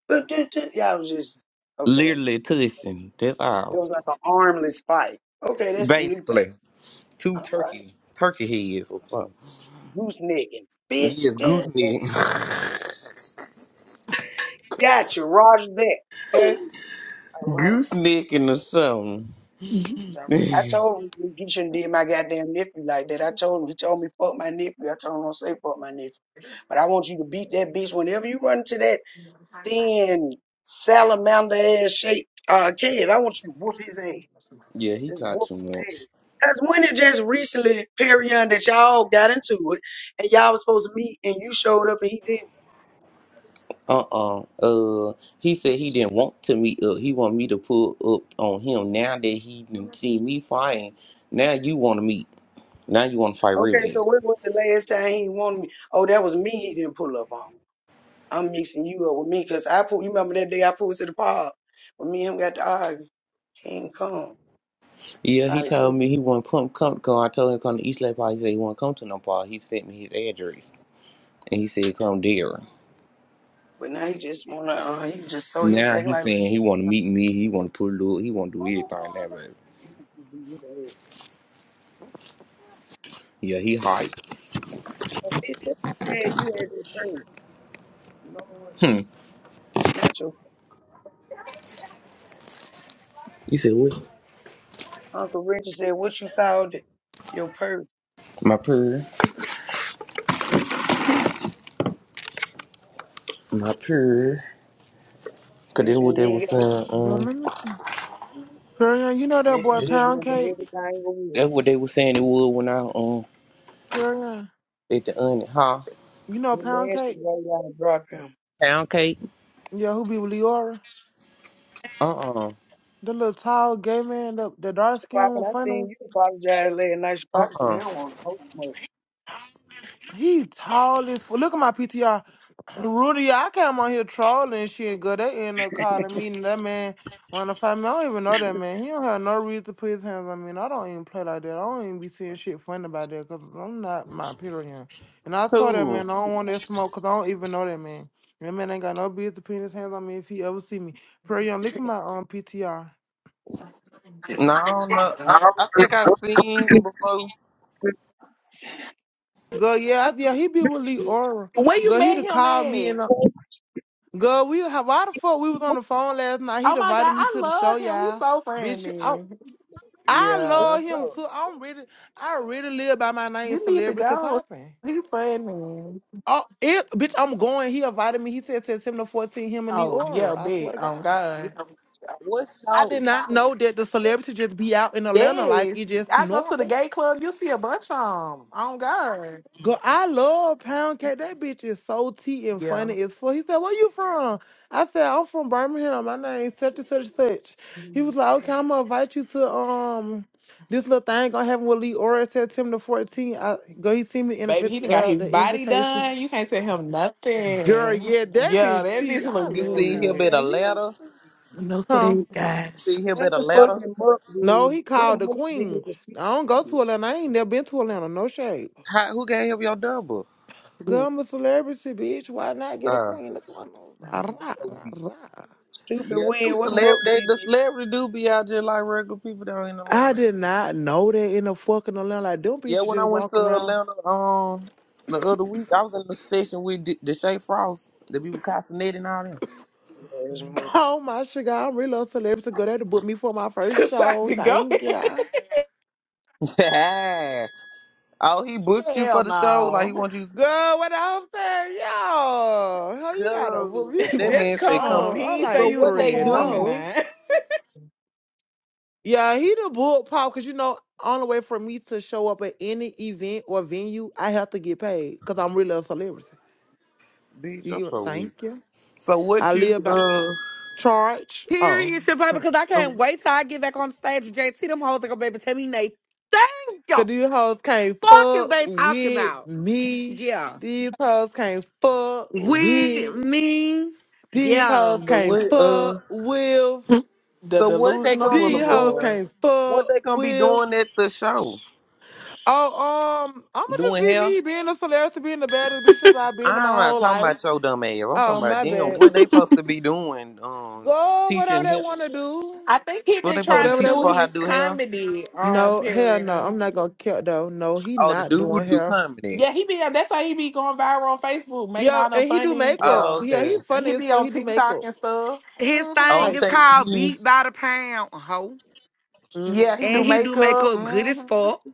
S15: But ju- ju- Y'all was just, okay.
S2: Literally tussing. That's
S15: It
S2: all.
S15: was like an armless fight. Okay, that's the new thing.
S2: Basically. Two
S15: All right.
S2: turkey turkey heads or something.
S15: Juice Niggins. Bitch,
S2: Yes,
S15: dun,
S2: goose
S15: dun. gotcha, Roger that. Okay? Alright.
S2: gooseneck or something.
S15: So I
S2: yeah,
S15: told him he he shouldn't did my goddamn nephew like that. I told him, he told me fuck my nephew. I told him don't say fuck my nephew. But I want you to beat that bitch whenever you run into that thin salamander ass shaped uh kid. I want you to whoop his ass.
S2: he
S15: Just
S2: talked
S15: whoop
S2: too
S15: his
S2: much.
S15: ass. Cause when it just recently, Perion, that y'all got into it, and y'all was supposed to meet, and you showed up, and he didn't.
S2: Uh-uh. Uh, he said he didn't want to meet up. He want me to pull up on him. Now that he didn't see me fighting, now you want to meet. Now you want to fight real
S15: Okay,
S2: bad.
S15: so when was the last time he wanted me? Oh, that was me. He didn't pull up on. I'm mixing you up with me because I pulled. You remember that day I pulled to the pub when me and him got to argue. He ain't come. It's
S2: Yeah, he
S15: hot as hell.
S2: told me he want to come, come, come. I told him come to East Lake Park. He said he want to come to no park. He sent me his address. And he said come there.
S15: But now he just wanna. Uh, he was just so he was
S2: Now
S15: acting
S2: he
S15: like.
S2: saying he want to meet me. He want to pull up. He want to do everything. That, baby. Yeah, he hype.
S15: Bitch, what you said? You had your purse. You know what?
S2: Hmm.
S15: Not your
S2: You said what?
S15: uncle Richard said what you called it. Your purse,
S2: My prayer. Not sure. Cause
S15: bitch.
S2: that's
S15: When
S2: what
S15: you
S2: they
S15: ain't
S2: was saying.
S22: Girl,
S2: Um,
S22: let me see.
S15: got,
S22: Perion, you know that
S15: if
S22: boy
S2: that's
S15: you just
S22: Pound
S15: remember
S22: Cake?
S15: everything over here,
S2: that's what they was saying it would when I um
S22: Perion.
S2: at the onion, huh?
S22: You know
S15: the
S22: Pound
S15: man should
S22: Cake?
S15: right out and drop him.
S2: Pound cake.
S22: Yeah, who be with Leora?
S2: Uh uh-uh.
S22: The little tall gay man, the, the dark skinned
S15: Poppin',
S22: one,
S15: I
S22: funny
S15: seen
S22: one.
S15: you apologize last night. She probably said,
S2: uh.
S15: hell on no smoke.
S22: He tall as fu- Look at my PTR. Rudy, I came on here trolling and shit. Girl, they end up calling me and that man wanna fight me. I don't even know that man. He don't have no reason to put his hands on me. And I don't even play like that. I don't even be seeing shit funny about that because I'm not my period. And I told that
S2: Cool.
S22: man I don't want that smoke because I don't even know that man. That man ain't got no business putting his hands on me if he ever see me. Period. Young, look at my um, PTR.
S2: No, no. I I think I seen him before.
S22: Girl, yeah, I- yeah, he be with Lee Aura.
S24: When you
S22: Girl, he'd
S24: met
S22: have
S24: him
S22: called me
S24: at?
S22: and uh, girl, we have why the fuck we was on the phone last night.
S24: Oh
S22: He'd
S24: my
S22: invited
S24: god,
S22: me
S24: I
S22: to the show,
S24: love him. He's
S22: y'all.
S24: so
S22: Bitch, I,
S24: friendly.
S22: I
S24: Yeah.
S22: love him too. I'm really, I really live by my name,
S24: You need to
S22: celebrity
S24: go.
S22: popping.
S24: He funny.
S22: Oh, it, bitch, I'm going. He invited me. He said September 14, him and Lee
S24: Oh yeah,
S22: Aura. I swear
S24: big.
S22: to
S24: Oh
S22: God.
S24: God.
S2: What
S22: I did
S2: show?
S22: not know that the celebrity just be out in Atlanta like it
S24: Yes.
S22: just
S24: I go to the
S22: normal.
S24: gay club, you see a bunch of them. Oh God.
S22: Girl, I love pound cake. That bitch is so tea and
S24: Yeah.
S22: funny as fuck. He said, Where you from? I said, I'm from Birmingham. My name's such and such and such. He was like, Okay, I'm gonna invite you to um this little thing gonna happen with Lee Ora September 14th. I go he sent me the
S24: Baby, he done
S22: invi-
S24: got
S22: uh,
S24: his
S22: the
S24: body
S22: invitation.
S24: done. You can't tell him
S22: Girl,
S24: nothing.
S22: yeah, that
S24: Yeah,
S22: bitch
S24: that
S22: tea.
S24: bitch
S22: I
S24: look
S2: You
S22: love
S2: see him
S22: pound
S2: at
S24: good.
S2: a
S22: cake. He is-
S2: ladder.
S20: Enough for
S22: Huh.
S20: that, guys.
S2: See him
S15: What
S2: at a
S15: the fuck
S2: ladder.
S15: did Muck
S22: No,
S15: do?
S22: he
S15: What
S22: called the
S15: Muck did
S22: queen.
S15: to
S22: I don't go
S15: Stupid
S22: to Atlanta. I ain't never been to Atlanta. No shade.
S2: How, who gave him your double?
S22: Girl,
S16: Mm.
S22: I'm a celebrity, bitch. Why not get a
S2: Uh.
S22: queen? That's what I know. Rah,
S2: so
S22: rah,
S2: we-
S22: rah.
S15: Stupid
S2: Yeah, them
S15: weird, what
S2: celebrity,
S15: Muck
S2: they, the
S15: did
S2: celebrity do be out just like regular people down in
S22: I
S2: Atlanta.
S22: did
S2: yeah.
S22: not know that in the fucking Atlanta. Like, them
S2: Yeah,
S22: bitches
S2: when I
S22: just
S2: went
S22: walk
S2: to
S22: around.
S2: Atlanta, um, the other week, I was in the session with D- Deshae Frost, the people Castanet and all
S15: to
S22: Oh, my sugar. I'm really a celebrity. Girl, they had to book me for my first show.
S24: Probably go
S22: Thank
S24: ahead.
S22: ya.
S2: them. oh, he booked you
S24: Hell
S2: for the show? Like, he
S24: no.
S2: wants you to
S22: Girl, what else saying? Yo, how you gotta book
S2: go.
S22: me
S2: That
S22: for a
S24: Just
S2: man said come
S24: come.
S22: show?
S2: to.
S24: He
S22: I
S24: ain't
S2: So,
S24: say
S22: like
S24: you was
S2: what they
S22: three and
S24: performing
S2: do?
S22: no.
S24: now.
S22: Yeah, he the book pop because you know, only way for me to show up at any event or venue, I have to get paid because I'm really a celebrity.
S2: Bitch, I'm
S22: You get-
S2: so weak.
S22: thank you.
S2: So, what
S22: I
S2: you,
S22: live by
S2: uh,
S22: charge. Oh.
S10: Period, shit, baby. Because I
S2: so,
S10: can't wait till I get back on the stage with JT. Them hoes are gonna baby tell me they thank you.
S22: Cause these hoes can't
S10: Fuck is
S22: fuck
S10: they talking
S22: with
S10: about?
S22: me.
S10: Yeah.
S22: These hoes can't fuck
S10: With
S22: with.
S10: me,
S22: These hoes
S10: Yeah.
S2: so what,
S22: can't
S2: uh,
S22: fuck with.
S24: The
S2: so what they
S24: Delusional
S2: gonna be
S22: These hoes
S2: doing?
S24: Boulevard.
S22: can't
S2: What
S22: fuck
S2: they gonna be
S22: with.
S2: doing at the show?
S22: Oh, um, I'ma just
S2: Doing
S22: be
S2: hell?
S22: me, being the celebrity, being the baddest bitches I've been in
S2: I'm
S22: my
S2: not
S22: whole
S2: talking
S22: life.
S2: about your dumb ass. I'm
S22: Oh,
S2: talking about
S22: my
S2: them.
S22: bad.
S2: What they supposed to be doing? Um,
S22: Go whatever
S2: teaching
S22: they
S2: him.
S22: wanna do.
S24: I think he
S2: What
S24: been
S2: they supposed to be
S24: trying to
S22: Whatever they
S2: teaching
S24: do
S2: for
S22: want.
S2: how to
S24: his
S2: do hell?
S24: comedy um
S22: No, hell no.
S24: period.
S22: I'm not gonna kill though. No, he
S2: Oh, the
S22: not
S2: dude
S22: doing
S2: do
S22: hair.
S2: comedy.
S24: Yeah, he be that's how he be going viral on Facebook, making
S22: Yeah,
S24: all them
S22: and he do
S24: funny
S22: makeup.
S2: Oh,
S24: yeah.
S22: Yeah,
S2: okay.
S22: he
S24: And he
S22: funny as
S24: be
S22: fuck.
S24: on
S22: He do
S24: TikTok
S22: makeup
S24: and stuff.
S10: his
S24: hmm
S2: Oh,
S10: thing
S2: I'm
S22: type
S10: is
S22: shit.
S2: thinking
S10: called
S2: he.
S10: Beat by the Pound, ho.
S24: Yeah, he
S10: And
S24: do
S22: Mm-hmm.
S10: he do make
S24: makeup.
S10: up good as
S24: hmm
S10: fuck.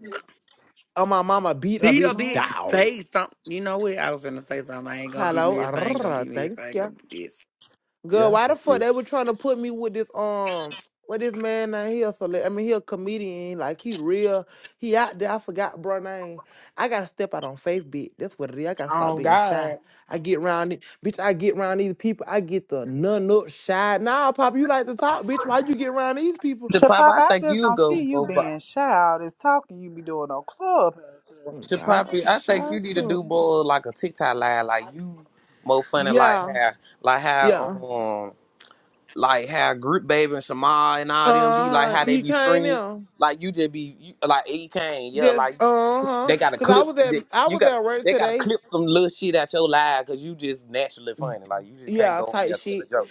S22: Oh, my mama beat a
S10: Beat a
S22: bitch
S24: hmm
S10: bitch
S22: down.
S10: face something. You know what? I was gonna say something. I ain't gonna be
S22: Hello,
S10: missed. I ain't gonna be
S22: Arrrr,
S10: missed.
S22: thank
S10: I ain't
S22: ya.
S10: gonna be missed.
S22: Girl,
S2: Yeah.
S22: why the fuck they were trying to put me with this um, what this man now? He a cele- I mean, he a comedian. Like he real. He out there. I forgot bro name. I gotta step out on faith, bitch. That's what it is. I gotta stop
S24: Oh
S22: being shy.
S24: God.
S22: I get around it, bitch. I get around these people. I get the none up shy. Nah, pop, you like to talk, bitch. Why you get around these people?
S25: So,
S2: Shapapi,
S25: pop!
S2: I
S25: I
S2: think
S25: just
S2: you
S25: don't
S2: go
S25: see you
S2: go.
S25: being shy. All this talking you be doing on Clubhouse.
S22: Oh, God,
S2: Shapapi,
S22: I'm
S2: I think
S22: shy
S2: you
S22: as
S2: need to
S22: fuck.
S2: do more like a TikTok live, like you more funny, like
S22: Yeah,
S2: how, like
S22: yeah.
S2: how, um, like how Group Baby and Shamar and all them be like
S22: Uh huh.
S2: how they
S22: He
S2: be
S22: came
S2: screams,
S22: in.
S2: like you just be you, like E Kane, yeah,
S22: Just
S2: like
S22: uh huh.
S2: they got to
S22: Cause I
S2: clip,
S22: was at
S2: they,
S22: I
S2: you
S22: was
S2: got to.
S22: at work
S2: They gotta
S22: today.
S2: clip some little shit out your live cause you just naturally funny. Like you just can't
S22: Yeah,
S2: go in
S22: type
S2: there telling
S22: shit.
S2: jokes.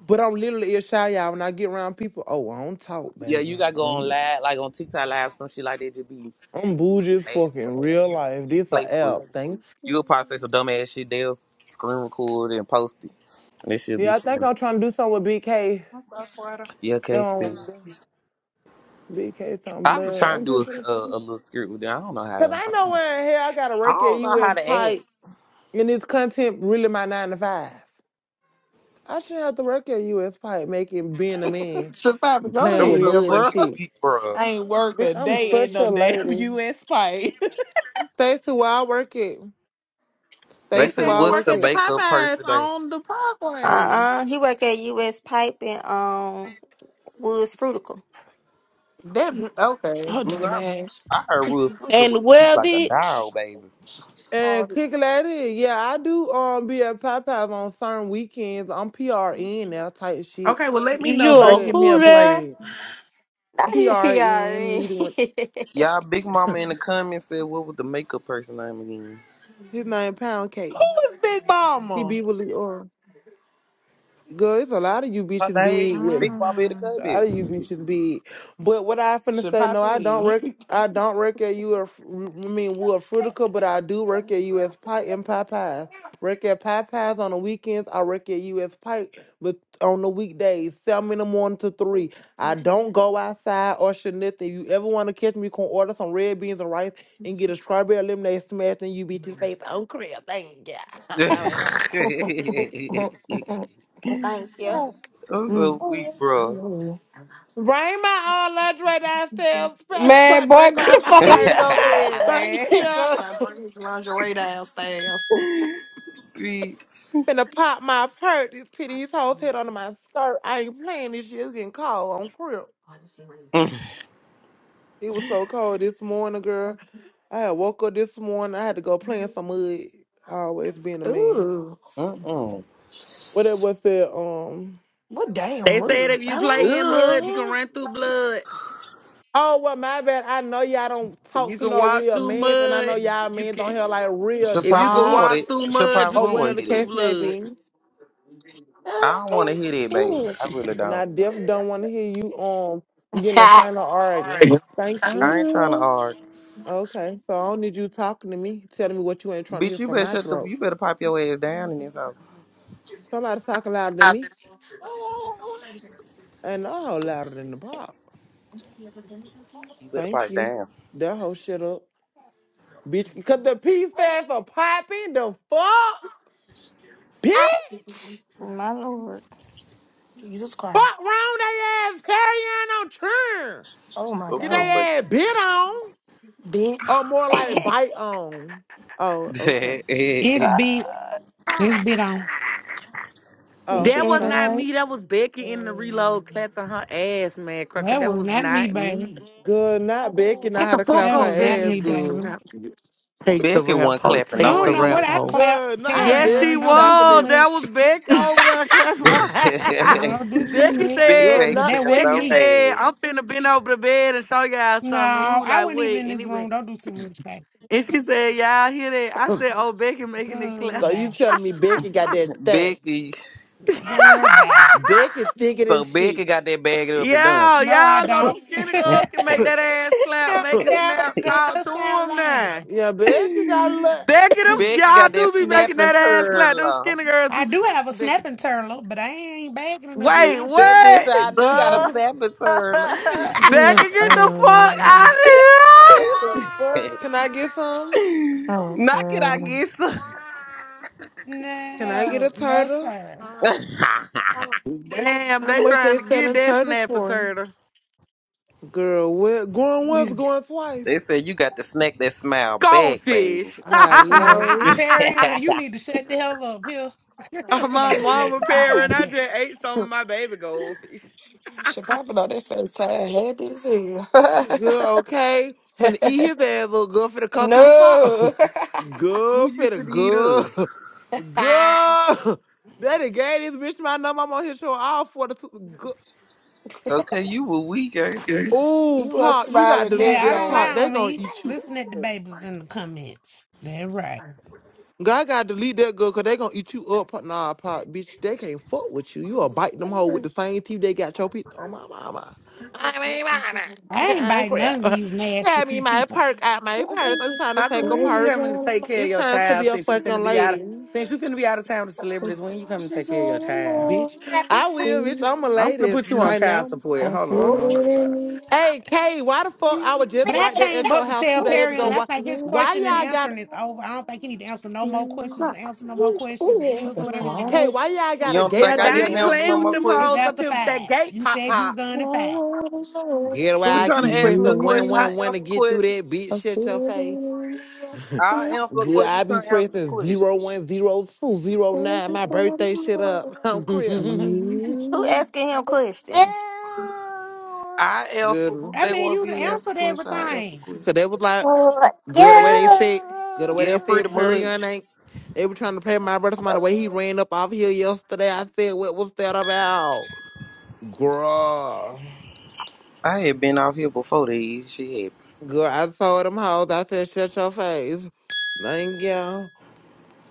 S22: But I'm literally ear shy, y'all. When I get around people, oh, I don't talk,
S2: Yeah,
S22: baby.
S2: you gotta go on
S22: I'm
S2: live, like on TikTok live, some shit like that. Just be
S22: I'm bougie as
S2: mad.
S22: fuck in real
S2: You just
S22: life. This a
S2: playful. as
S22: app.
S2: shit.
S22: Thank you.
S2: You'll probably say some dumb ass shit. They'll screen record it and post it. And It should be
S22: Yeah, I think
S2: funny.
S22: I'm trying to do something with BK.
S2: Yeah, Casey.
S22: No, BK, some
S2: I've been
S22: blood.
S2: trying to
S22: I'm
S2: do
S22: just gonna
S2: a, a, a
S22: fucking-
S2: little script with them. I don't know how.
S22: Cause
S2: To,
S22: I
S2: I don't
S22: know
S2: know.
S22: where in hell I gotta
S2: I
S22: work at
S2: don't know how
S22: U.S.
S2: to act.
S22: Pike. And is content really my nine to five? I shouldn't have to work at US Pipe making being a man,
S24: Should probably go
S2: It
S22: playing
S2: was
S22: with
S24: to
S2: so
S24: hell,
S22: mud and
S24: bro.
S2: fucking
S22: shit.
S2: weak, bro.
S24: I ain't worked
S22: Bitch,
S24: a
S22: I'm
S24: day at
S22: such
S24: no
S22: a
S24: damn
S22: lady.
S24: US pipe.
S22: Stacy, where I work at.
S2: They
S24: they
S22: Stacy,
S2: said,
S22: where
S24: says
S22: I
S24: you
S2: "What's
S24: work
S22: work
S2: the
S24: at the
S22: at.
S2: makeup
S24: Popeyes
S2: person name?"
S24: on the Parkway.
S16: Uh-uh. He work at U.S. Pipe and um, Woods Fruitical.
S24: That okay.
S20: Oh,
S2: Ooh,
S20: damn
S2: I,
S20: ass.
S2: I heard Rude fucker with
S11: And
S2: you
S11: well,
S2: like a
S11: bitch,
S2: doll, baby.
S22: And kick lady, yeah, I do um be at Popeyes on certain weekends. I'm PRN now type shit.
S24: Okay, well, let me know
S11: you
S24: so I can
S11: a
S24: get
S22: But
S24: me
S11: who
S24: a
S11: there?
S24: plate.
S16: Now he
S22: PRN
S16: PRN.
S22: needed one
S2: Y'all, Big Mama in the comments said, "What was the makeup person name again?"
S22: his name Pound Cake.
S24: Who is Big
S22: He
S24: Mama?
S22: be with the or girl, it's a lot of you
S2: Her
S22: bitches
S2: name
S22: big with
S2: Big Bobby the
S24: Uh-uh.
S2: Cubby.
S22: Out of you bitches be. But what I finna
S24: Should
S22: say, no, I don't
S24: Poppy.
S22: work. I don't work at you. Or, I mean, we're fruitical, but I do work at U.S. Pike and Popeyes. Work at Popeyes on the weekends. I work at U.S. Pike, but on the weekdays, seven in the morning to three. I don't go outside or shit nothing. You ever want to catch me? You can order some red beans and rice and get a strawberry lemonade smashed in you bitches' face on crib. Thank ya. I ain't lying.
S16: Thank you.
S2: I'm
S20: Mm.
S2: so weak, bro.
S22: Bring my own lingerie downstairs. Spread my
S20: Man, boy,
S22: drink
S20: get the
S22: on my
S20: fuck out.
S24: Please
S22: purse.
S24: go ahead, man.
S22: Thank you.
S24: 'cause-
S2: Bitch.
S22: Finna pop my perk. This pity these hoes head under my skirt. I ain't playing this shit. It's getting cold on crib. It was so cold this morning, girl. I had woke up this morning. I had to go play in some mud. Always being a man.
S20: Ooh.
S2: Mm-mm.
S22: What it was said, um
S20: What damn
S10: They said
S20: mud?
S10: if you
S20: Hello?
S10: play in mud, you can
S24: Ugh.
S10: run through blood.
S22: Oh well my bad. I know y'all don't
S10: If you
S22: talk to
S10: can
S22: no
S10: walk
S22: real
S10: through
S22: men and I know
S10: mud,
S22: y'all
S10: you
S22: men don't
S10: can.
S22: have like real
S2: She
S10: If you
S2: probably
S10: can
S2: would want
S10: walk
S22: jobs
S2: to.
S10: through
S2: She
S10: mud,
S2: probably
S10: you
S22: or
S2: would
S10: can
S22: whatever
S2: want
S10: eat
S2: to
S22: the
S2: hit it.
S10: through
S22: case may
S10: blood.
S22: be.
S2: I
S20: Ah,
S2: don't want to
S20: damn.
S2: hit it, baby. I
S20: Bitch.
S2: really
S22: And I
S2: don't.
S22: definitely don't want to hear you um getting a final argument. Thank you.
S2: I ain't trying to argue.
S10: Mm.
S22: Okay, so I don't need you talking to me, telling me what you ain't trying to hear
S2: Bitch, you
S22: from
S2: better
S22: my
S2: shut the.
S22: throat.
S2: You better pipe your ass down and this house.
S22: Somebody talking louder than me, and all louder than the pop.
S2: You better
S22: Thank
S2: pipe
S22: you.
S2: down.
S22: That whole shit up, bitch. Cause the P stand for popping the fuck, bitch.
S16: My lord.
S22: Fuck wrong they ass carrying on turn.
S20: Oh, my
S2: I'm
S22: Get they
S2: so
S20: God.
S22: ass
S2: fucking.
S22: bit on,
S20: Bitch.
S22: or more like bite on. Oh, okay.
S26: It's
S2: weak.
S26: bit.
S16: God,
S26: It's bit on.
S16: he
S22: Oh,
S10: That was
S16: said it
S22: thank
S10: not
S22: you.
S16: right.
S10: me. That was Becky in the reload clapping her ass, man, cracker.
S26: That
S10: That
S26: was
S10: was
S26: not me,
S10: not
S26: baby.
S10: me.
S22: Good night, Becky. Know
S10: Shut
S22: how
S10: the
S22: to
S10: fuck
S22: clap
S26: That
S22: her
S10: up,
S26: was not
S10: Becky,
S22: ass
S10: and
S26: me,
S10: take the
S22: good.
S26: baby.
S10: rap. bitch. Take the
S2: Becky
S10: rap
S2: wasn't
S10: hoe.
S2: clapping
S26: You
S10: Take
S2: no
S26: don't
S10: the
S26: know
S10: rap
S26: what
S2: ass.
S26: I
S10: hoe.
S26: clap
S22: Good night,
S26: Perry
S10: Yes, she
S26: on.
S22: Becky.
S26: Don't do
S22: Clapping
S26: too
S10: was.
S22: it.
S10: That
S26: much.
S10: was Becky over there clapping her
S26: You
S10: ass.
S26: don't do too
S10: Becky
S26: much.
S2: Becky
S10: said,
S22: Good
S2: ain't
S26: But
S22: night.
S26: that
S2: clap
S26: wasn't
S10: Becky
S2: no
S26: me.
S10: said,
S2: ass.
S10: I'm finna bend over the bed and show y'all
S26: No,
S10: something. And we were
S26: I
S10: like,
S26: wasn't even
S10: wait.
S26: in
S10: And
S26: this
S10: it
S26: room.
S10: went.
S26: Don't do too much, baby.
S10: And she said, y'all hear that? I said, oh, Becky making it clap.
S22: So you
S26: Goodbye.
S22: telling me Becky got that fat?
S2: Becky,
S26: Goodbye.
S22: Becky thicker than
S2: so Becky
S22: shit.
S2: got that bagged up and done.
S10: Yeah,
S26: No, I
S10: y'all know
S26: don't.
S10: them skinny
S26: no,
S10: girls can make that ass clap,
S26: I
S10: make it
S26: don't.
S10: snap,
S26: Go
S10: talk to
S26: stop
S10: them
S26: lying.
S10: now.
S22: yeah, Becky got a
S10: Becky, them
S22: lot.
S2: Becky
S10: y'all
S2: got
S10: do
S2: that
S10: be making
S2: snapping
S10: that ass clap. Them
S2: turtle.
S10: skinny girls
S26: I
S10: do.
S26: do
S10: Shut up,
S26: have a
S10: Becky.
S26: snapping turtle, but I ain't bagging it up and
S10: Wait,
S22: Sh-
S26: dumping
S2: That bitch
S10: what?
S2: I do
S26: it.
S2: got a
S16: Buh.
S2: snapping turtle.
S20: Mm-mm.
S10: Becky, get the fuck out of
S16: What the fuck?
S22: Can I get some?
S2: Knock it, I
S20: Mm-mm.
S2: guess.
S22: Can I get
S26: no,
S22: a
S26: no,
S22: turtle?
S26: sir.
S10: here! Damn,
S22: How
S10: they
S22: much
S10: trying
S22: they
S10: to get
S22: selling
S10: that
S22: turtles
S10: snapper
S22: for?
S10: turtle.
S22: Girl, we going once, going twice.
S2: they said you got to snack that smile back, baby.
S10: Goldfish.
S22: Hello.
S26: Barry, uh, you need to shut the hell up, Hill.
S10: My
S26: Somebody smack
S10: mama
S26: a smile
S10: parent, I
S26: back.
S10: just ate some of my baby goldfish.
S20: She popping on that FaceTime happy as hell.
S22: Good, okay. Finna eat his ass little girl finna cut through the fire.
S20: no.
S2: Who
S22: Girl,
S2: you
S22: finna
S2: finna eat up?
S22: good. Good. Daddy gave this bitch my number. I'm on his show all for the
S2: Okay, you were weak, ain't it?
S22: Oh,
S20: you a
S22: Pop, you gotta
S20: smiling
S22: delete
S26: Yeah,
S20: dick,
S26: I
S22: that
S26: don't
S22: Pop.
S20: man.
S26: lie
S22: They
S26: on
S22: gonna
S26: me.
S22: eat you.
S26: Listen at the babies in the comments. They're right.
S22: God gotta delete that girl because they gonna eat you up. Pop. Nah, Pop, bitch, they can't fuck with you. You a bite them hoe with the same teeth they got your pizza. Oh, my mama. I mean,
S26: I ain't
S22: mama.
S26: biting none of
S22: Crap.
S26: these nasty
S22: Grab me
S26: few
S22: my
S26: people.
S22: perk out my purse. I'm trying to
S10: Papa,
S22: take a
S10: when you
S22: perk.
S10: coming to take care of
S22: It's
S10: your
S22: time to
S10: child
S22: be a
S10: since you finna
S22: fucking
S10: be out of
S22: lady,
S10: since you finna be out of town with celebrities? When you coming to take care of your child?
S22: bitch. I will, bitch. I'm a
S10: I'm gonna
S22: lady
S10: put you on
S22: right
S10: child
S22: now.
S10: support. Hold on, don't
S22: Fuck.
S10: worry about it.
S22: Hey, Kay, why the fuck I was just
S26: But I
S22: right there
S26: came
S22: at your
S26: up to
S22: house
S26: tell
S22: two days
S26: Perion.
S22: ago?
S26: I
S22: Why,
S26: think his
S22: why
S26: question and
S22: y'all got
S26: answering is over. I don't think he need to answer no more questions. Answer no more questions. It
S22: What's
S26: is
S22: her
S26: what it
S22: name?
S26: is.
S22: Kay, why y'all got
S2: You
S22: a
S2: don't
S22: gate
S10: Yeah,
S2: think I
S10: they
S22: right
S2: need
S22: there
S2: to
S10: ain't
S2: answer
S22: now?
S2: no
S10: playing with
S2: more
S10: them
S2: questions?
S26: It's
S10: hoes up
S26: after
S10: here with that
S26: five.
S10: gate
S26: You
S10: pop
S26: said you
S10: pop.
S26: done at five.
S22: Get away.
S2: Who
S22: I
S2: trying to
S22: keep
S2: ask me a
S22: pressing one,
S2: question? I
S22: one, one to
S2: answer
S22: get through
S2: questions.
S22: that bitch. Shut your face.
S2: I answer a
S22: Good.
S2: question. Who
S22: I be
S2: trying to answer a
S22: pressing
S2: question?
S22: zero, one, zero, two, zero, nine. My birthday shit up.
S10: hey
S22: I'm crib.
S16: Who asking him questions?
S2: I answer.
S22: Good.
S26: I
S2: They
S26: mean,
S2: want
S26: you
S2: me to answer
S26: answered
S2: question. I answer
S26: everything.
S2: question.
S22: Cause they was like, good the way they said, good the way
S2: Yeah,
S22: they
S2: pretty
S22: said Perion
S2: much.
S22: ain't. They were trying to play my brother my the way he ran up off here yesterday. I said, what was that about? Girl.
S2: I had been out here before they shit.
S22: Girl, I told them hoes. I said, shut your face. Thank you.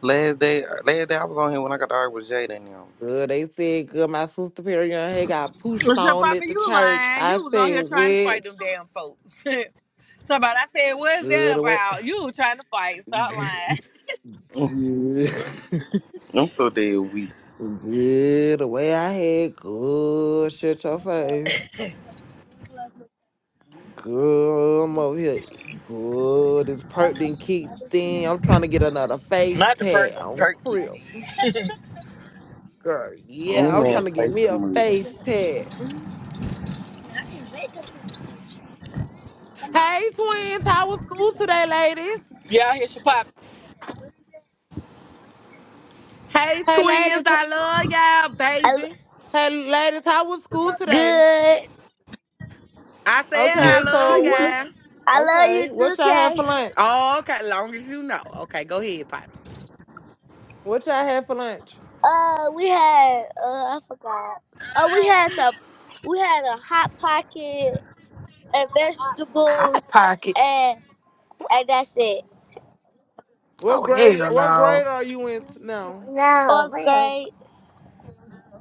S2: Last day, last day I was on here when I got to argue with Jada and them.
S22: Good. They said, good. My sister Perry Young had got pushed
S1: What's your
S22: on
S1: Papa,
S22: at the
S1: you
S22: church.
S1: lying.
S22: I
S1: You was on
S22: said,
S1: here trying to fight
S22: what?
S1: them damn folks. Somebody, I said, what is that
S22: Good away.
S1: about? You was trying to fight. Stop lying.
S22: Good.
S2: I'm so dead weak.
S22: Good away. I had good. Shut your face. Good. I'm over here. Good. It's perked and keep thin. I'm trying to get another face tag on Crip. Girl,
S2: That
S22: yeah, I'm
S2: man
S22: trying to
S2: play
S22: get me a
S2: too
S22: face tag. Hey, twins. How was school today, ladies?
S1: Y'all here's your pop.
S22: Hey,
S10: twins,
S22: ladies.
S10: I love y'all, baby.
S22: Hey, ladies, how was school today?
S10: I said
S2: much.
S10: I
S22: Okay,
S10: love
S22: so what's
S10: y'all.
S22: okay? What y'all had for lunch?
S10: Oh, okay, long as you know. Okay, go ahead, Papa.
S22: What y'all had for lunch?
S20: hot pocket.
S22: What
S20: Oh,
S22: grade?
S20: hell
S22: What
S20: no.
S22: grade are you in t- now?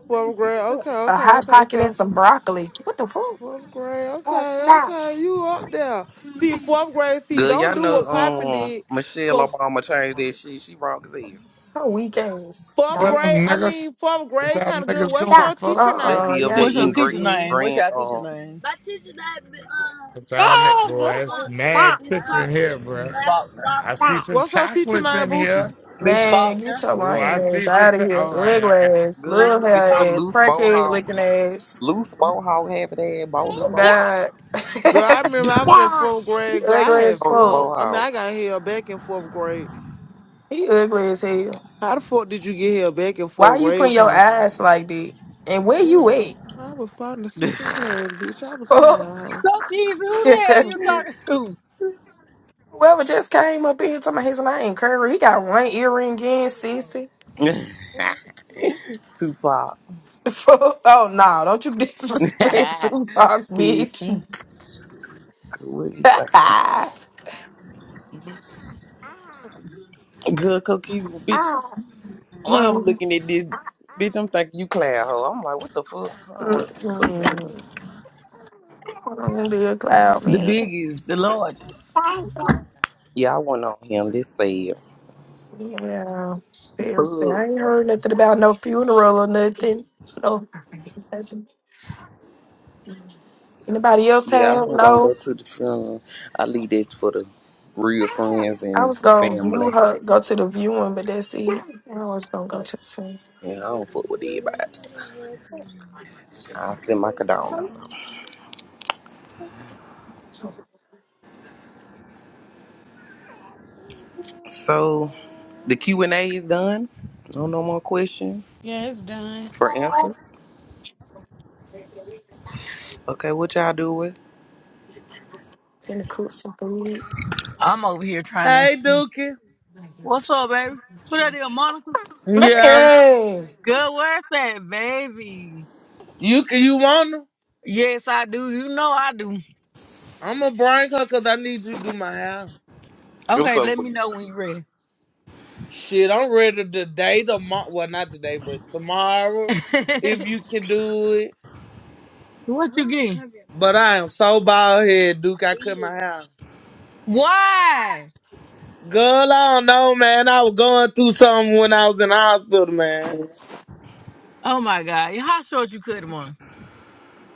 S22: Twelfth grade. Okay,
S20: A
S22: okay,
S20: hot
S22: okay.
S20: pocket
S22: So
S20: and some broccoli. What the fuck?
S22: fourth grade. Okay, okay. You up there? See, fourth grade. See,
S2: Good,
S22: don't
S2: y'all
S22: do
S2: know
S22: what Poppin
S2: um
S22: did.
S2: Michelle
S22: Cause
S2: Obama changed that shit. She wrong as hell.
S20: Her weak ass.
S22: fourth
S27: What up,
S20: Dyke.
S22: grade. I
S27: niggas?
S22: mean, fourth
S27: What
S22: grade
S27: y'all
S22: kind of good.
S27: niggas doing,
S22: What's your
S27: folks?
S22: teacher
S2: They
S20: Uh-uh,
S2: be
S22: name?
S2: up
S20: y'all
S2: there
S1: What's your
S2: eating
S20: fix
S2: great
S1: teacher
S20: Dewey.
S1: name? What's
S2: grand
S1: your teacher
S2: um
S1: name?
S27: What y'all niggas, boy? It's mad chicks in
S1: Faulkner.
S27: here,
S1: Miss
S27: bro.
S1: Faulkner.
S27: I see some
S22: What's your teacher
S27: chocolates
S22: name,
S27: in
S22: Bookie?
S27: here.
S1: Miss
S20: Man, get
S1: Faulkner.
S20: your
S27: Ooh, I
S20: lying
S27: see
S20: ass
S27: some.
S20: out of
S27: Cho-
S20: here.
S27: All right, I
S20: Regular ass,
S2: good
S20: little
S2: you get your
S20: hair ass,
S2: loose
S20: crackhead
S2: bohawk.
S20: looking ass.
S2: Loose bohawk half of that bowless
S20: Oh
S2: bohawk.
S20: God.
S22: Girl, I remember I was in fourth
S20: he
S22: grade. Girl, I
S20: ugly
S22: had
S20: as
S2: Bowless
S20: fuck.
S22: flunk. I mean, I
S2: bohawk.
S22: got held back in fourth grade.
S20: He ugly as hell.
S22: How the fuck did you get here back and
S20: Why
S22: forth
S20: you putting
S22: grave
S20: your
S22: piper?
S20: eyes like that? And where you
S22: Girl, I was falling asleep in class, bitch. I was tired.
S20: at?
S1: So, Keezy, who the hell
S22: hoe.
S1: you talking to?
S20: Whoever just came up in here talking about his name, Curry, he got one earring in, sissy.
S2: Tupac.
S20: oh, no, don't you disrespect Tupac,
S24: Decent.
S20: bitch.
S2: What do you Good cookies, bitch. I'm
S20: Hmm.
S2: looking at this, bitch. I'm thinking you clown hoe. I'm like, what the fuck? I almost fucking.
S20: Mm-mm. I'm be a cloud
S1: The
S20: man.
S1: biggest, the largest.
S2: Yeah, I went on him. This fail.
S20: Yeah, seriously, I
S2: Boo.
S20: ain't heard nothing about no funeral or nothing. No, nothing. anybody else
S2: Yeah, I
S20: have?
S2: wasn't gonna
S20: No,
S2: go to the funeral. I leave that for the real friends
S20: I
S2: and
S20: was gonna view
S2: family.
S20: her, go to the viewing, but that's it. I was gonna go to the funeral.
S2: Yeah, I don't fuck with everybody. I send my condolences. So the Q and A is done. No, no more questions
S26: Yeah, it's done.
S2: for answers. Okay, what y'all do with?
S20: Finna cook some food.
S1: I'm over here trying to.
S28: Hey, Dookie.
S1: What's up, baby? Who that is, Monica?
S28: Yeah.
S20: Man,
S1: Good, where's that, baby?
S28: You can, you want to?
S1: Yes, I do. You know I do.
S28: I'm going to bring her because I need you to do my hair.
S2: What's
S1: Okay,
S2: up
S1: let
S2: with
S1: me
S2: you?
S1: know when you're ready.
S28: Shit, I'm ready today, tomorrow. Well, not today, but tomorrow, if you can do it.
S1: what you getting?
S28: But I am so bald head, Duke. I cut my hair.
S1: Why?
S28: Girl, I don't know, man. I was going through something when I was in the hospital, man.
S1: Oh my God! How short you cut him on?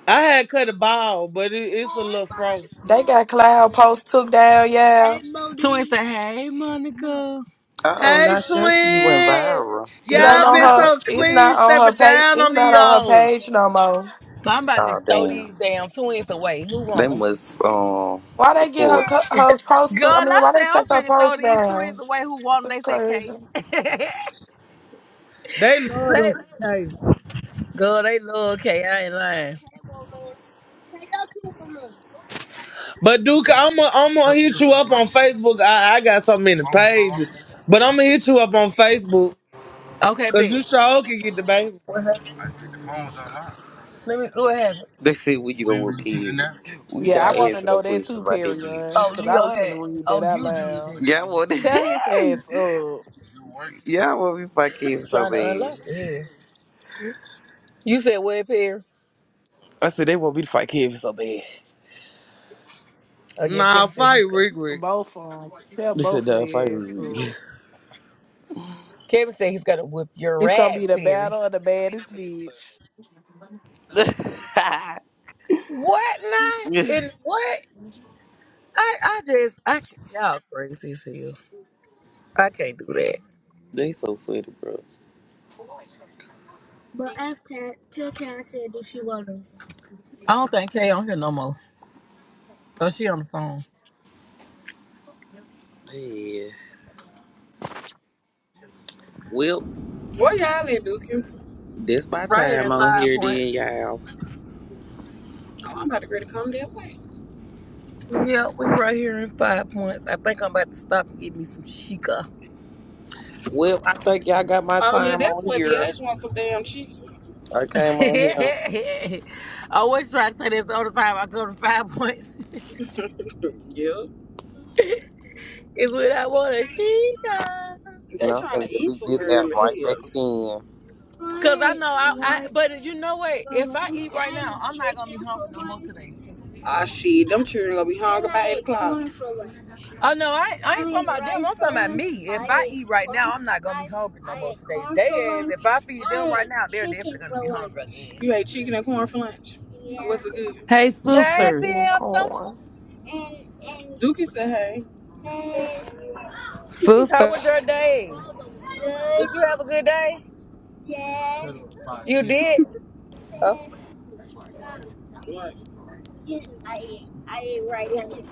S28: I had cut a ball, but it, it's a little fro.
S20: they got cloud post took down. Yeah,
S1: Hey, Monica. Twins say, "Hey, Monica."
S2: Oh,
S28: Hey,
S2: not sure you went
S28: twins.
S2: viral.
S20: it ain't
S1: Girl,
S28: Y'all
S1: I'm
S20: on
S28: been
S1: about to,
S20: her.
S28: so
S20: It's
S28: clean
S20: not on her
S28: stepping
S20: page.
S28: down
S20: It's
S28: on
S20: not
S28: the
S20: on her
S28: old.
S20: page no more.
S1: I'm about to
S2: Oh
S1: throw
S2: damn.
S1: these damn twins away. Who
S2: They
S1: want them?
S2: must um
S20: Why they get her
S2: report.
S20: co- her post
S1: Girl,
S20: took? I mean,
S1: I
S20: why they
S1: said I'm
S20: take her
S1: finna throw
S20: post
S1: these
S20: down?
S1: twins away. Who want them?
S20: That's
S1: They said
S20: crazy.
S1: K.
S28: They love
S1: They-
S28: them.
S1: Girl, they love K. I ain't lying.
S28: But Duke, I'm gonna I'm gonna hit you up on Facebook. I, I got so many pages, but I'm gonna hit you up on Facebook
S1: Okay,
S28: because
S1: bitch.
S28: you sure can get the baby.
S1: What happened? Let me. What happened?
S2: They say we you go with kids. We
S24: Yeah, I
S2: not
S24: want to
S2: answering no
S24: know that
S2: questions
S24: too,
S2: about that
S24: Perion,
S2: bitch.
S1: Oh,
S24: because I
S1: Leo
S24: was going to
S1: had.
S24: read that
S1: Oh,
S24: out
S1: you Whenever- did that.
S24: loud.
S1: Whenever
S2: Y'all
S1: he did,
S2: want
S1: he
S24: Tell his
S1: messed that
S24: ass
S1: up.
S24: up.
S2: Y'all want me to fight
S1: i
S2: kids so
S1: trying to
S2: bad.
S1: unlock it. Yes. You said what, Perry?
S2: I said they want me to fight kids so bad.
S1: Oh yeah,
S28: Nah,
S1: Kevin said he's
S28: fight
S1: gonna.
S28: Rick
S24: Both of them. Tell
S2: They said
S24: both of
S2: nah fight
S24: their
S2: with
S24: ass
S2: me.
S24: up.
S1: Kevin said he's gonna whip your
S24: It's going to be
S1: ass,
S24: the
S1: Perry.
S24: battle of the baddest bitch.
S1: What not? And what? I I just I can't- y'all crazy as hell. I can't do that.
S2: they so funny, bro.
S1: I don't think Kay on here no more. Oh, she on the phone.
S2: Man. Well,
S18: Where y'all at, Dookie?
S2: that's my
S1: Right here in
S2: time on
S1: five
S2: here then,
S1: points.
S2: y'all.
S18: Oh, I'm about to ready to come that way.
S1: Yeah, we right here in five points. I think I'm about to stop and get me some chica.
S2: Well, I think y'all got my
S18: Oh, yeah,
S2: time
S18: that's
S2: on
S18: what the
S2: here.
S18: age wants some damn chicken.
S2: I came on here.
S1: I always try to say this all the time. I go to five points.
S18: yeah.
S1: It's what I want to she done.
S2: And
S18: They
S2: I'm
S18: trying
S2: gonna
S18: to eat
S2: delete
S18: too
S2: this app
S18: early.
S2: right
S18: Hell.
S2: back again.
S1: Cause I
S18: Why?
S1: know I, I
S18: Why?
S1: but you know what?
S18: For
S1: If I
S18: lunch,
S1: eat right
S18: I
S1: now,
S18: eat
S1: I'm not gonna be
S18: chicken for
S1: hungry no more
S18: lunch.
S1: today.
S18: Ah, shit, them children gonna be hungry by 8 o'clock. corn for lunch.
S1: Oh no, I, ain't- I ain't
S18: I ate
S1: talking about them.
S18: rice
S1: I'm
S18: for
S1: talking about
S18: lunch.
S1: me. If
S18: I
S1: I eat
S18: ate
S1: right
S18: corn.
S1: now, I'm not gonna be
S18: I
S1: hungry no
S18: I
S1: more
S18: ate
S1: today.
S18: corn
S1: They
S18: for
S1: is if
S18: lunch.
S1: I feed them
S18: I
S1: right
S18: ate
S1: now, they're
S18: chicken
S1: definitely gonna
S18: for
S1: be hungry
S18: lunch.
S1: again.
S18: You ate chicken and corn for lunch. Yeah. What's it good?
S5: Hey,
S1: Happy
S5: sisters.
S1: anthem.
S18: And and Dookie said, "Hey, hey,
S1: How
S5: Sister.
S1: was your day?
S18: good
S1: Did you have a good day?
S18: dad.
S1: You did? Oh.
S18: um, what? you- I ate I ate rice too.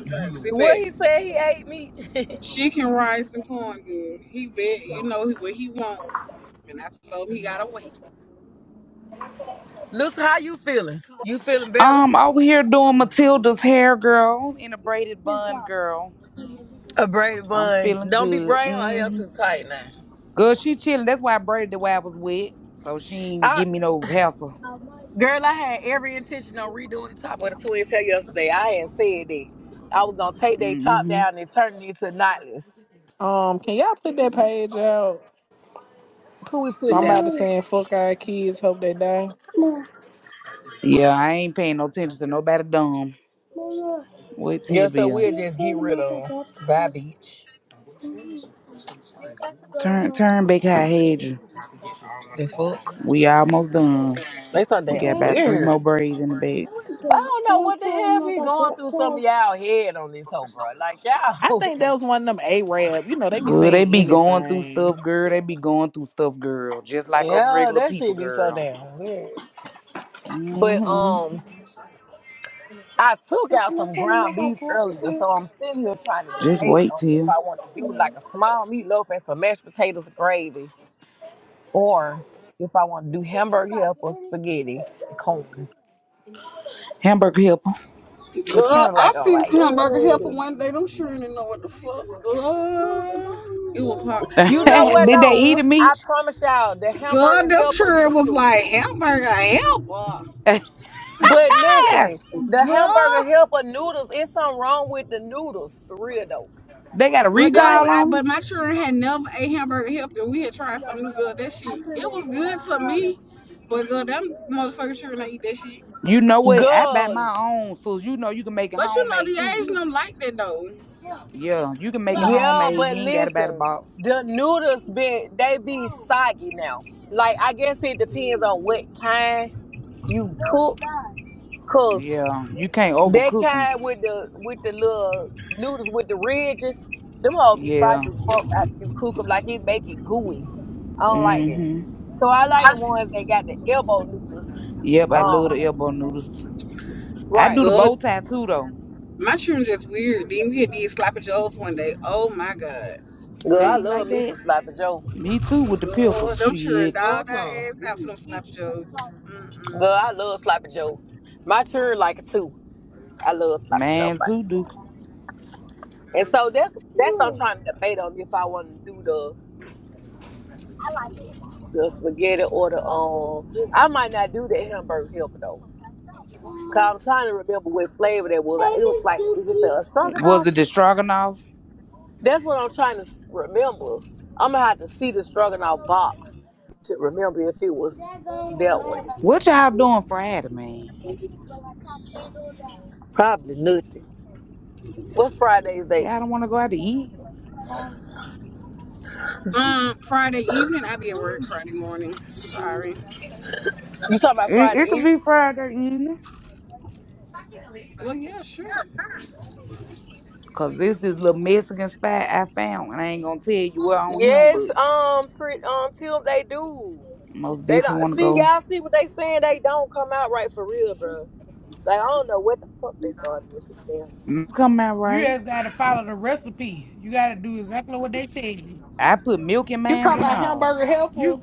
S18: Okay, sit
S1: What
S18: back.
S1: he said he ate meat.
S18: Chicken, rice, and corn good. He bet you know what he want, and I told him he gotta wait.
S1: Lucy, how you feeling? You feeling better?
S5: Um, over here doing Matilda's hair, girl, in a braided bun, girl.
S1: A braided
S5: I'm
S1: bun.
S5: feeling
S1: Don't be
S5: good.
S1: braiding her hair
S5: Mm-hmm.
S1: too tight now.
S5: Girl, she chilling. That's why I braided it while I was wet. So she ain't
S1: I,
S5: give me no hassle.
S1: girl, I had every intention on redoing the top of the twins' hair yesterday. I had said that I was gonna take their top
S5: Mm-hmm.
S1: down and turn it into knotless.
S24: Um, Can y'all put that page out?
S1: Who we putting down,
S24: Somebody
S1: babe?
S24: saying, fuck our kids, hope they die.
S5: Yeah, I ain't paying no attention to nobody dumb. Mama. Wait till
S1: Yeah,
S5: you
S1: so
S5: be on.
S1: we'll
S5: Yeah,
S1: just
S5: turn
S1: get
S5: them
S1: rid
S5: out
S1: of
S5: that
S1: 'em. Bye,
S5: baptized.
S1: bitch.
S5: Turn turn back how I had you.
S1: The fuck?
S5: We almost done.
S1: They so
S5: We
S1: damn
S5: got about three
S1: weird.
S5: more braids in the back.
S1: I
S5: Yeah,
S1: don't
S5: can
S1: know
S5: I
S1: what the
S5: tell
S1: hell
S5: them I
S1: be
S5: got
S1: going through some of
S5: baptized?
S1: y'all head on this hoe, bro. Like
S24: I
S1: y'all.
S24: think that was one of them Arab. You know, they be
S5: Girl, they
S24: saying
S5: be going through
S24: anything.
S5: stuff, girl. They be going through stuff, girl. Just like us
S1: Yeah,
S5: regular
S1: that
S5: people,
S1: shit be so
S5: girl.
S1: damn weird. But
S5: Mm-hmm.
S1: um, I took
S5: How
S1: out
S5: can I
S1: some
S5: tell them I
S1: ground
S5: got
S1: beef earlier, so I'm
S5: baptized?
S1: sitting here trying to
S5: Just
S1: debate
S5: wait
S1: on if
S5: till.
S1: I want to do like a small meatloaf and some mashed potatoes and gravy, or if I want to do hamburger helper, spaghetti, and corn.
S5: Hamburger helper.
S1: It's kind
S18: God,
S1: of
S18: I
S1: like I'm
S18: fixed
S1: like, "Ugh."
S18: hamburger helper one day. Them sure didn't know what the fuck. God, it was hot.
S1: you know what
S5: Did they
S1: though?
S5: eat a
S18: God,
S1: I
S5: meat?
S1: promise y'all, the
S18: God,
S1: hamburger
S18: them
S1: helper
S18: sure was
S1: noodles.
S18: like hamburger helper.
S1: But listen, the hamburger
S18: God,
S1: helper noodles, it's something wrong with the noodles for real though.
S5: They got a
S18: but that was
S5: recall
S1: Like,
S18: I.
S5: on 'em?
S18: But my children had never ate hamburger helper. We had tried something new. Good, that shit. It was good to me, but God, them motherfuckers children ain't eat that shit.
S5: You know what? I buy
S1: girl.
S5: my own, so you know you can make it
S18: But you know,
S5: homemade
S18: the
S5: too.
S18: age don't like that though.
S5: Yeah, you can make it
S1: Yeah,
S5: homemade. You
S1: but
S5: ain't got to buy the
S1: listen,
S5: box.
S1: the noodles be they be soggy now. Like I guess it depends on what kind you cook, cause
S5: Yeah, you can't
S1: that
S5: overcook them.
S1: kind with the with the little noodles with the ridges, them all be soggy
S5: Yeah.
S1: as fuck after you cook them. Like it make it gooey. I don't like that.
S5: Mhm.
S1: So I like the ones that got the elbow noodles.
S5: Yep, I love the
S1: Um,
S5: elbow noodles. I do
S1: right.
S5: the
S18: God,
S5: bow tie too though.
S18: my children just weird. Then we had these sloppy joes one day. Oh my God.
S1: Girl,
S5: They
S1: I
S18: Mm-mm.
S5: ain't like
S1: love me
S5: that.
S1: some sloppy joe.
S5: Me too with the pickles.
S18: Lord, them children
S5: Shit,
S18: dogged our ass
S1: Mm-hmm.
S18: out for them slap jokes.
S1: Girl, I love sloppy joe. My children like it too. I love sloppy
S5: man,
S1: joe.
S5: too do.
S1: And
S18: Mm-mm.
S1: so that's that's what I'm trying to debate on if I want to do the the spaghetti or the um. I might not do the hamburger helper though, cause I'm trying to remember what flavor that was.
S5: Hey,
S1: It was
S5: Miss
S1: like, is it the
S5: Dookie. Was
S1: stroganoff?
S5: it the stroganoff?
S1: That's what I'm trying to s- remember. I'm gonna have to see the stroganoff box to remember if it was
S5: That don't
S1: that one.
S5: matter. What y'all doing Friday, man?
S1: Probably nothing. What's Friday's date?
S5: Y'all don't want to go out to eat? or something?
S18: Um, Friday evening, I be at work Friday morning. Sorry.
S1: You talking about
S5: It,
S1: Friday
S5: it could
S1: Eve?
S5: be Friday evening.
S18: Well, yeah, sure.
S5: Cause this this little Mexican spot I found and I ain't gonna tell you where on him,
S1: Yes,
S5: but
S1: um, pretty, um, till they do.
S5: most
S1: They
S5: definitely
S1: don't
S5: wanna
S1: see
S5: go.
S1: y'all see what they saying. They don't come out right for real, bro. Like I don't know what the fuck they started doing to the damn noodles.
S5: It's coming out
S26: You
S5: right.
S26: just gotta follow the recipe. You gotta do exactly what they tell you.
S5: I put milk in
S24: You
S5: mans
S24: talking
S5: and
S24: about
S26: Yeah,
S5: all.
S24: hamburger helper?
S26: you.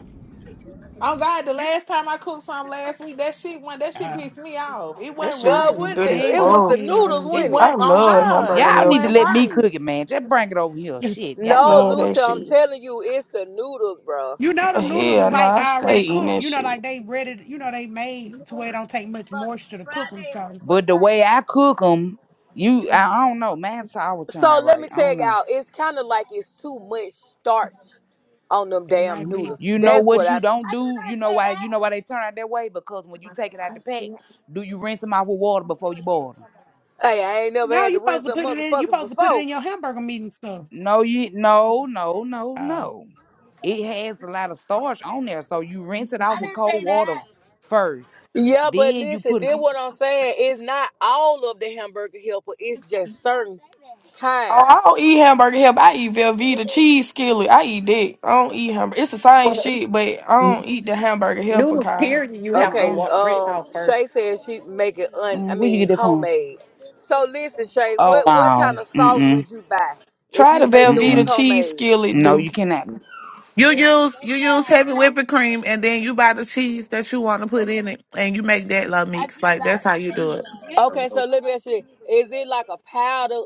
S24: Oh God, the last time I cooked something last week, that shit went that shit
S26: Uh,
S24: pissed me off. It
S20: That
S24: wasn't
S20: shit
S24: right.
S1: God,
S20: is
S1: when
S26: I
S1: the,
S20: good as
S26: ain't
S1: it was
S26: cooked
S1: the
S20: fuck.
S26: me
S1: noodles,
S26: over
S24: It
S26: here.
S1: wasn't it?
S20: I
S24: wasn't on
S20: love
S24: God.
S20: hamburger
S5: Y'all
S24: It
S5: need to
S20: helper.
S24: wasn't
S5: let me
S24: right.
S5: cook it, man. Just bring it over here. Shit,
S20: I
S1: No,
S20: love
S5: goddamn.
S20: that
S1: Lucy, I'm
S20: shit.
S1: telling you, it's the noodles, bro.
S26: You know the noodles
S20: Hell
S26: is
S20: no,
S26: like
S20: I
S26: I
S20: stay
S26: already
S20: eating
S26: cooked.
S20: that
S26: You know,
S20: shit.
S26: like they ready. You know they made to where it don't take much moisture to cook them. So
S5: But the way I cook them, you I, I don't know. Man's always turn
S1: So
S5: out
S1: let
S5: right.
S1: me
S5: I don't
S1: tell
S5: know.
S1: y'all, it's kind of like it's too much starch on them
S26: it
S1: damn
S26: might be.
S1: noodles.
S5: You know
S1: That's what
S5: what you
S1: I.
S5: don't do. You know why you know why they turn out that way? Because when you take it out the pack, do you rinse them off with water before you boil 'em?
S1: Hey, I ain't never
S26: No,
S1: had
S26: you
S1: to
S26: supposed
S1: rinse
S26: to
S1: them
S26: put it in. You
S1: motherfuckers
S26: supposed to put it
S1: before.
S26: in your hamburger meat and stuff.
S5: No, you no, no, no,
S26: Oh,
S5: no. It has a lot of starch on there, so you rinse it off with cold water first.
S1: Yeah, but
S5: Then you
S1: listen,
S5: put
S1: then what I'm saying is not all of the hamburger helper. It's just certain
S20: Oh,
S1: kinds.
S20: I don't eat hamburger helper. I eat Velveeta cheese skillet. I eat that. I don't eat hamburger. It's the same
S29: Well, it's
S20: shit, but I don't eat the hamburger helper
S29: noodles,
S20: kind.
S29: period, you
S5: uh
S29: have to
S5: uh
S1: Okay,
S29: wa- rinse
S1: um,
S29: out
S1: Shay
S29: first.
S1: said she make it un. I
S5: where you
S1: mean,
S5: get that from?
S1: homemade. So listen, Shay,
S5: Oh
S1: what what
S5: wow.
S1: kind of
S5: Mm
S1: sauce
S5: mm
S1: would you buy if
S20: Try the
S1: you make it
S5: mm
S1: was
S20: Velveeta
S5: mm.
S20: cheese
S1: homemade?
S20: skillet,
S5: No, you
S20: Duke.
S5: cannot
S30: You use you use heavy whipping cream and then you buy the cheese that you want to put in it and you make that little mix. Like that's how you do it.
S1: Okay, so let me ask you: this. Is it like a powder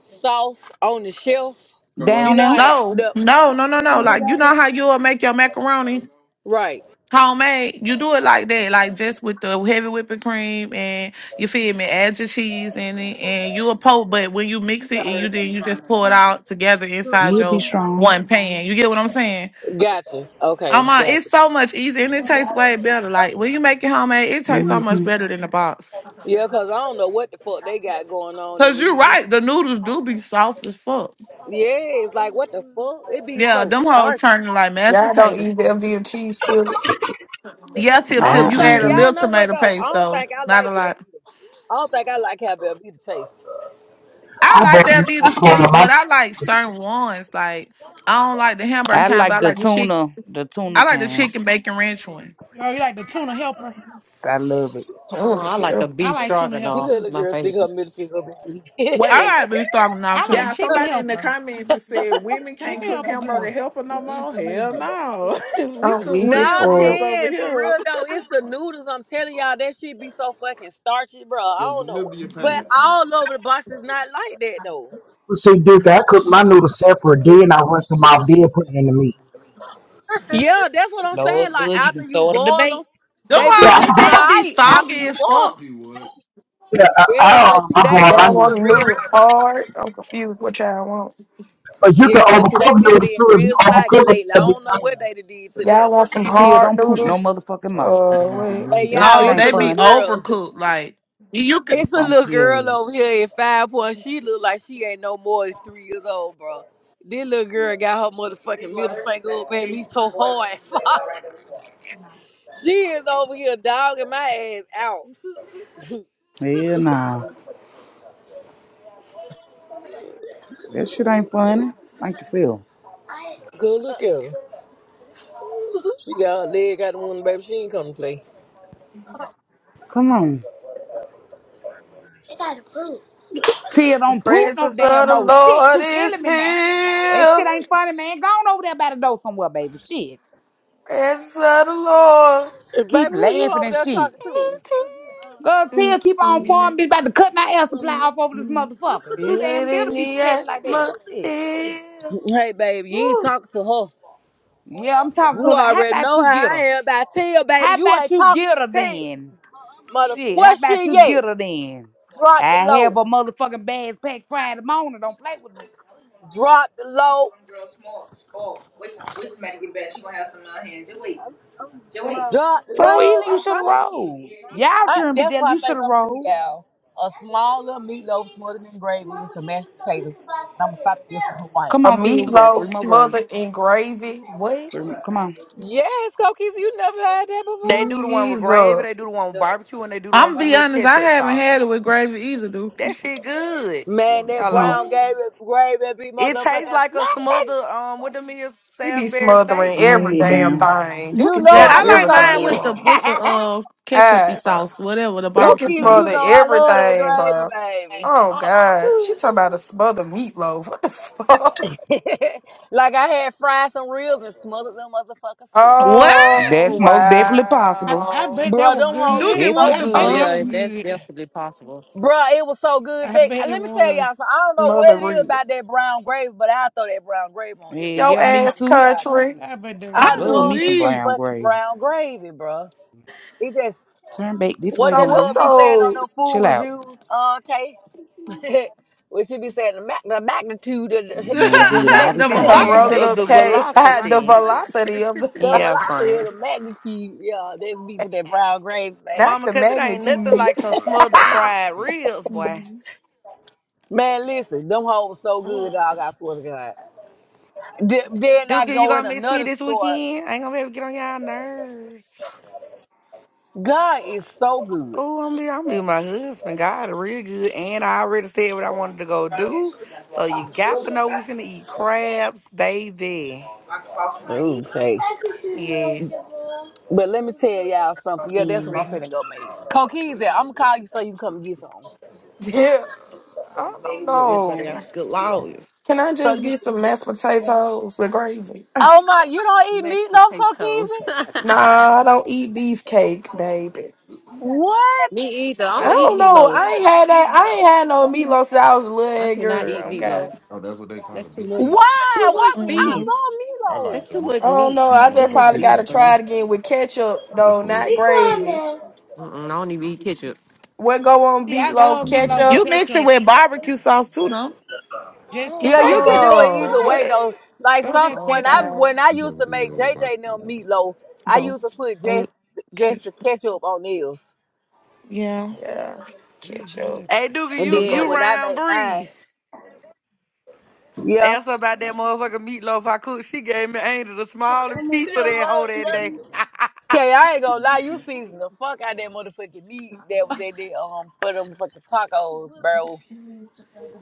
S1: sauce on the shelf? You
S5: down
S1: know
S5: there.
S1: how to
S30: No,
S1: the
S30: no, no, no, no. Like you know how you'll make your macaroni
S1: right?
S30: homemade. You do it like that, like just with the heavy whipping cream and you feel me, add your cheese in it and you'll poke, but when you mix it and you then you just pour it out together inside
S5: You'll be
S30: your
S5: strong.
S30: one pan. You get what I'm saying?
S1: Gotcha.
S30: Um,
S1: Okay,
S30: uh, it's
S1: gotcha.
S30: so much easier and it tastes way better. Like when you make it homemade, it tastes so much
S5: Mm-hmm.
S30: better than the box.
S1: Yeah, cause I don't know what the fuck they got going on in
S30: Cause you're
S1: these. new-
S30: right, the noodles do be sauce as fuck.
S1: Yeah, it's like what the fuck? It be
S30: Yeah,
S1: so
S30: them hoes
S1: starchy.
S30: turning like mashed
S20: Y'all don't
S30: potatoes.
S20: eat Velveeta cheese skillets.
S30: Yeah,
S5: I,
S1: I
S30: tip tip.
S1: don't
S30: You
S5: I
S30: add
S1: think
S30: a
S5: do.
S1: y'all
S30: little
S1: know what
S30: tomato
S1: though. I
S30: paste
S1: don't
S30: though,
S1: think I
S30: not
S1: like
S30: a lot.
S1: Velveeta. I don't think I like how Velveeta tastes.
S30: I
S31: I
S30: like
S31: bought me
S30: that the
S31: some, uh,
S30: skillets,
S31: my
S30: but I like certain ones. Like I don't like the hamburger
S5: I
S30: kind, but
S5: like
S30: I
S5: the
S30: like the chicken.
S5: tuna, the tuna
S30: I like the
S5: can.
S30: chicken bacon ranch one.
S26: oh, you like the tuna helper?
S5: I love it.
S29: Oh,
S20: Oh
S29: I like a
S20: hell,
S26: I
S29: beef
S26: like tuna
S1: You
S26: helper
S1: good
S26: too.
S29: stroganoff,
S1: little
S29: my
S1: girl stick
S29: favorite.
S1: her middle finger up.
S24: Wait.
S30: I like loose dog now
S26: I like
S24: Yeah,
S30: too.
S26: chicken
S24: somebody in the
S26: helper.
S24: comments has said women can't
S26: Chicken
S24: cook
S26: helper
S24: hamburger
S26: good.
S24: helper no more. Hell no. we
S20: I'm
S24: cook
S20: weak as
S24: real
S1: No,
S24: meals
S20: fuck.
S24: over
S1: Ken, for
S24: here.
S1: real though, it's the noodles. I'm telling y'all, that shit be so fucking starchy, bro. I don't know, but all over the box is not like that though.
S31: see Duke. I cook my noodles separate, then I rinse them off, then put it in the meat.
S1: Yeah, that's what I'm saying.
S5: Lord
S1: Like
S5: good, you
S1: after
S5: can
S1: you
S5: start a
S1: boil them,
S5: debate.
S30: Them
S1: they be
S31: Yeah, I,
S30: hoes
S1: licking all
S31: bought-
S30: still be
S1: right after
S30: soggy
S1: you
S30: as
S1: boil them.
S30: fuck. Be what?
S31: yeah, I, I,
S1: Yes,
S31: um,
S1: until
S31: I
S1: they
S31: bought my
S20: Y'all
S1: do
S31: noodles,
S20: want
S1: for real
S20: noodles
S1: though.
S20: hard? I'm confused what y'all want.
S31: but you can
S1: Yes, until they
S31: overcook
S1: been
S31: noodles
S1: being
S31: too. If you
S1: real saggy
S31: overcook them,
S1: lately. I
S31: they'll be
S1: don't know
S31: done.
S1: what they done did to the
S20: Y'all want
S1: hamburger
S20: some
S1: here.
S5: Tia,
S20: hard
S5: don't poop no
S20: noodles?
S5: motherfucking mouth.
S20: Uh, wait.
S1: Hey
S5: That
S1: y'all,
S5: shit
S30: No,
S1: it's
S5: ain't
S1: a
S30: they
S1: little
S30: be
S5: funny.
S1: girl.
S30: overcooked. Like you could.
S5: Your
S1: It's a little
S5: funky
S1: girl
S5: ass.
S1: over here at five point. She look like she ain't no more than three years old, bro. This little girl got her motherfucking middle finger up at me so hard. she is over here dogging my ass out.
S5: Yeah, nah. That shit ain't funny. Thank yourself.
S1: Good look at her. She got her leg out the window, baby. She ain't come to play.
S5: Come on. Tia,
S20: The
S5: don't poop no
S20: presence of
S5: damn
S20: the
S5: old shit.
S20: Lord
S5: You
S20: is
S5: killing me now. That
S20: here.
S5: shit ain't funny, man. Go on over there by the door somewhere, baby. Shit.
S20: Presence of the Lord.
S1: Eh,
S5: Keep
S1: Baby, who you
S5: laughing
S1: over
S5: and
S1: there
S5: shit.
S1: talking to?
S16: It's
S5: Girl, Tia,
S16: him.
S5: keep on
S20: You
S5: farming. Bitch, about
S16: Mm-mm.
S5: to cut my air supply
S16: Mm,
S5: off over this
S16: mm.
S5: motherfucker. Too
S20: feel it
S5: damn
S20: in
S5: little be
S20: the
S5: smelling like that. Shit.
S20: atmosphere.
S1: Hey, baby, you ain't talking to
S5: Yeah, I'm
S1: her.
S5: talking to
S1: You
S5: her. Like, how
S1: already
S5: about
S1: know
S5: you
S1: how
S5: get
S1: I
S5: her?
S1: am about Tia,
S5: How
S1: baby. You
S5: about
S1: ain't
S5: you
S1: talking
S5: get her
S1: to Tia.
S5: then?
S1: Mother,
S5: Shit, how
S1: where
S5: about you
S1: she at?
S5: get her then?
S1: Drop the
S5: I
S1: low.
S5: have a motherfucking bags packed Friday morning. Don't play with me.
S1: Drop the low. Drop
S5: So
S1: low.
S5: Ely, you
S1: I'm
S5: should have
S1: trying to.
S5: rolled. Y'all
S1: I,
S5: shouldn't be
S1: that's
S5: jealous.
S1: what
S5: You
S1: I
S5: should
S1: think
S5: have
S1: I'm gonna do,
S5: rolled.
S1: y'all. A small little meatloaf smothered in gravy with some mashed potatoes, and I'm gonna stop to get some Hawaiian
S5: Come
S20: A
S5: on,
S1: rolls.
S5: Tia. We got
S20: meatloaf
S5: three more braids.
S20: smothered in gravy.
S5: Three
S20: What?
S5: more. Come on.
S1: Yes, Cookies, you never had that
S10: They
S1: before?
S10: do the one with gravy, they
S20: Jesus.
S10: do the one with barbecue, and they do the one
S30: I'm
S10: with the
S30: be
S10: little
S30: honest, I
S10: ketchup
S30: haven't had it
S10: sauce.
S30: with gravy either, Duke.
S10: That shit good.
S1: Man, that
S5: Come on.
S1: brown
S10: Hello?
S1: gravy, gravy be
S10: It
S1: motherfucking
S10: tastes like a
S1: slap.
S10: smothered um what them is
S20: He be
S10: Salisbury
S20: smothering
S5: All right,
S10: steaks.
S20: every
S5: head
S20: damn
S5: down.
S20: thing. You
S1: You
S20: can
S1: know
S30: Yeah,
S20: smother
S1: I
S30: I
S1: do
S30: like mine
S20: everything,
S1: cookies.
S30: with the
S20: bro.
S30: with the uh ketchupy
S20: Ah, bro.
S30: sauce, whatever the
S20: You can
S30: barbecue
S1: cookies,
S30: sauce.
S1: you
S20: smother
S1: know I love that
S20: everything, bro.
S1: gravy,
S20: Oh, God. She talking about a smothered meatloaf. What the fuck?
S1: baby. like I had fried some ribs and smothered them motherfucking soup.
S30: What?
S20: Oh,
S5: That's most definitely
S26: I,
S5: possible.
S26: I
S20: wow.
S26: bet that
S1: Bro,
S26: was
S1: them hoes was
S30: Duke,
S26: good.
S30: it,
S5: Definitely
S30: what
S26: I
S1: so
S30: the
S29: Oh
S26: bet
S5: good.
S26: that
S30: fuck?
S26: was
S29: yeah, that's
S26: good.
S29: definitely possible.
S1: Bruh, it was so good.
S26: I
S1: Back,
S26: bet it
S1: let me tell
S26: was.
S1: y'all. So I don't know what
S20: Mother
S1: it is
S20: read.
S1: about that brown gravy, but I throw that brown gravy on everything.
S5: Yeah,
S20: Yo
S5: yeah,
S1: I
S5: me
S20: ass
S1: promise to
S5: too.
S1: God, I
S20: country.
S1: will.
S26: I bet that was
S1: I
S5: Love
S30: I'm
S26: good.
S1: love
S5: me
S1: me
S5: some
S1: some
S30: weak.
S5: brown
S1: fucking
S5: gravy.
S1: brown gravy, bruh. It just
S5: Turn back this
S1: what
S5: way,
S20: So
S1: that
S20: what's
S1: girl
S5: mama.
S1: be saying on
S20: so
S1: them food
S5: Chill out.
S1: reviews, uh, Kay. what she be saying the, mag- the magnitude of
S5: You
S1: the,
S5: doing
S1: yeah,
S10: The
S5: good all
S1: that,
S5: this
S30: the
S20: her
S5: time.
S10: magnitude
S20: rolling
S10: of
S30: velocity.
S20: up
S10: the
S29: I
S20: K?
S29: get the
S20: the
S29: lobster,
S10: velocity.
S29: yeah.
S20: velocity of the
S1: the
S10: Yeah,
S1: velocity of
S10: friend.
S1: the magnitude, yeah. That's me with that brown gravy, baby.
S20: not
S10: Mama,
S20: the
S10: cause it ain't nothing
S20: magnitude.
S10: like some smothered fried ribs, boy.
S30: Mm-hmm.
S1: Man, listen, them hoes so good, dog. I swear to God. Th- Then
S10: Duke,
S1: I
S10: you
S1: go in
S10: gonna miss me
S1: another
S10: this
S1: store.
S10: weekend? I ain't gonna be able to get on y'all nerves.
S1: God is so good.
S10: Oh, I'm be I'm be my husband. God, real good. And I already said what I wanted to go do. So you got to know we finna eat crabs, baby.
S1: Okay.
S10: Yes.
S1: But let me tell y'all something. Yeah, that's what I'm
S10: hmm
S1: finna go make. Coquise, I'm gonna call you so you can come and get some.
S20: Yeah. I don't
S30: Everybody got
S20: know.
S30: some good lawyers.
S20: Can I
S1: So
S20: just
S1: you
S20: get
S1: can.
S20: some mashed potatoes with gravy?
S1: Oh my, you don't eat
S29: Mashed
S1: meatloaf,
S29: potatoes.
S1: Coquise?
S20: Nah, I don't eat beefcake, baby.
S1: What?
S29: Me either. I
S20: I
S29: don't
S20: don't
S29: eat
S20: know.
S29: meatloaf.
S20: I ain't had that. I ain't had no meatloaf since I was a
S29: I
S20: little
S29: do not eat
S20: girl. Okay.
S29: meatloaf. That's too much. Too
S1: Why?
S29: much
S1: What? I
S30: hmm
S29: beef.
S1: love
S29: That's
S1: meatloaf.
S29: too
S1: What
S20: I
S29: much
S1: the fuck?
S20: don't
S29: meat.
S20: know. I
S29: Too
S20: just
S29: much
S20: probably
S29: beef
S20: gotta
S29: for
S20: try
S29: me.
S20: it again with ketchup though, not gravy.
S29: Mm-mm, I don't even eat ketchup.
S20: What go on
S26: See, I love
S20: meatloaf
S26: meatloaf with
S20: ketchup?
S30: You mix it
S26: ketchup.
S30: with barbecue sauce too, no?
S26: Just
S1: Yeah,
S26: catch
S5: Her
S1: you
S26: up.
S1: can
S5: can't be
S1: do it
S20: Oh,
S1: either
S20: what?
S1: way
S5: quiet.
S1: though. Like
S26: it
S20: Oh,
S1: some
S26: just
S20: oh,
S1: when
S26: catch
S1: I
S26: up.
S1: when
S20: guys.
S1: I used to make JJ them meatloaf, I used to
S30: Both.
S1: put
S30: Um,
S1: just just the
S30: ketchup.
S1: ketchup on theirs.
S30: Yeah.
S20: Yeah.
S26: it be
S20: Catch
S26: good.
S10: Hey, Duke,
S1: And
S20: the
S10: you
S1: then
S10: you
S1: when I
S20: grapes.
S10: round
S1: made
S10: breeze.
S1: mine, yeah.
S10: Asked her about that motherfucking meatloaf I cooked. She gave me Angel the smallest piece of that whole that day.
S1: Okay, I ain't gonna lie, you seasoned the fuck out that motherfucking meat that was at that um for them fucking tacos, bro.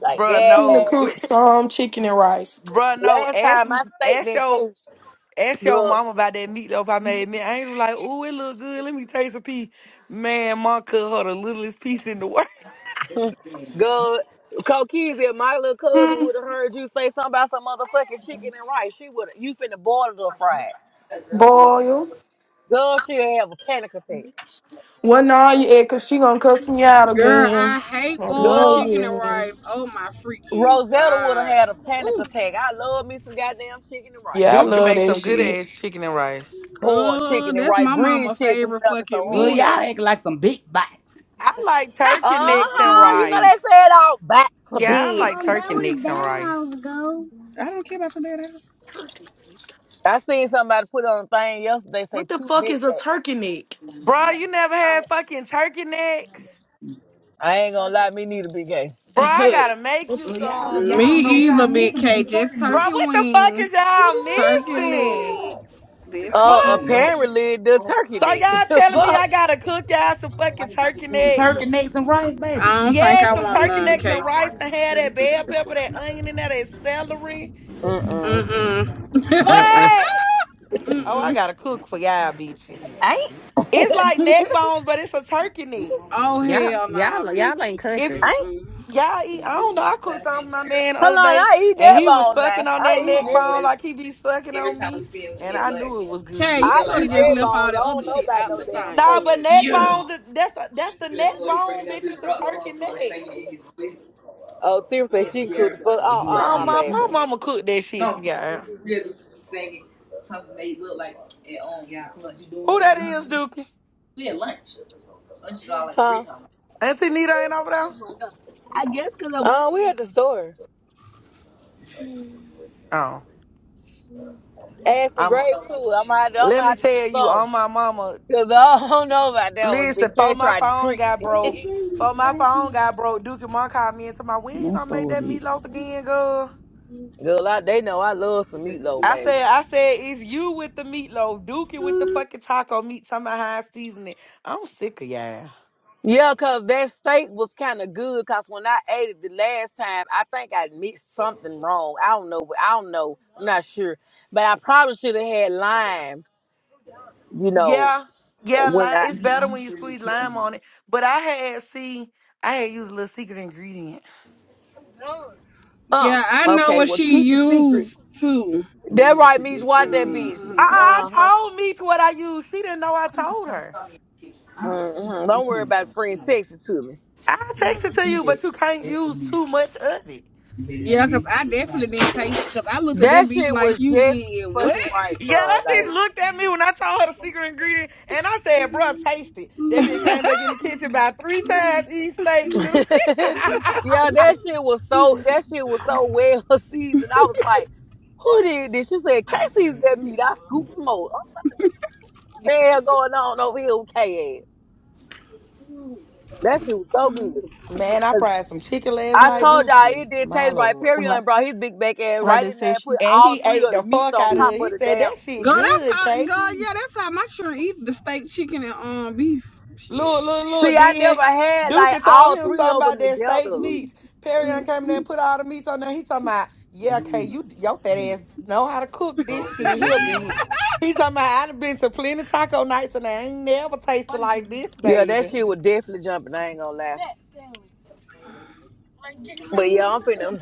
S1: Like,
S10: Bruh,
S20: I'm
S1: yeah.
S20: gonna
S10: no.
S20: cook some chicken and rice.
S10: Bruh, no.
S1: Last
S10: Ask
S1: time my steak
S10: ask
S1: didn't
S10: your
S1: taste
S10: ask your
S1: good.
S10: mama about that meatloaf I made. Me and Angel like, ooh, it look good. Let me taste a piece. Man, mom cooked her the littlest piece in the world.
S1: Good. Coquise, if my little cousin
S20: Hmm.
S1: would have heard you say something about some motherfucking chicken and rice, she would have you finna boil it or fry it.
S20: Boil.
S1: Girl, she'll have a panic attack.
S20: What now you at? Cause she gonna cuss me out
S18: Girl,
S20: again.
S18: I hate
S20: I
S18: boiled
S20: love
S1: Girl,
S18: chicken and
S20: you.
S18: rice. Oh my freaking
S1: Rosetta would have
S18: god.
S1: had a panic
S18: Ooh,
S1: attack. I love me some goddamn chicken and rice.
S20: Yeah, I
S10: Duke can
S20: love
S10: make
S20: that
S10: some good
S20: shit.
S10: ass chicken and rice.
S1: Boiled
S18: girl,
S1: chicken and
S18: that's
S1: rice.
S18: my
S1: Breeze
S18: mama
S1: shit be
S18: favorite
S1: jumping so
S18: fucking
S5: Girl,
S1: hard.
S18: meal.
S5: y'all act like some big bots.
S10: I like turkey
S18: Mm-mm.
S10: necks and
S1: Uh-huh. You know
S18: Mm,
S10: rice.
S1: they said all backs are
S10: Yeah, I
S1: big.
S10: like
S18: Mom, that
S10: turkey
S18: was
S10: necks and
S18: that
S10: rice.
S18: house, go. I don't care about your dad house.
S20: Turkey neck.
S1: I seen somebody put on a thing yesterday say
S20: What the
S1: two
S20: fuck
S1: big
S20: is a
S1: backs.
S20: turkey neck?
S10: Bruh, you never had fucking turkey necks?
S1: I ain't gonna lie, me neither big gay.
S10: Bruh, I gotta make you
S5: Girl, y'all,
S10: some,
S18: Me
S5: y'all don't know what
S10: Dookie.
S5: y'all
S18: either, Big
S5: missing with
S18: K.
S5: them turkey
S18: Just
S10: Bro,
S5: necks.
S18: turkey
S10: what the fuck
S18: wings.
S10: is
S5: No.
S10: y'all
S18: Turkey
S10: missing?
S18: legs. That's
S1: Uh
S5: I love
S18: it.
S5: them
S10: What?
S1: apparently the turkey
S10: So y'all
S1: dick.
S10: telling me
S1: Fuck.
S10: I gotta cook y'all some fucking turkey necks?
S5: Turkey necks and rice, baby.
S18: I don't
S5: She.
S18: think
S10: Yeah,
S18: I
S10: some
S18: want
S10: turkey
S18: none,
S10: necks and
S18: K.
S10: rice and have that bell pepper, that onion and that, that celery.
S1: Mm mm.
S18: Mm-mm.
S1: Mm mm.
S10: What? Oh, I
S18: Mm-mm.
S10: gotta cook for y'all bitches.
S1: I ain't
S10: It's like neck bones, but it's a turkey neck.
S18: Oh,
S29: y'all,
S18: hell nah,
S29: y'all, y'all ain't
S18: bitch.
S10: If
S29: country.
S1: I ain't
S18: Mm-mm.
S10: y'all eat, I don't know. I cooked something for my man the
S1: hold
S10: other
S1: on,
S10: day,
S1: I eat
S10: and
S1: that
S10: he was
S1: bone
S10: sucking
S1: now.
S10: on that
S1: I eat
S10: neck
S1: that
S10: bone
S1: bone.
S10: like he be sucking on me, and I knew it was
S18: Kay,
S10: good.
S18: you
S1: I
S18: could have
S1: eat
S18: just
S1: that
S18: left all
S1: bones. I
S18: the other
S1: don't know
S18: shit
S1: about
S18: out
S1: no
S18: the
S1: damn
S18: thing,
S10: Nah,
S1: turkey
S10: but
S18: good.
S1: meat
S10: neck
S1: now.
S10: bones, is- that's a, that's the neck bone, bitch. It's a turkey neck.
S1: Oh, seriously,
S5: It's
S1: she can cook the
S5: Jared like,
S1: fuck.
S5: oh,
S1: Oh,
S5: you a
S1: uh,
S10: Oh,
S1: uh
S5: page
S10: my,
S5: now.
S10: my
S1: baby.
S10: mama cooked that shit for y'all. Who that is, Dookie?
S1: Huh?
S10: Auntie Nita ain't over there?
S1: I guess cause I. Oh, we at the store.
S10: Oh.
S1: Add some
S10: I'm,
S1: gravy to it. I'm gonna, have to, I'm
S10: let
S1: gonna
S10: me
S1: have to do
S10: tell you,
S1: something.
S10: on my mama,
S1: Cause
S18: Mm-mm.
S1: I don't know about that was
S10: listen,
S1: Big
S10: before
S1: K
S10: my
S1: tried to
S10: phone
S1: trick.
S10: got broke,
S1: me.
S10: before my phone got broke, Dookie Mom called me and said, my, when you
S5: Don't
S10: gonna make
S5: store it.
S10: that
S5: You
S10: meatloaf again, girl?
S1: Girl, I, they know I love some meatloaf,
S10: I
S1: baby.
S10: said, I said, it's you with the meatloaf, Dookie with the fucking taco meat, talking about how I season it. I'm sick of y'all.
S1: Yeah, cause that steak was kind of good. Cause when I ate it the last time, I think I mixed something wrong. I don't know. what- I don't know. I'm not sure. But I probably should have had lime. You know,
S10: Yeah, yeah,
S1: when
S10: lime.
S1: I
S10: It's
S5: be
S10: better
S5: gone
S10: when you
S5: through the
S10: squeeze lime
S5: kitchen.
S10: on it. But I had see, I had used a little secret ingredient.
S1: uh
S18: Yeah, I know
S1: okay.
S18: what
S1: Well,
S18: she
S1: keep the secret.
S18: used, too.
S5: You might
S1: That
S5: have to
S1: right,
S5: put
S1: me
S5: that
S1: watch
S5: trash
S1: that
S5: bag into
S1: bitch.
S5: the
S10: Uh,
S18: Mm-hmm.
S5: side
S10: I
S5: of it.
S1: Uh huh.
S10: told me what I used. She didn't know I told her.
S5: Uh, just,
S1: hmm Don't
S5: just
S1: worry
S5: hand it to
S1: about
S5: me. You
S1: friend
S5: know,
S1: texting to me.
S10: I
S18: Mm.
S10: texted to
S5: give me
S10: you, but
S5: that.
S10: you can't
S5: That's for
S10: use
S5: me.
S10: too much of it.
S5: Been that
S18: Yeah, 'cause
S5: many
S18: I
S5: years,
S18: definitely didn't
S5: got
S18: taste it 'cause I looked at that
S1: That
S18: bitch
S1: shit
S18: like
S1: was
S18: you
S1: just
S18: did.
S1: fucking right,
S10: Yeah,
S1: bro.
S10: that
S1: Like.
S10: bitch looked at me when I told her the secret ingredient, and I said, "Bruh, taste it." That bitch came
S18: What?
S10: back in the kitchen about three times each steak, dude.
S1: yeah, that shit was
S18: God,
S1: so that shit was so well seasoned. I was like, who did this? She said, Casey's that meat. I scooped some more. Oh, What the hell going on over here with K ass? That shit was so good.
S10: Man, I
S1: 'Cause
S10: fried some chicken last
S1: I
S10: night,
S1: told y'all
S10: Dookie.
S1: it did
S10: My
S1: taste right.
S10: lord.
S1: Perry and brought his big back ass
S7: Like
S1: right
S7: they
S1: in there
S7: said,
S1: and put
S7: she,
S10: And
S1: all
S10: he
S1: three
S10: ate
S1: of the
S10: the
S1: meats
S10: fuck
S1: on
S10: out of
S1: top
S10: it. He
S1: of the
S10: said
S1: damn.
S10: that shit
S18: that's
S10: good,
S18: all.
S10: Kay.
S18: God, yeah, that's how my children eat the steak, chicken, and um beef. Shit.
S10: Look, look,
S1: See,
S10: look.
S1: I
S10: Then
S1: never had like
S10: Duke told
S1: all
S10: him
S1: three
S10: something
S1: of
S10: about
S1: them
S10: that steak
S1: together.
S10: meat. Perry came in there and put all the meats on there. He talking about, yeah, Kay,
S5: Don't and
S10: you your fat
S5: eat it.
S10: ass know how to cook this
S5: Throw that
S10: shit
S5: stuff
S10: here,
S5: in the
S10: bitch.
S5: hallway.
S10: He talking about I done been to plenty taco nights and I ain't never tasted like this,
S1: Yeah, that
S10: baby.
S1: shit was definitely jumping. I ain't gonna lie. But yeah, I'm finna.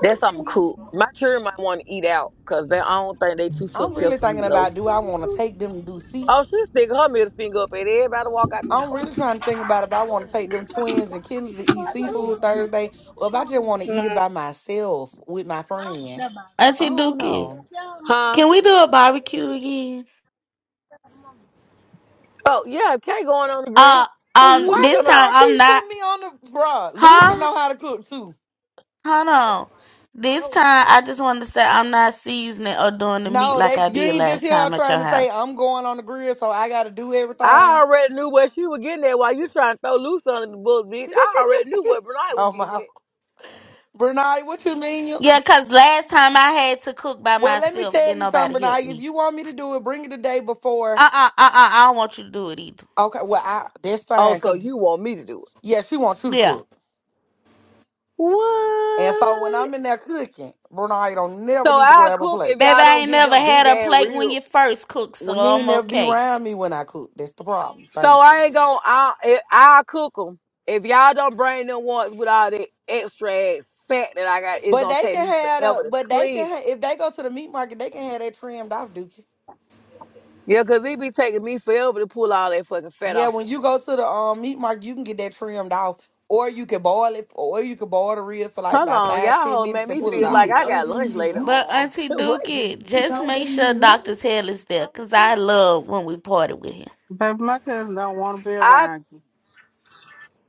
S1: That's something cool. My children might want to eat out because they I don't think they too
S10: I'm
S1: took care
S10: really
S1: for
S10: thinking
S1: meatloaf.
S10: about do I want to take them to see?
S1: Oh, she stick her middle finger up at everybody walk out the
S10: I'm
S1: door.
S10: really trying to think about if I want to take them twins and kids to eat seafood Thursday or if I just want to eat it by myself with my friend. I
S11: Auntie
S10: don't
S11: Dookie.
S10: know.
S1: Huh?
S11: Can we do a barbecue again?
S1: Oh yeah, Kay going on the grill.
S11: Uh
S1: Who who
S11: um
S1: you
S10: Why
S11: this
S1: talking
S10: do
S1: about?
S11: time
S10: y'all
S11: I'm
S10: keep
S11: not
S10: putting me on the bruh? Lucy
S11: huh?
S10: know how to cook too.
S11: Hold on. This time I just wanted to say I'm not seasoning or doing the meat
S10: No,
S11: like
S10: they
S11: I
S10: you
S11: did
S10: ain't just
S11: last
S10: hear her
S11: time at
S10: trying
S11: your
S10: to say
S11: house.
S10: I'm going on the grill, so I gotta do everything.
S1: I already knew what she was getting at while you trying to throw loose under the bus, bitch. I already knew what Bernard was
S10: I'm
S1: getting
S10: out.
S1: at.
S10: Bernard, what you mean? You?
S11: Yeah, cause last time I had to cook by
S10: Well, let me
S11: myself,
S10: tell
S11: didn't
S10: you something,
S11: nobody help
S10: Bernard. If
S11: me.
S10: you want me to do it, bring it the day before.
S11: Uh uh uh uh. I don't want you to do it either.
S10: Okay, well, I, that's
S1: Oh,
S10: fine,
S1: so
S10: cause
S1: you want me to do it?
S10: yeah, she wants you to
S11: Yeah,
S10: cook. And so when
S1: What?
S10: I'm in there cooking, Bernard don't never
S1: So
S10: need to
S1: I
S10: grab a
S1: cook if
S10: plate.
S11: baby,
S1: y'all
S11: I
S1: don't
S11: ain't
S1: get
S11: never
S1: them big
S11: had a
S1: ass
S11: plate when
S1: ribs.
S11: you first cook, so
S10: Well, you ain't
S11: I'm
S10: never be
S11: okay.
S10: around me when I cook. That's the problem.
S1: So
S10: Thank you.
S1: I ain't gonna. I eh, I'll cook them. If y'all don't bring them ones with all the extra ass fat that I got, it's
S10: But
S1: gonna
S10: they
S1: take
S10: can
S1: me
S10: have
S1: forever
S10: a,
S1: to
S10: but they can
S1: clean them.
S10: ha if they go to the meat market, they can have that trimmed off, Dookie.
S1: Yeah, cause it be taking me forever to pull all that fucking fat
S10: Yeah,
S1: off of
S10: when
S1: them.
S10: you
S1: damn-
S10: go to the um meat market, you can get that trimmed off, or you can boil it, or you can boil the rib for like
S1: Hold
S10: about
S1: on,
S10: five
S1: y'all
S10: ten
S1: hold make
S10: minutes and
S1: me
S10: pull it
S1: feel like
S10: out.
S1: I got lunch later
S11: But
S1: on.
S11: Auntie
S1: what?
S11: Dookie, just make sure Doctor Taylor's is there, cause I love when we party with him.
S7: baby, my cousin don't want to be
S1: I
S7: around you.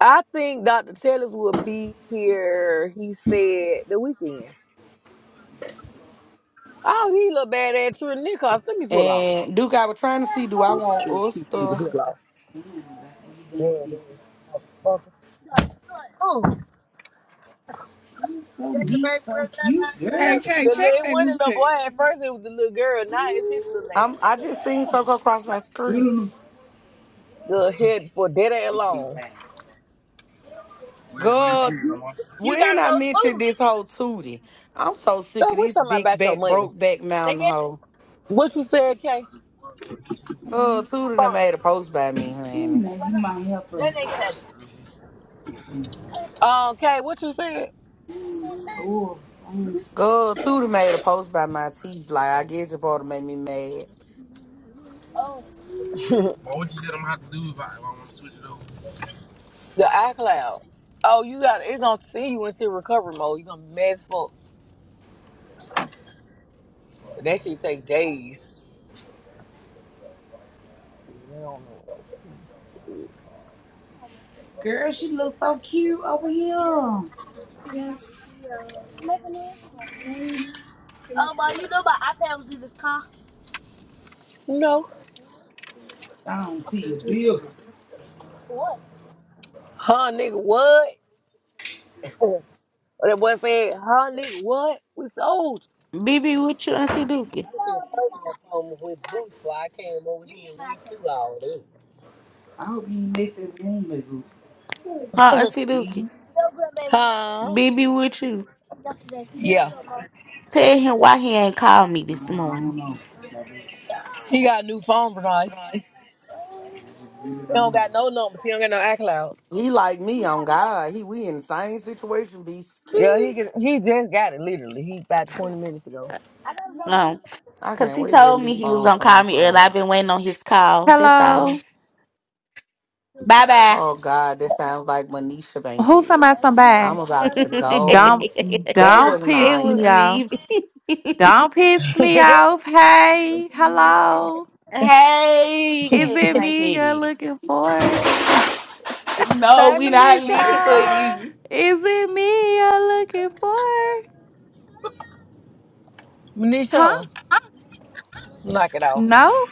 S1: I think Dr. Tellers will be here. He said the weekend. Oh, he look bad at True Nichols. Let me pull off.
S10: And Duke, I was trying to
S5: I
S10: see, do I want
S1: True, people need
S5: know. Man,
S1: to
S10: oyster?
S1: pull off.
S5: what you done with
S1: Bad
S5: this.
S1: ass motherfucker.
S5: So neat, so cute,
S18: hey,
S5: girl.
S18: Kay,
S1: The little,
S18: check
S1: it
S18: that
S1: wasn't
S18: group
S1: the little boy at first. It was the little girl. Now it's his little name.
S10: I'm I just seen something come across my screen.
S5: Doodle.
S1: Go ahead for dead ass
S5: And she
S1: long.
S5: back, back.
S10: God,
S1: You
S10: when
S1: gotta go
S10: I
S1: to
S10: mentioned
S1: booth.
S10: this whole Tootie, I'm so sick
S1: So
S10: of
S1: we are
S10: this
S1: talking
S10: big
S1: about your
S10: back
S1: money.
S10: broke back
S1: They
S10: mountain
S1: get
S10: hoe.
S1: What you said, Kay?
S10: Oh,
S1: the
S10: Tootie done
S1: phone.
S10: made a post by me,
S5: Ooh,
S10: honey.
S5: now you might help her.
S1: Let they get it. Um, Kay, what you said?
S5: Oh, mm.
S10: God Tudor made a post by my teeth. Like I guess it probably made me mad.
S1: the iCloud. Oh, you got it's Gonna send you into recovery mode. You gonna be mad as But that shit take days. They don't know what no.
S5: girl, she looks so cute over here.
S18: chat.
S1: No.
S5: I don't see a bill.
S1: Huh, nigga, what? Or that boy said, huh, nigga, what? We sold.
S11: BB with you, Auntie Dookie.
S1: home with boots while I came over here and we do all this.
S5: I hope you ain't make that room, baby.
S11: Huh, Auntie
S5: See?
S11: Dookie?
S1: Huh?
S11: BB with you.
S1: Yeah.
S11: Tell him why he ain't called me
S5: I
S11: this morning.
S5: don't know. Baby,
S1: He got a new phone tonight.
S5: I just really
S1: He
S5: don't
S1: don't
S5: know.
S1: got no numbers. He don't got no iCloud.
S10: He like me on God. He we in the same situation. Be
S1: Yeah, he
S10: scared.
S1: get, he just got it literally. He about 20 minutes ago.
S11: Um,
S10: I
S11: cause
S10: can't
S11: he
S10: wait to get a
S11: told
S10: new
S11: me he was
S10: phone
S11: gonna call
S10: come
S11: me early. I've been
S10: first.
S11: waiting on his call. That's all.
S32: Hello.
S11: Bye bye.
S10: Oh God, that sounds like Manisha
S32: Who's talking
S10: Bankhead.
S32: about
S10: I'm
S32: somebody?
S10: about to go.
S32: Don't
S11: it
S10: That
S32: don't
S10: was
S32: piss
S11: was
S32: me
S10: Naya.
S32: off.
S11: me.
S32: Don't piss me
S1: hey,
S32: off. Hey, hello.
S11: hey,
S32: Is
S11: Cat-
S32: it
S11: my
S32: me you're
S11: Mikey.
S32: looking for?
S11: No, we not looking
S33: Thank
S11: for
S33: God.
S1: Manisha.
S11: you.
S32: Is it me you're looking for? Huh?
S1: Manisha, knock it off.
S32: No?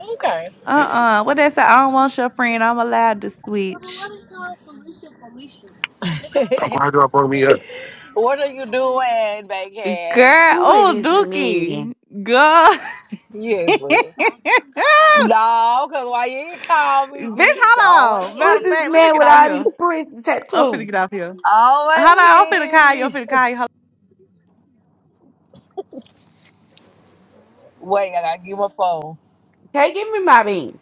S1: Okay.
S32: Uh-uh. What that say? I don't want your friend. I'm allowed to switch.
S33: Why do I bring me up?
S1: what are you doing, bacon?
S32: Girl.
S11: Who is
S32: Oh,
S11: this man?
S32: Dookie. Girl.
S1: Yes,
S32: Bitch,
S1: bro. no, cause why you ain't call me,
S32: hold
S1: bitch? I don't want to
S32: on.
S11: Who
S32: Matter
S11: is
S32: of
S1: hear.
S11: this
S32: fact, let me
S11: man
S32: get
S11: with
S32: out
S11: all
S32: here.
S11: these prints and
S32: I'm finna
S11: tattoos?
S32: get out here. Hold on, I'm finna
S1: I don't want
S32: call
S1: to
S32: you.
S1: hear
S32: I'm
S1: Manisha.
S32: finna call you.
S1: Wait, I gotta get my phone.
S11: Okay, give me my bean.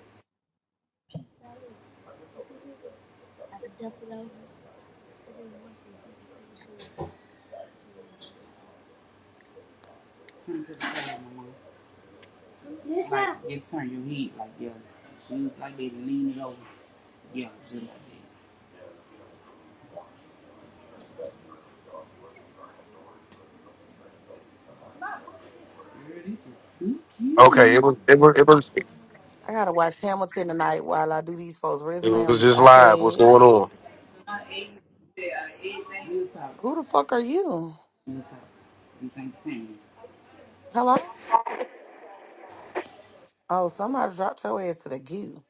S5: Turn to the side, mama. This like, out. Just turn your head like, yeah. She was like that, lean it over. Yeah, just like that. Girl, this is too
S33: Okay, it
S5: cute.
S33: was it was it was
S10: I gotta watch Hamilton tonight while I do these folks'
S33: it
S10: resume on
S33: was
S10: this
S33: just live. What's
S10: iPad.
S33: going on?
S5: Real talk.
S10: Who the fuck are you?
S5: Real talk. You think same?
S10: Hello? Oh, somebody dropped your ass to the goo.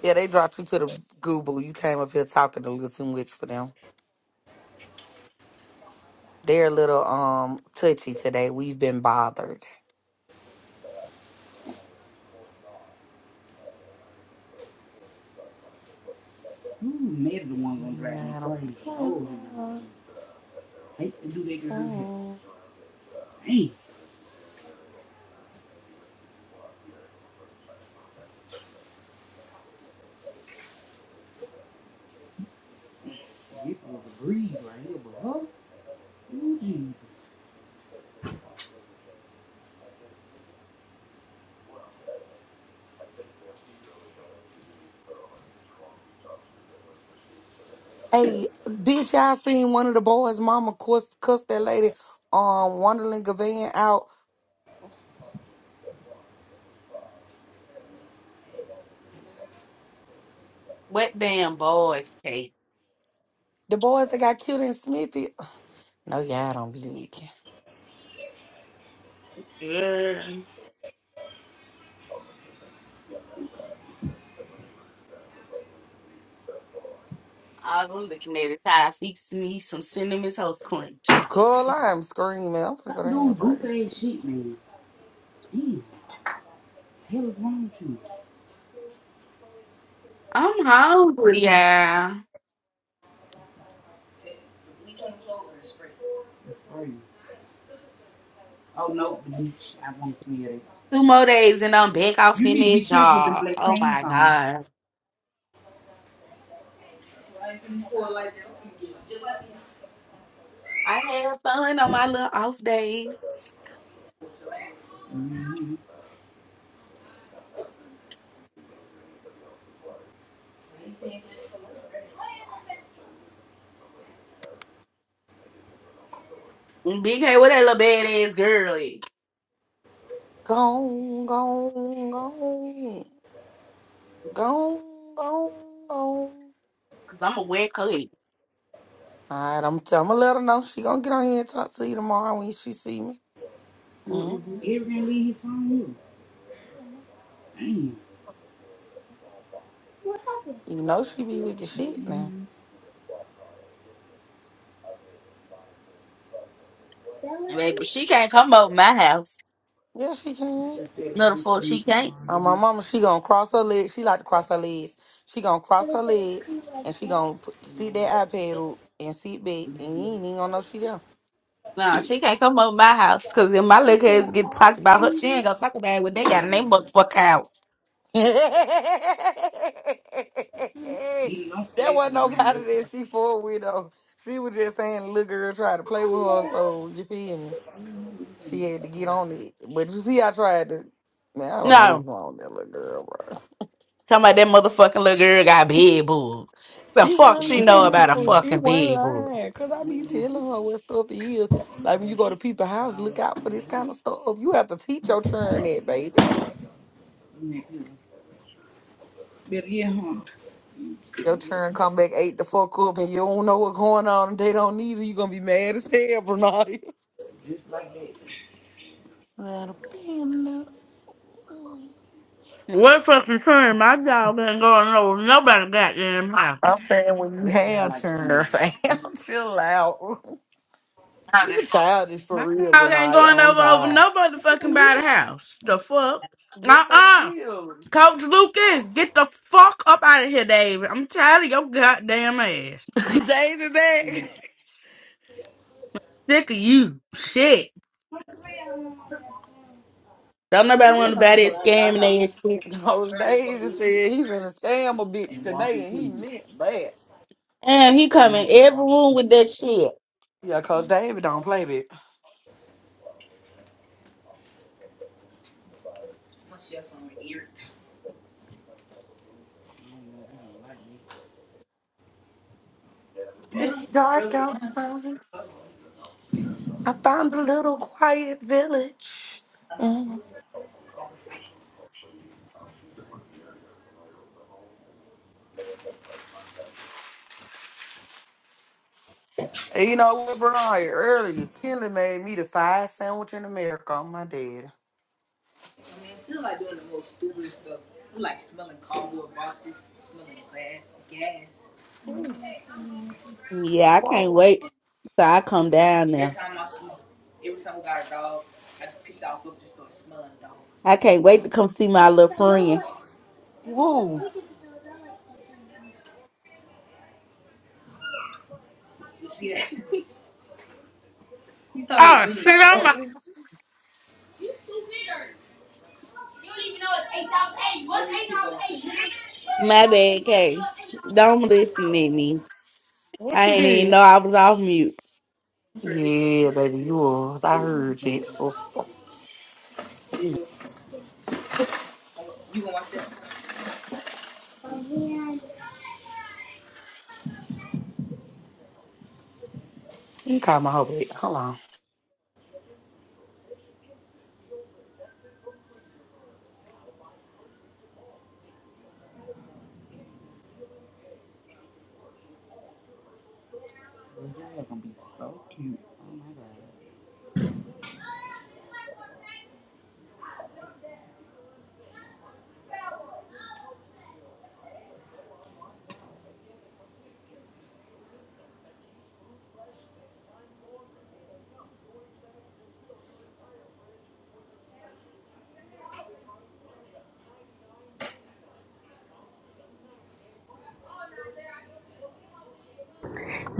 S10: Yeah, they dropped you to the goo, boo. You came up here talking a little too much for them. They're a little um touchy today. We've been bothered.
S5: ooh, Ned the one gonna drive me
S10: Madam.
S5: crazy. Oh, him.
S10: Bella.
S5: i hate to do that girl hell.
S10: Mm.
S5: Dang, this was a breeze right here, but huh? Ooh, Jesus.
S10: Hey, bitch, I seen one of the boys' mama cuss, cuss that lady, um, Wonderland Gavan out.
S11: What damn boys, Kate?
S10: The boys that got killed in Smithy. No, yeah, I don't be leaking.
S11: Girl, All I'm looking at is how I fix me some cinnamon toast crunch.
S10: Girl, I'm screaming. I'm gonna go
S5: Stop
S10: down and
S5: doing
S10: fry this
S5: goofy ass
S10: chick.
S5: shit, man. Damn, hell is wrong with you?
S11: I'm hungry, yeah.
S5: That's crazy. Oh, no, the beach. I won't smell it.
S11: Two more days and I'm back off
S5: You
S11: in
S5: need to be
S11: that
S5: careful with them
S11: job.
S5: black
S11: Oh
S5: pants
S11: my
S5: on.
S11: god. I had fun on my little off days.
S5: Mm-hmm.
S11: And Big K, what that little badass girl is?
S10: Gone, gone, gone, gone, gone, gone. All
S11: Cause I'm a wet clean.
S10: right, I'm, I'm gonna let her know. She gonna get on here and talk to you tomorrow when she see me. Mm.
S11: Mm-hmm.
S5: Everything leave his you. Damn. What happened?
S10: You know she be with the shit now.
S5: Bella?
S11: Baby, she
S5: I
S11: can't come over my house.
S10: Yeah, she can.
S5: just feel
S11: No, the
S5: like
S11: fuck she can't.
S10: Uh,
S5: this
S10: my mama, she gonna cross her legs. She like to cross her legs. She gonna
S5: But
S10: cross her
S5: it says
S10: legs
S5: kind of
S10: and
S5: like
S10: she
S5: that.
S10: gonna put, sit that iPad up and sit back and you ain't even gonna know she there.
S11: No, she can't come over my house. Cause if my
S5: You
S11: little
S5: said
S11: kids get
S5: R
S11: talked about her,
S5: and
S11: she
S5: B.
S11: ain't gonna talk about it when they got in their motherfucking house.
S10: that
S5: Yeah, don't slash
S10: wasn't
S5: it around.
S10: nobody
S5: this
S10: that
S5: hard.
S10: she for with though. She was just saying the little girl tried to play with
S5: Oh
S10: her,
S5: yeah.
S10: so you feel me? She had to get on it. But you see, I tried to. Man, I don't know
S11: No.
S10: what's wrong with that little girl, bro.
S11: Somebody that motherfucking little girl got big boobs. The
S10: She
S11: fuck
S5: Well,
S10: wasn't
S11: she
S5: get
S11: know
S5: down
S10: lying
S11: about a
S10: though.
S5: then.
S10: She
S11: fucking
S10: wasn't
S11: big boob?
S10: lying. Cause I be
S5: Move this
S10: telling her what stuff is. Like when you go to people's
S5: part
S10: house, look
S5: on.
S10: out for this kind of stuff. You have to teach your children that, baby.
S5: Move Better yeah, huh?
S10: Your children come back eight the fuck up and you don't know what's going on and they don't need it, you gonna be mad as hell, Bernardia.
S5: Just like that.
S10: That'll be enough.
S11: What fucking turn? My dog ain't going over nobody goddamn house.
S10: I'm saying when you
S5: That's what I
S10: have
S5: like to
S10: children,
S5: do.
S10: fam,
S5: And this is
S10: chill out. You're childish for
S11: My
S10: real,
S11: dog ain't
S10: Bernardia.
S11: going
S10: On
S11: over over
S10: God.
S11: nobody fucking by the house. The fuck?
S10: Yes,
S11: Uh
S10: I
S11: uh
S10: you.
S11: Coach Lucas, get the fuck up out of here, David. I'm tired of your goddamn ass.
S10: James is back.
S11: Sick of you. Shit. Don't nobody want to buy that scamming ass shit.
S10: Coach David said he finna scam a bitch
S5: And walking
S10: today, and he
S5: through it.
S10: meant bad.
S11: Damn, he come in
S5: and
S11: every
S5: walking
S11: room
S5: through
S11: with
S5: it.
S11: that shit.
S10: Yeah, Coach David don't play that. It's dark outside. I found a little quiet village. Mm. And You know what, Brian? Earlier, Kelly made me the five sandwich in America on my dad. Ooh,
S5: Every time
S11: Yeah, I can't
S10: Whoa.
S11: wait. So I come down now. I can't wait to come see
S5: I
S11: my
S5: like, every
S11: little friend.
S5: time we
S10: Whoa.
S5: get to those, I like to do it.
S11: Oh, shit, I'm a-
S5: You change. You don't even know it's 8,008. What's 8,008? What's
S11: My
S5: 8,008?
S11: bad,
S5: You don't even know
S11: Kay.
S5: it's
S11: Don't
S5: 8,008.
S11: listen
S5: Oh.
S11: at me.
S10: What
S11: I
S10: you
S11: ain't even know
S10: did?
S11: I was off mute.
S10: Yeah, baby, you was. I heard you. So, so-
S5: are trying to talk.
S10: you call my whole baby. Hold on.
S5: Y'all are gonna be so cute. Oh my god.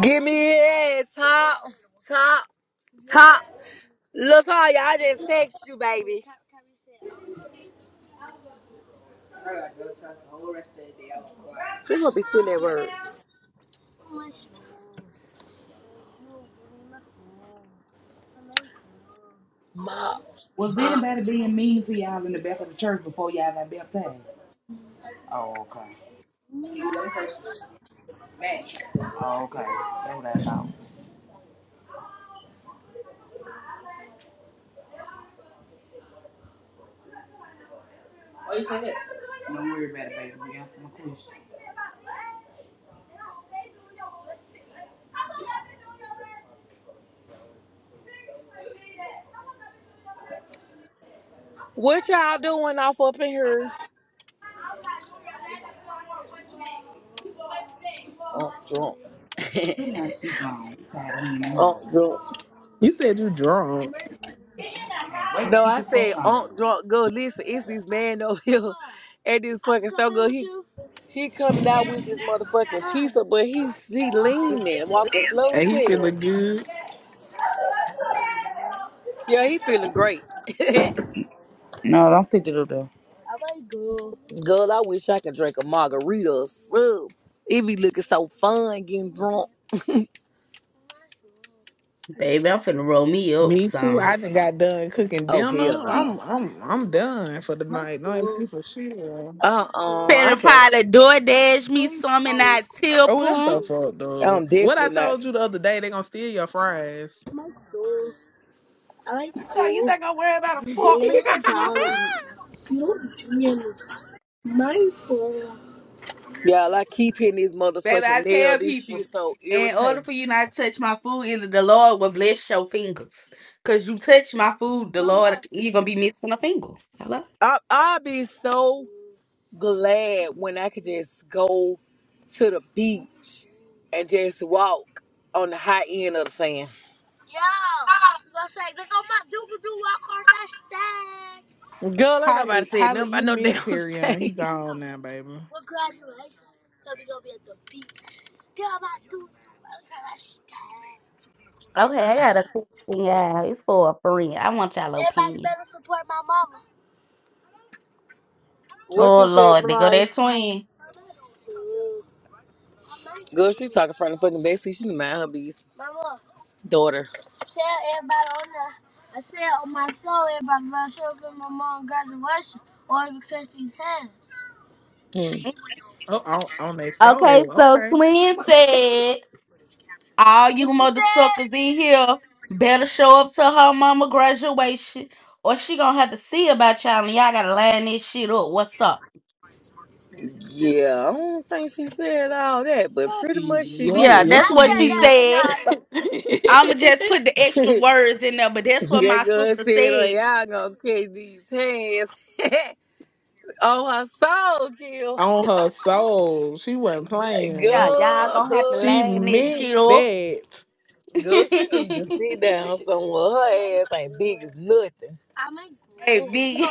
S1: Give me it, top, top, top. Look, how y'all just text you, baby. She gonna be still at work. Ma,
S5: Was
S1: ma.
S5: anybody being mean to y'all in the back of the church before y'all got baptized? Oh, okay. Oh, okay. That's what I thought. Don't worry about it, baby. We answer my question.
S1: What y'all doing off up in here?
S5: Who did I speak on? We tired of hearing them all.
S1: Uh,
S24: You said you drunk.
S5: wait to
S1: No,
S5: get
S1: I
S5: the fuck
S1: said
S5: Okay.
S1: Aunt
S5: on.
S1: drunk go Listen, it's this man over here at this fucking store girl. He he coming out with this motherfucking pizza, but he's he leaning, walking slow as
S24: And he
S1: hell.
S24: feeling good.
S1: Yeah, he feeling great.
S5: No, don't stick the Doodle.
S1: girl, I wish I could drink a margarita or something. It be looking so fun getting drunk.
S11: Baby, I'm finna roll me up
S24: Me too.
S11: some.
S24: I done got done cooking
S1: Oh hell
S24: dinner.
S1: no.
S24: I'm I'm I'm done for the night. No excuse for sure.
S1: Uh uh I
S11: Better
S1: can't.
S11: probably door dash me some and I tip
S24: Oh, that's
S11: them.
S24: so fucked up.
S1: I'm
S24: What I
S1: definitely not.
S24: told you the other day, they gonna steal your fries.
S11: So you think I'm worried about a fork nigga touching my food?
S1: Y'all, I keep hitting this
S11: Baby, I
S1: motherfucking nail.
S11: tell
S1: This
S11: people,
S1: shit so
S11: in order
S1: irritating.
S11: for you not to touch my food, either the Lord will bless your fingers. Cause you touch my food, the Lord you're gonna be missing a finger. Hello?
S1: I I be so glad when I could just go to the beach and just walk on the high end of the sand. Girl, ain't nobody
S24: Holly,
S1: said
S24: Holly,
S1: nothing about
S24: you
S1: no damn
S24: miss Perion. He
S1: thing.
S24: gone now, baby.
S11: Okay, I got a question, y'all. It's for a friend. I want y'all opinion.
S1: What
S11: Oh
S1: you said,
S11: Lord, they go
S1: Bryce?
S11: that twin.
S1: Girl, she talking from the fucking backseat. She mind her bees. Daughter. Mm.
S24: Oh, on, on their
S11: Okay,
S24: soul.
S11: so
S24: Okay.
S11: twin said, all you mother suckers in here better show up to her mama graduation or she gonna have to see about y'all and y'all gotta line this shit up. What's up?
S1: Yeah, I don't think she said all that, but pretty much she
S24: Yeah,
S11: Yeah,
S1: did, huh?
S24: yes,
S1: I
S11: that's
S24: she
S11: what she
S24: did.
S1: said
S11: said.
S1: that,
S11: I'ma just put the extra
S1: Bernard.
S11: words in there, but that's what my
S1: that girl
S11: sister
S1: said, oh,
S11: said.
S1: y'all gonna catch these hands on her soul, Kill.
S24: on her soul. She wasn't
S11: Yeah,
S24: playing.
S11: y'all gonna have to
S1: Girl,
S24: She
S1: that's
S11: line this
S1: weird.
S24: meant
S11: shit up.
S24: that.
S1: Girl, she need to sit down somewhere. Her ass ain't big as nothing.
S11: hey, big.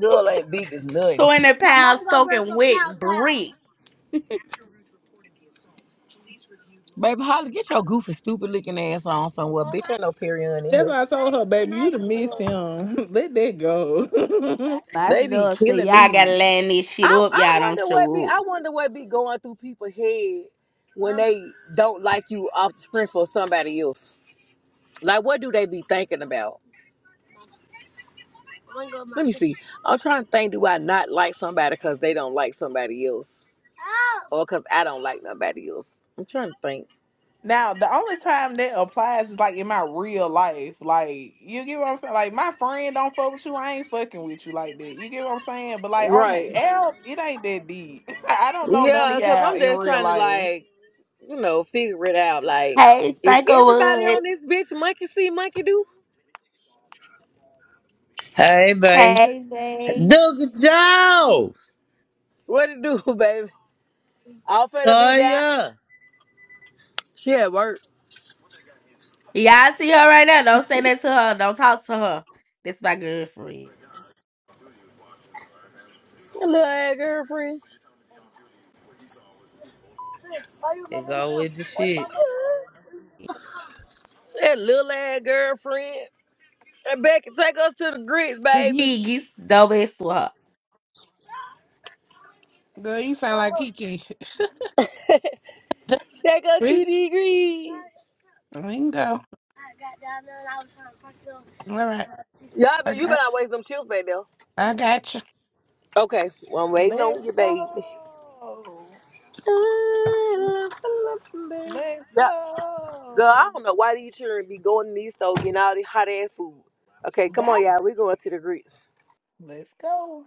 S1: Girl ain't big as nothing.
S11: Twenty pounds soaking wet bricks.
S1: Baby Holly, get your goofy, stupid looking ass on somewhere. Bitch, ain't no period in
S24: That's
S1: here.
S24: why I told her, baby, you to miss him. Let that go.
S11: My
S1: They be
S11: dog say
S1: killing
S11: y'all
S1: me.
S11: gotta land this shit
S1: I
S11: up.
S1: I
S11: Y'all don't
S1: wonder what be
S11: show up.
S1: I wonder what be going through people's head when they don't like you off the strength for somebody else. Like what do they be thinking about? Let me see. I'm trying to think. Do I not like somebody because they don't like somebody else? or because I don't like nobody else. I'm trying to think.
S24: now, the only time that applies is like in my real life. Like, you get what I'm saying? Like, my friend don't fuck with you. I ain't fucking with you like that. You get what I'm saying? But like on
S1: Right.
S24: the app, it ain't that deep. I don't know none of
S1: Yeah, because
S24: y'all
S1: I'm
S24: in
S1: just
S24: real
S1: trying to,
S24: life.
S1: like, you know, figure it out. Like,
S11: Hey,
S1: is everybody
S11: Spankerwood.
S1: on this bitch monkey see, monkey do?
S34: Hey, babe.
S11: Hey, babe.
S34: Doug Joe!
S1: What it do, baby? All finna be that.
S34: Toya!
S1: She at work.
S11: Y'all see her right now. Don't say that to her. Don't talk to her. This is my girlfriend.
S1: That little ass girlfriend.
S34: Here go with the shit.
S1: That little ass girlfriend. And Becky, take us to the grits,
S11: The
S1: baby.
S11: big is dope as her.
S26: Girl, you sound like Kiki.
S1: Take us
S26: We,
S1: to the grits.
S26: we can go. All right.
S1: Y'all,
S26: I
S1: but you
S26: got,
S1: better not waste them chills back there.
S26: I got you.
S1: Okay, well, I'm waiting
S24: Let's
S1: on you, baby.
S24: go. Let's
S1: Yeah, Girl, I
S24: go.
S1: don't know why these children be going to these stores getting all this hot ass food. Okay, come
S24: That.
S1: on, y'all. We going to the grits.
S24: Let's go.